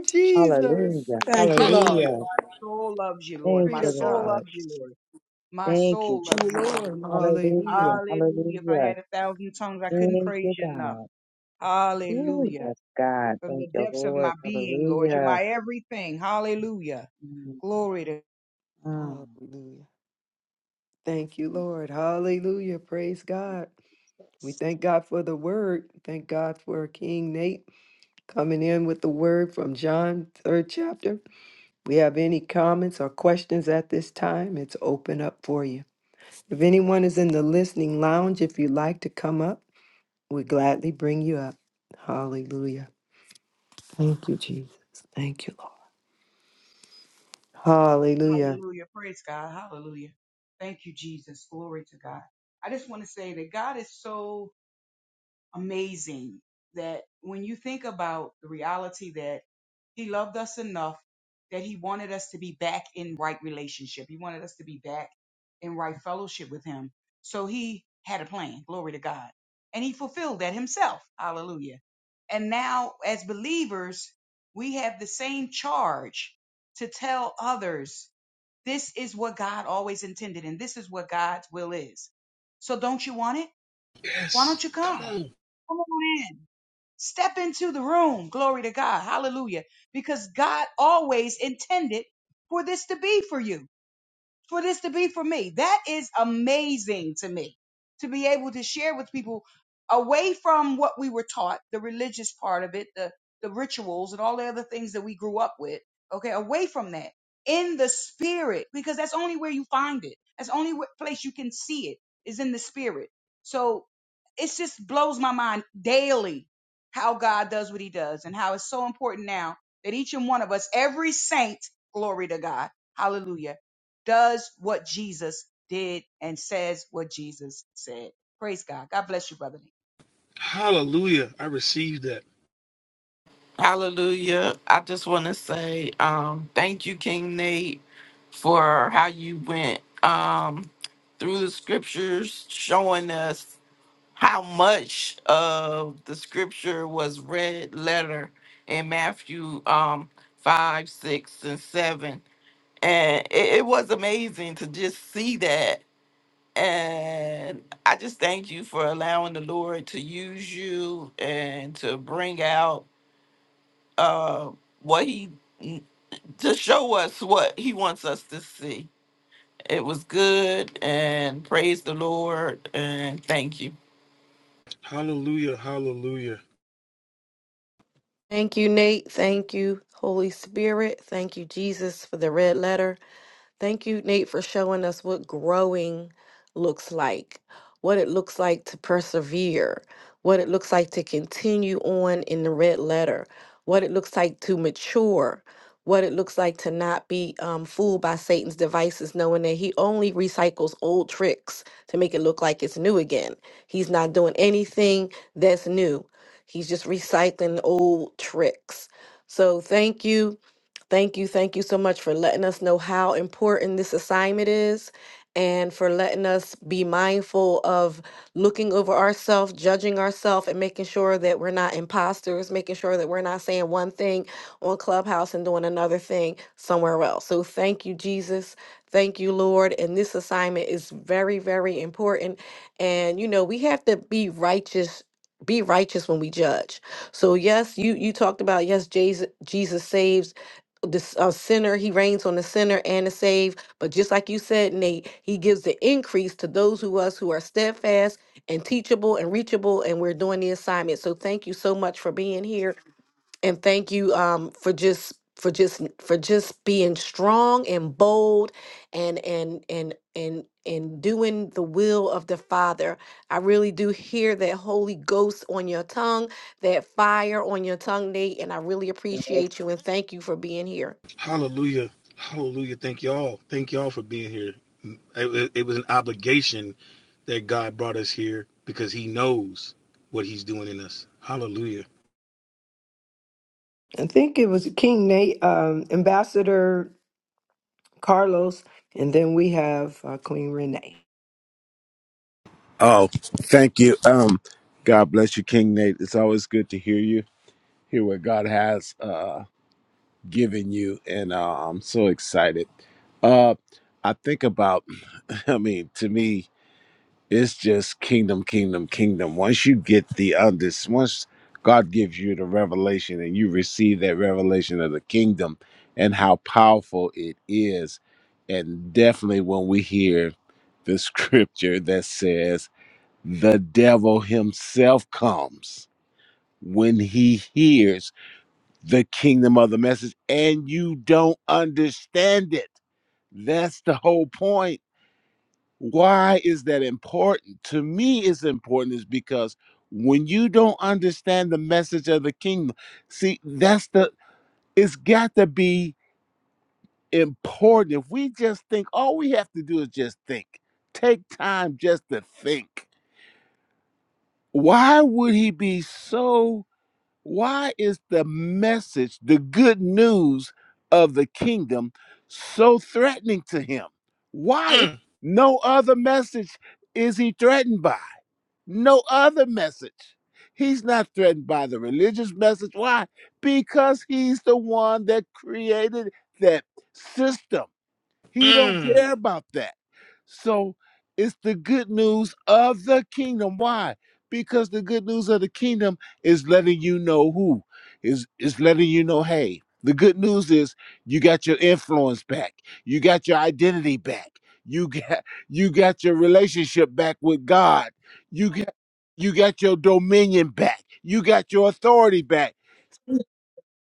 I: Thank
B: Jesus.
L: Hallelujah.
I: you,
C: Thank you,
I: Jesus.
C: Lord.
A: Hallelujah.
L: Hallelujah.
I: My soul loves you, Lord.
L: Thank
I: My
B: Glory
L: you,
B: to
I: soul
B: God.
L: Lord.
I: loves you, Lord. My
L: Thank you,
I: soul
B: Thank
I: loves
B: you,
L: Jesus.
I: you, Lord.
B: Lord. Hallelujah.
L: Hallelujah.
I: Hallelujah. If I
L: Hallelujah.
I: had a thousand tongues, I couldn't
L: Thank
I: praise
L: you,
I: you enough.
L: God. Ooh,
I: Hallelujah.
L: yes, God.
I: From
L: Thank
I: the
L: you,
I: depths of
L: Lord.
I: my being, Lord, you're
L: Hallelujah.
I: my everything. Hallelujah.
L: Mm,
I: Glory to
L: mm.
B: Hallelujah. Thank you, Lord. Hallelujah. Praise God. We thank God for the word. Thank God for King Nate Coming in with the word from John, third chapter. We have any comments or questions at this time? It's open up for you. If anyone is in the listening lounge, if you'd like to come up, we gladly bring you up. Hallelujah. Thank you, Jesus. Thank you, Lord. Hallelujah.
I: Hallelujah. Praise God. Hallelujah. Thank you, Jesus. Glory to God. I just want to say that God is so amazing that when you think about the reality that he loved us enough that he wanted us to be back in right relationship. He wanted us to be back in right fellowship with him. So he had a plan. Glory to God. And he fulfilled that himself. Hallelujah. And now as believers, we have the same charge to tell others this is what God always intended and this is what God's will is. So don't you want it? Why
A: Yes.
I: don't you
A: Come
I: come?
A: on.
I: Come on in. Step into the room. Glory to God. Hallelujah. Because God always intended for this to be for you for this to be for me. That is amazing to me to be able to share with people away from what we were taught, the religious part of it, the, the rituals and all the other things that we grew up with. Okay. Away from that in the spirit, because that's only where you find it. That's the only wh- place you can see it is in the spirit. So it just blows my mind daily how God does what he does and how it's so important now that each and one of us, every saint, glory to God, hallelujah does what Jesus did and says what Jesus said. Praise God. God bless you, brother.
A: Hallelujah. I received that.
D: Hallelujah. I just want to say um, thank you, King Nate, for how you went um, through the scriptures, showing us how much of the scripture was red letter in Matthew um, 5, 6, and 7. And it, it was amazing to just see that And I just thank you for allowing the Lord to use you and to bring out uh, what He, to show us what He wants us to see. It was good and praise the Lord and thank you.
A: Hallelujah. Hallelujah.
K: Thank you, Nate. Thank you, Holy Spirit. Thank you, Jesus, for the red letter. Thank you, Nate, for showing us what growing looks like, what it looks like to persevere, what it looks like to continue on in the red letter, what it looks like to mature, what it looks like to not be um, fooled by Satan's devices, knowing that he only recycles old tricks to make it look like it's new again. He's not doing anything that's new, he's just recycling old tricks. So, thank you Thank you. Thank you so much for letting us know how important this assignment is and for letting us be mindful of looking over ourselves, judging ourselves, and making sure that we're not imposters, making sure that we're not saying one thing on Clubhouse and doing another thing somewhere else. So thank you, Jesus. Thank you, Lord. And this assignment is very, very important. And, you know, we have to be righteous. Be righteous when we judge. So yes, you you talked about yes, Jesus Jesus saves this uh, sinner he reigns on the sinner and the saved but just like you said nate he gives the increase to those who us who are steadfast and teachable and reachable and we're doing the assignment so thank you so much for being here and thank you um for just for just for just being strong and bold and and and and and doing the will of the father i really do hear that holy ghost on your tongue that fire on your tongue nate and i really appreciate
G: Yes,
K: you and thank you for being here
A: Hallelujah. Hallelujah. Thank y'all. Thank y'all for being here. It, it- it was an obligation that God brought us here because he knows what he's doing in us. Hallelujah.
B: I think it was King Nate, um, Ambassador Carlos, and then we have uh, Queen Renee.
M: Oh, thank you. Um, God bless you, King Nate. It's always good to hear you, hear what God has uh given you, and uh, I'm so excited. Uh, I think about, I mean, to me, it's just kingdom, kingdom, kingdom. Once you get the under, once God gives you the revelation, and you receive that revelation of the kingdom and how powerful it is, and definitely when we hear the scripture that says the devil himself comes when he hears the kingdom of the message and you don't understand it. That's the whole point. Why is that important? To me, it's important is because when you don't understand the message of the kingdom, see, that's the, it's got to be important. If we just think, all we have to do is just think, take time just to think. Why would he be so why is the message, the good news of the kingdom, so threatening to him? Why is
A: Mm,
M: no other message is he threatened by? No other message. He's not threatened by the religious message. Why? Because he's the one that created that system. He don't
A: mm.
M: care about that. So it's the good news of the kingdom. Why? Because the good news of the kingdom is letting you know who is is letting you know, hey, the good news is you got your influence back. You got your identity back. You got you got your relationship back with God. You got you got your dominion back. You got your authority back.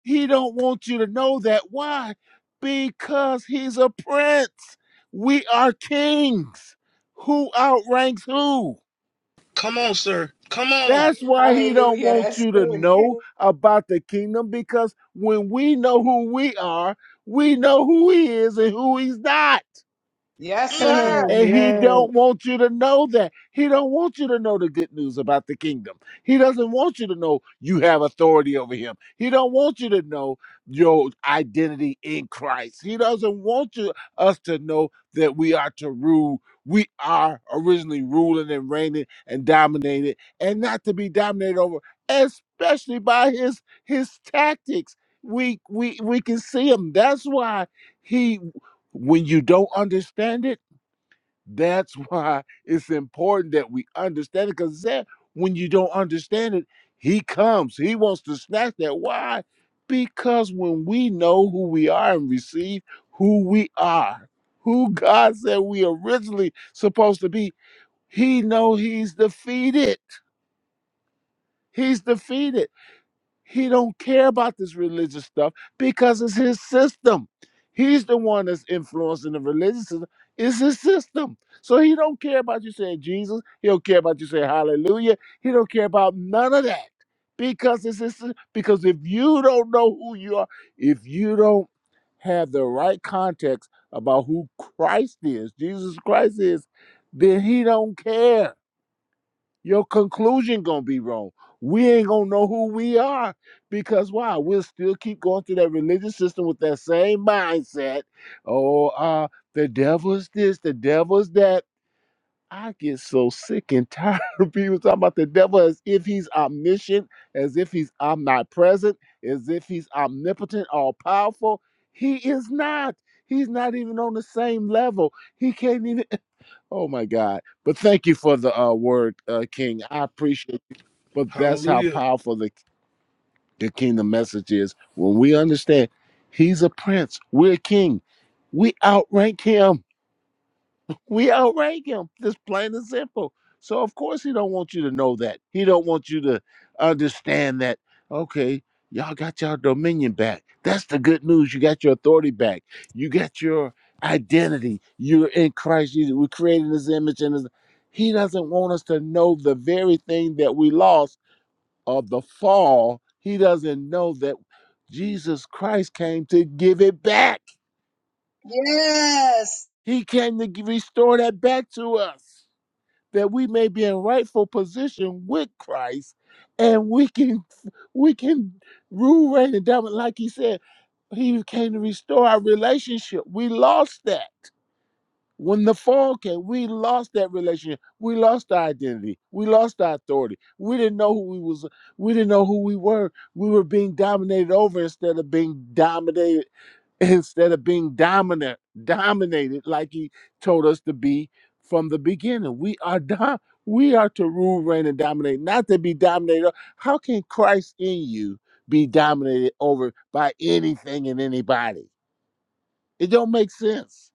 M: He don't want you to know that. Why? Because he's a prince. We are kings. Who outranks who?
A: Come on, sir. Come on.
M: That's why he don't
I: Hallelujah.
M: want
I: That's
M: you to
I: good.
M: know about the kingdom because when we know who we are, we know who he is and who he's not.
I: Yes, sir.
A: Mm.
M: And he
B: Yes,
M: don't want you to know that. He don't want you to know the good news about the kingdom. He doesn't want you to know you have authority over him. He don't want you to know your identity in Christ. He doesn't want you us to know that we are to rule. We are originally ruling and reigning and dominated and not to be dominated over, especially by his his tactics. We we we can see him. That's why he when you don't understand it that's why it's important that we understand it. Because that when you don't understand it, he comes. He wants to snatch that. Why? Because when we know who we are and receive who we are, who God said we originally supposed to be, he know he's defeated. He's defeated. He don't care about this religious stuff because it's his system. He's the one that's influencing the religious system. It's his system. So he don't care about you saying Jesus. He don't care about you saying hallelujah. He don't care about none of that. Because it's his, sys- because if you don't know who you are, if you don't have the right context about who Christ is, Jesus Christ is, then he don't care your conclusion gonna be wrong. We ain't gonna know who we are because why? We'll still keep going through that religious system with that same mindset. Oh, uh, the devil is this, the devil is that. I get so sick and tired of people talking about the devil as if he's omniscient, as if he's omnipresent, as if he's omnipotent, all powerful. He is not. He's not even on the same level. He can't even. Oh my God! But thank you for the uh, word, uh, King. I appreciate you. But that's how
A: Hallelujah.
M: powerful the the kingdom message is. When we understand, He's a prince. We're a king. We outrank Him. We outrank him. This plain and simple. So of course he don't want you to know that. He don't want you to understand that. Okay, y'all got your dominion back. That's the good news. You got your authority back. You got your identity. You're in Christ Jesus. We're creating His image and His. He doesn't want us to know the very thing that we lost of the fall. He doesn't know that Jesus Christ came to give it back.
I: Yes.
M: He came to g- restore that back to us. that we may be in rightful position with Christ, and we can we can rule, reign, and dominate. Like he said, he came to restore our relationship. We lost that when the fall came. We lost that relationship. We lost our identity. We lost our authority. We didn't know who we was. We didn't know who we were. We were being dominated over instead of being dominated instead of being dominant, dominated like he told us to be from the beginning. We are dom- we are to rule, reign, and dominate, not to be dominated. How can Christ in you be dominated over by anything and anybody? It don't make sense.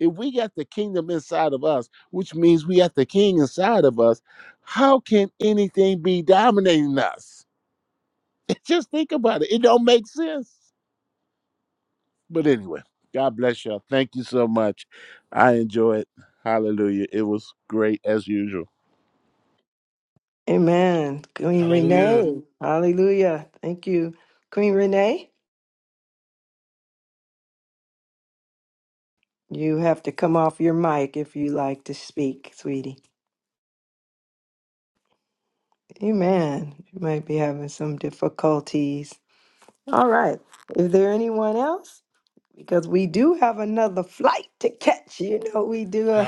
M: If we got the kingdom inside of us, which means we got the king inside of us, how can anything be dominating us? Just think about it. It don't make sense. But anyway, God bless y'all. Thank you so much. I enjoy it. Hallelujah. It was great as usual.
B: Amen. Queen
A: Hallelujah.
B: Renee. Hallelujah. Thank you. Queen Renee, you have to come off your mic if you like to speak, sweetie. Amen. You might be having some difficulties. All right. Is there anyone else? Because we do have another flight to catch. You know, we do.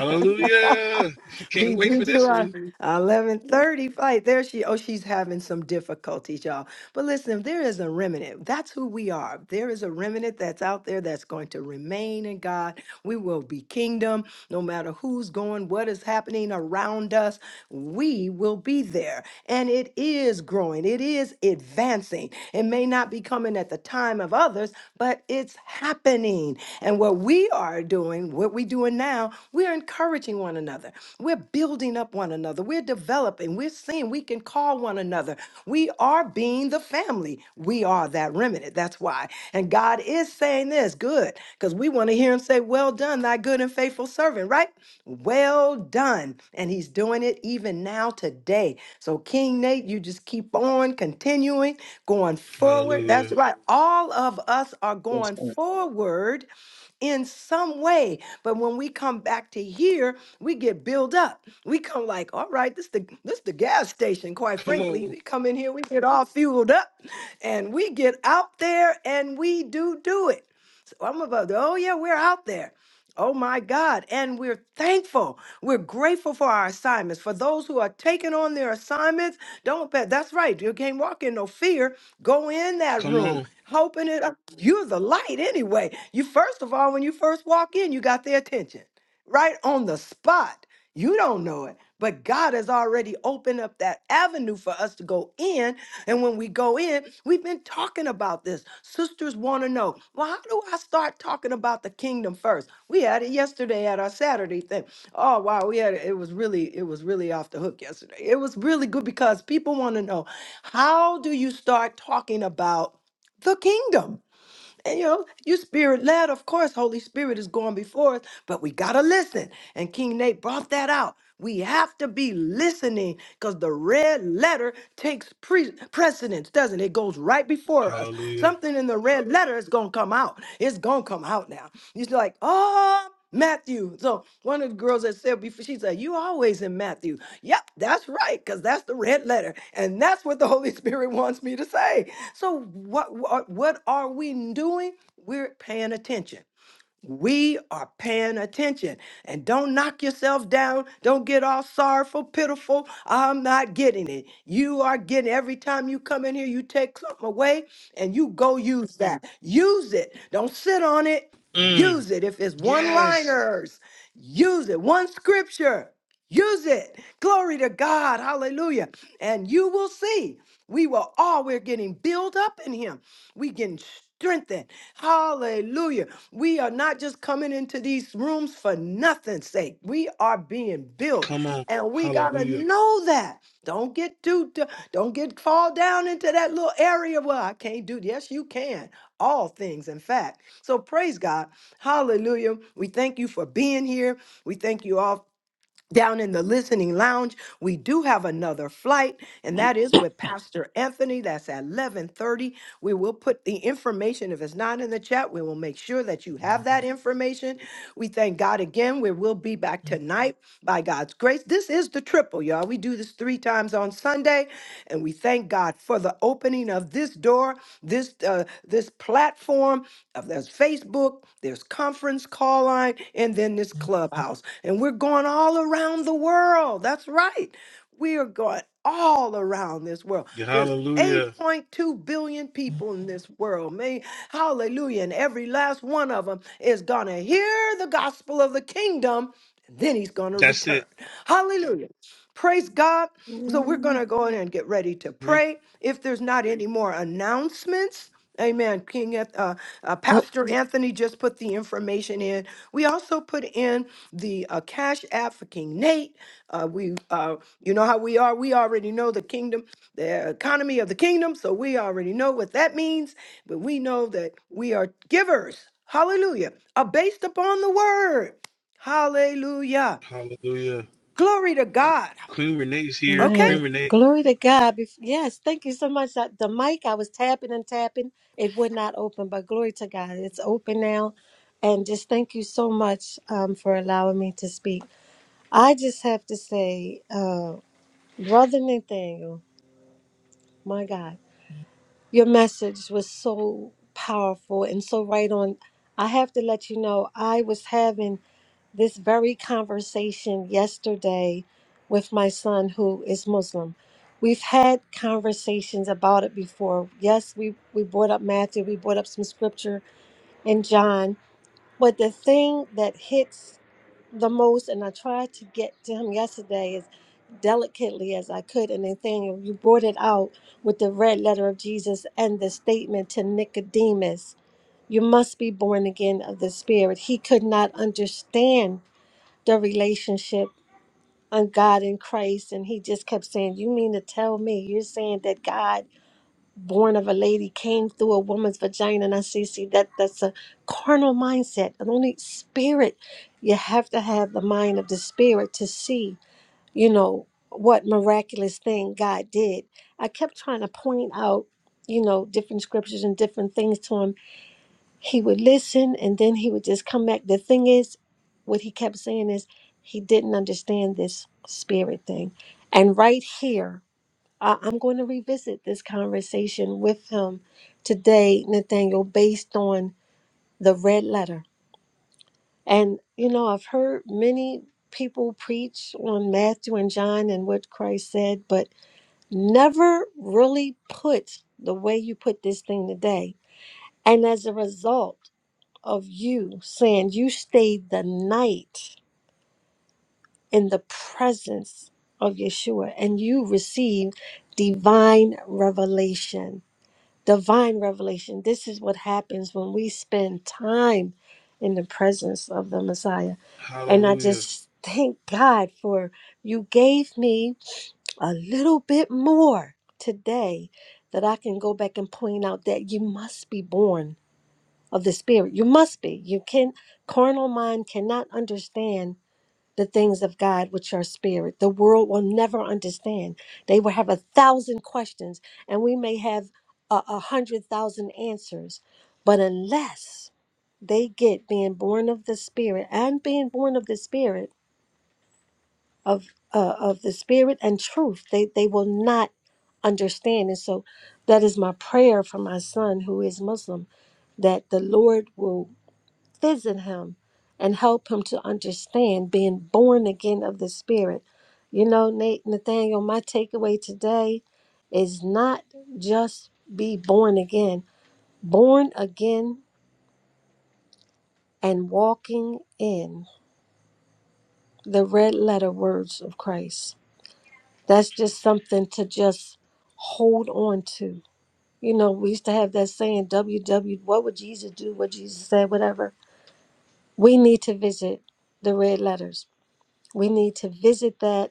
B: we
A: Can't wait
B: do
A: for
B: do
A: this
B: our
A: one.
B: eleven thirty fight. There she. Oh, she's having some difficulties, y'all. But listen, there is a remnant. That's who we are. There is a remnant that's out there that's going to remain in God. We will be kingdom, no matter who's going, what is happening around us. We will be there, and it is growing. It is advancing. It may not be coming at the time of others, but it's happening. And what we are doing, what we're doing now, we're encouraging one another. We're building up one another. We're developing. We're seeing we can call one another. We are being the family. We are that remnant. That's why. And God is saying this good because we want to hear Him say, Well done, thy good and faithful servant, right? Well done. And He's doing it even now today. So, King Nate, you just keep on continuing, going forward. That's
A: Hallelujah.
B: right. All of us are
G: yes,
B: going
G: sir.
B: forward in some way. But when we come back to here, we get built up. We come like, all right, this the this the gas station. Quite
A: Come
B: frankly,
A: on.
B: we come in here, we get all fueled up, and we get out there and we do do it. So I'm about to, oh yeah, we're out there. Oh my God. And we're thankful. We're grateful for our assignments. For those who are taking on their assignments, don't bet. That's right. You can't walk in no fear. Go in that
A: Come
B: room
A: on.
B: hoping it up. You're the light anyway. You first of all, when you first walk in, you got their attention right on the spot. You don't know it, but God has already opened up that avenue for us to go in. And when we go in, we've been talking about this. Sisters want to know, well, how do I start talking about the kingdom first? We had it yesterday at our Saturday thing. Oh wow, we had it. It was really, it was really off the hook yesterday. It was really good because people want to know, how do you start talking about? the kingdom. And you know, you spirit led, of course, Holy Spirit is going before us, but we gotta listen. And King Nate brought that out. We have to be listening because the red letter takes pre- precedence, doesn't it? It goes right before us.
A: Hallelujah.
B: Something in the red letter is gonna come out. It's gonna come out now. He's like, oh, Matthew. So one of the girls that said before, she said, You always in Matthew. Yep, that's right, because that's the red letter. And that's what the Holy Spirit wants me to say. So what what what are we doing? We're paying attention. We are paying attention and don't knock yourself down. Don't get all sorrowful, pitiful. I'm not getting it. You are getting every time you come in here, you take something away and you go use that. Use it. Don't sit on it.
A: Mm.
B: Use it. If it's one
A: Yes.
B: liners, use it. One scripture, use it. Glory to God. Hallelujah. And you will see. We will all, we're getting built up in Him. we getting strengthened. Hallelujah. We are not just coming into these rooms for nothing's sake. We are being built,
A: Come on.
B: and we gotta
A: Hallelujah.
B: know that. Don't get too, d- don't get fall down into that little area. Well, I can't do. Yes, you can. All things, in fact. So praise God. Hallelujah. We thank you for being here. We thank you all down in the listening lounge we do have another flight and that is with pastor anthony that's at 11.30 we will put the information if it's not in the chat we will make sure that you have that information we thank god again we will be back tonight by god's grace this is the triple y'all we do this three times on sunday and we thank god for the opening of this door this uh, this platform of there's facebook there's conference call line and then this clubhouse and we're going all around the world. That's right. We are going all around this world.
A: Yeah,
B: There's
A: hallelujah.
B: 8.2 billion people in this world. May hallelujah. And every last one of them is gonna hear the gospel of the kingdom. And then he's gonna
A: That's
B: return.
A: it.
B: Hallelujah. Praise God. So we're gonna
H: oh
B: go in and get ready to
A: Real
B: pray. If there's not any more announcements, Amen. King, Anth- uh, uh, Pastor Anthony just put the information in. We also put in the uh, Cash App for King Nate. Uh, we, uh, you know how we are. We already know the kingdom, the economy of the kingdom. So we already know what that means. But we know that we are givers. Hallelujah. Are based upon the word. Hallelujah.
A: Hallelujah.
B: Glory to God.
A: Queen Renee's here.
B: Okay.
A: Queen
H: man,
A: Renee.
H: glory to God. Bef- Yes, thank you so much. I- The mic, I was tapping and tapping, it would not open, but glory to God, it's open now. And just thank you so much um, for allowing me to speak. I just have to say, uh, Brother Nathaniel, my God, your message was so powerful and so right on. I have to let you know, I was having this very conversation yesterday with my son who is Muslim. We've had conversations about it before. Yes, we, we brought up Matthew, we brought up some scripture in John. But the thing that hits the most, and I tried to get to him yesterday, as delicately as I could. And Nathaniel, you brought it out with the red letter of Jesus and the statement to Nicodemus, You must be born again of the Spirit. He could not understand the relationship on God and Christ. And he just kept saying, You mean to tell me you're saying that God, born of a lady, came through a woman's vagina? And I see, see, that that's a carnal mindset. And only spirit, you have to have the mind of the spirit to see, you know, what miraculous thing God did. I kept trying to point out, you know, different scriptures and different things to him he would listen and then he would just come back. The thing is, what he kept saying is he didn't understand this spirit thing. And right here, I- I'm going to revisit this conversation with him today, Nathaniel, based on the red letter. And, you know, I've heard many people preach on Matthew and John and what Christ said, but never really put the way you put this thing today. And as a result, of you saying you stayed the night in the presence of Yeshua and you received divine revelation. Divine revelation. This is what happens when we spend time in the presence of the Messiah. And I
A: Hallelujah.
H: just thank God for you gave me a little bit more today that I can go back and point out that you must be born of the spirit. You must be. You can carnal mind cannot understand the things of God which are spirit. The world will never understand. They will have a thousand questions, and we may have a, a hundred thousand answers, but unless they get being born of the spirit and being born of the spirit of uh, of the spirit and truth, they they will not understand. And so, that is my prayer for my son who is Muslim, that the Lord will visit him and help him to understand being born again of the spirit you know nate nathaniel my takeaway today is not just be born again born again and walking in the red letter words of christ that's just something to just hold on to you know we used to have that saying "W W what would jesus do what jesus said whatever we need to visit the red letters we need to visit that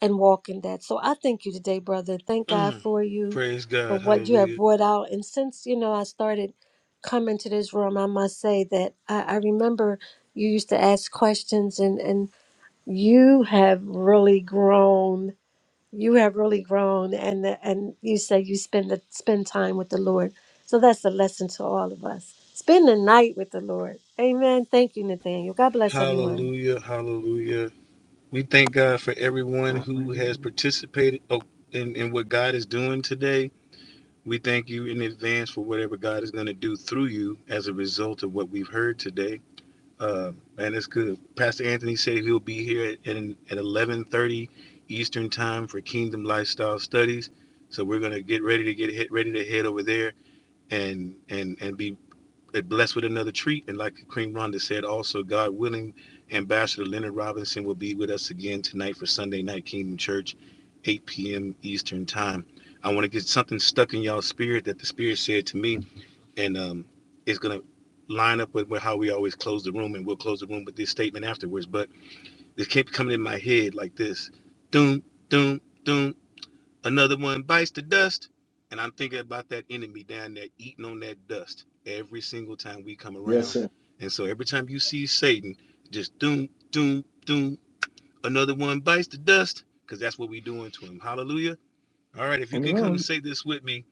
H: and walk in that. So I thank you today, brother. Thank God for you,
A: Praise
H: for
A: God.
H: what you have
A: Hallelujah.
H: brought out. And since, you know, I started coming to this room, I must say that I, I remember you used to ask questions and, and you have really grown. You have really grown and and you say you spend the spend time with the Lord. So that's a lesson to all of us. Spend the night with the Lord. Amen. Thank you, Nathaniel. God bless everyone.
A: Hallelujah. Hallelujah. We thank God for everyone who
B: Hallelujah.
A: has participated oh, in, in what God is doing today. We thank you in advance for whatever God is going to do through you as a result of what we've heard today. Uh, man, it's good. Pastor Anthony said he'll be here at, at, at 11:30 Eastern Time for Kingdom Lifestyle Studies. So we're gonna get ready to get hit, ready to head over there and and and be blessed with another treat. And like Queen Rhonda said, also God willing, Ambassador Leonard Robinson will be with us again tonight for Sunday Night Kingdom Church, 8 p.m. Eastern Time. I want to get something stuck in y'all spirit that the Spirit said to me and um, it's going to line up with, how we always close the room, and we'll close the room with this statement afterwards. But this kept coming in my head like this: doom, doom, doom. Another one bites the dust, and I'm thinking about that enemy down there eating on that dust every single time we come
G: Yes,
A: around.
G: sir.
A: And so every time you see Satan, just doom, doom, doom. Another one bites the dust, because that's what we're doing to him. Hallelujah. All right, if you can come and
B: Amen.
A: say this with me,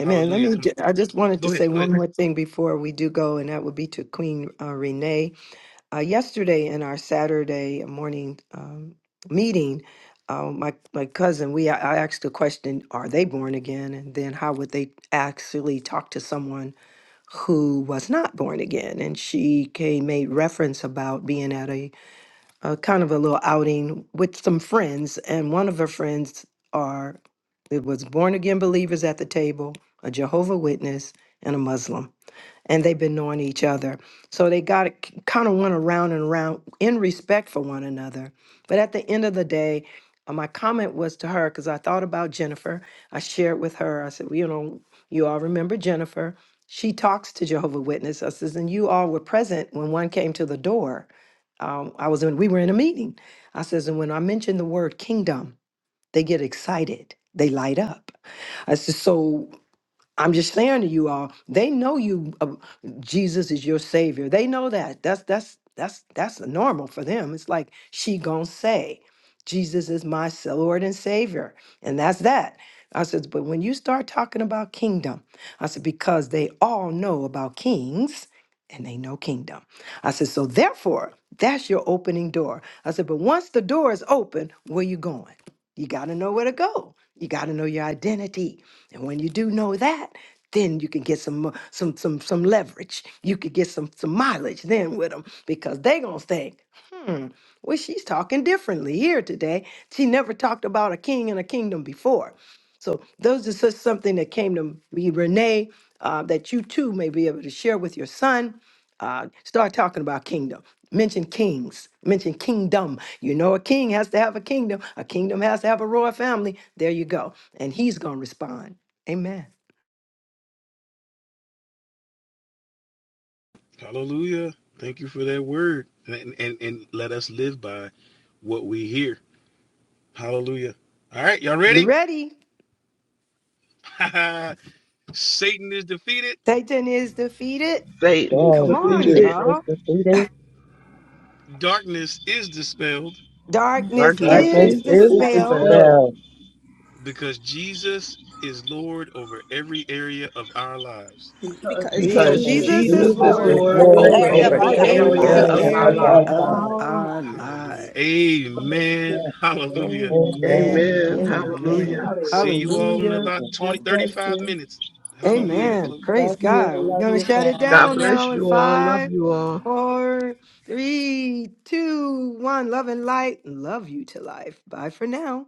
B: Amen. Let me.
A: Come,
B: ju- I just wanted to
A: go ahead,
B: say
A: go ahead.
B: one more thing before we do go, and that would be to Queen uh, Renee. uh, yesterday in our Saturday morning um, meeting, uh, my my cousin, we I I asked the question, "Are they born again?" And then how would they actually talk to someone who was not born again? And she came made reference about being at a, a kind of a little outing with some friends, and one of her friends are it was born again believers at the table, a Jehovah Witness, and a Muslim and they've been knowing each other. So they got kind of went around and around in respect for one another. But at the end of the day, uh, my comment was to her because I thought about Jennifer. I shared with her. I said, well, you know, you all remember Jennifer. She talks to Jehovah Witness. I says, and you all were present when one came to the door. Um, I was in. We were in a meeting. I says, and when I mention the word kingdom, they get excited. They light up. I said, so. I'm just saying to you all, they know you uh, Jesus is your savior. They know that. That's that's that's that's normal for them. It's like she going to say, Jesus is my s- Lord and savior. And that's that. I said, but when you start talking about kingdom, I said because they all know about kings and they know kingdom. I said so therefore, that's your opening door. I said but once the door is open, where you going? You got to know where to go. You got to know your identity. And when you do know that, then you can get some mo- some some some leverage. You could get some some mileage then with them because they gonna think, hmm, well she's talking differently here today. She never talked about a king and a kingdom before. So those is just something that came to me, Renee, uh, that you too may be able to share with your son. Uh, start talking about kingdom. Mention kings. Mention kingdom. You know, a king has to have a kingdom. A kingdom has to have a royal family. There you go. And he's gonna respond. Amen.
A: Hallelujah. Thank you for that word. And, and, and let us live by what we hear. Hallelujah. All right, y'all
B: We're
A: ready?
B: ready.
A: Satan is defeated.
B: Satan is defeated.
F: you,
D: Satan
G: You
D: is
F: Lord.
B: Come on,
F: Satan
G: defeated
D: defeated.
F: is
B: y'all.
F: defeated.
A: Darkness is dispelled
B: Darkness
D: Darkness
F: Darkness
G: darkness.
B: is
D: is
F: is
G: This is
B: dispelled
D: dispelled
G: fair.
F: dispelled.
A: because Jesus is Lord over every area of our lives.
E: because
J: because
B: because
K: Because
D: because
E: Jesus
F: And
B: Jesus
K: Jesus
E: is
B: is
K: is
D: Jesus
G: Jesus
F: Jesus
D: is
E: Lord
B: Lord
K: Lord
F: is
G: is
D: Lord
K: over
F: Lord
G: Lord
D: over
K: every
E: over
G: and
F: over
B: over
K: area
D: every
E: every
K: of our
F: every
D: area
E: area
B: every
E: of
K: lives.
D: of
F: area
G: Father
D: our
F: of
G: of
B: area
F: our
D: life.
G: our
B: of
F: lives.
E: our
B: our
A: Hallelujah.
E: lives.
B: lives.
E: Hallelujah.
A: Amen. Hallelujah.
E: Amen.
F: Amen.
B: Amen.
D: Amen.
B: Amen.
D: Hallelujah.
A: See you
E: Hallelujah.
A: all in
B: Hallelujah.
A: about
F: Amen.
E: I
A: 20 thirty
E: bless
A: five
E: you.
A: minutes.
E: Okay.
G: lives.
A: Hallelujah.
B: Amen.
A: Close.
B: Praise
E: Love you.
B: God. We're
E: Love
B: going
E: your
B: to shut it
E: family.
D: God
B: down
D: bless
B: now in
D: you all. Love
B: five,
D: you all.
B: four, three, two, one. Love and light. Love you to life. Bye for now.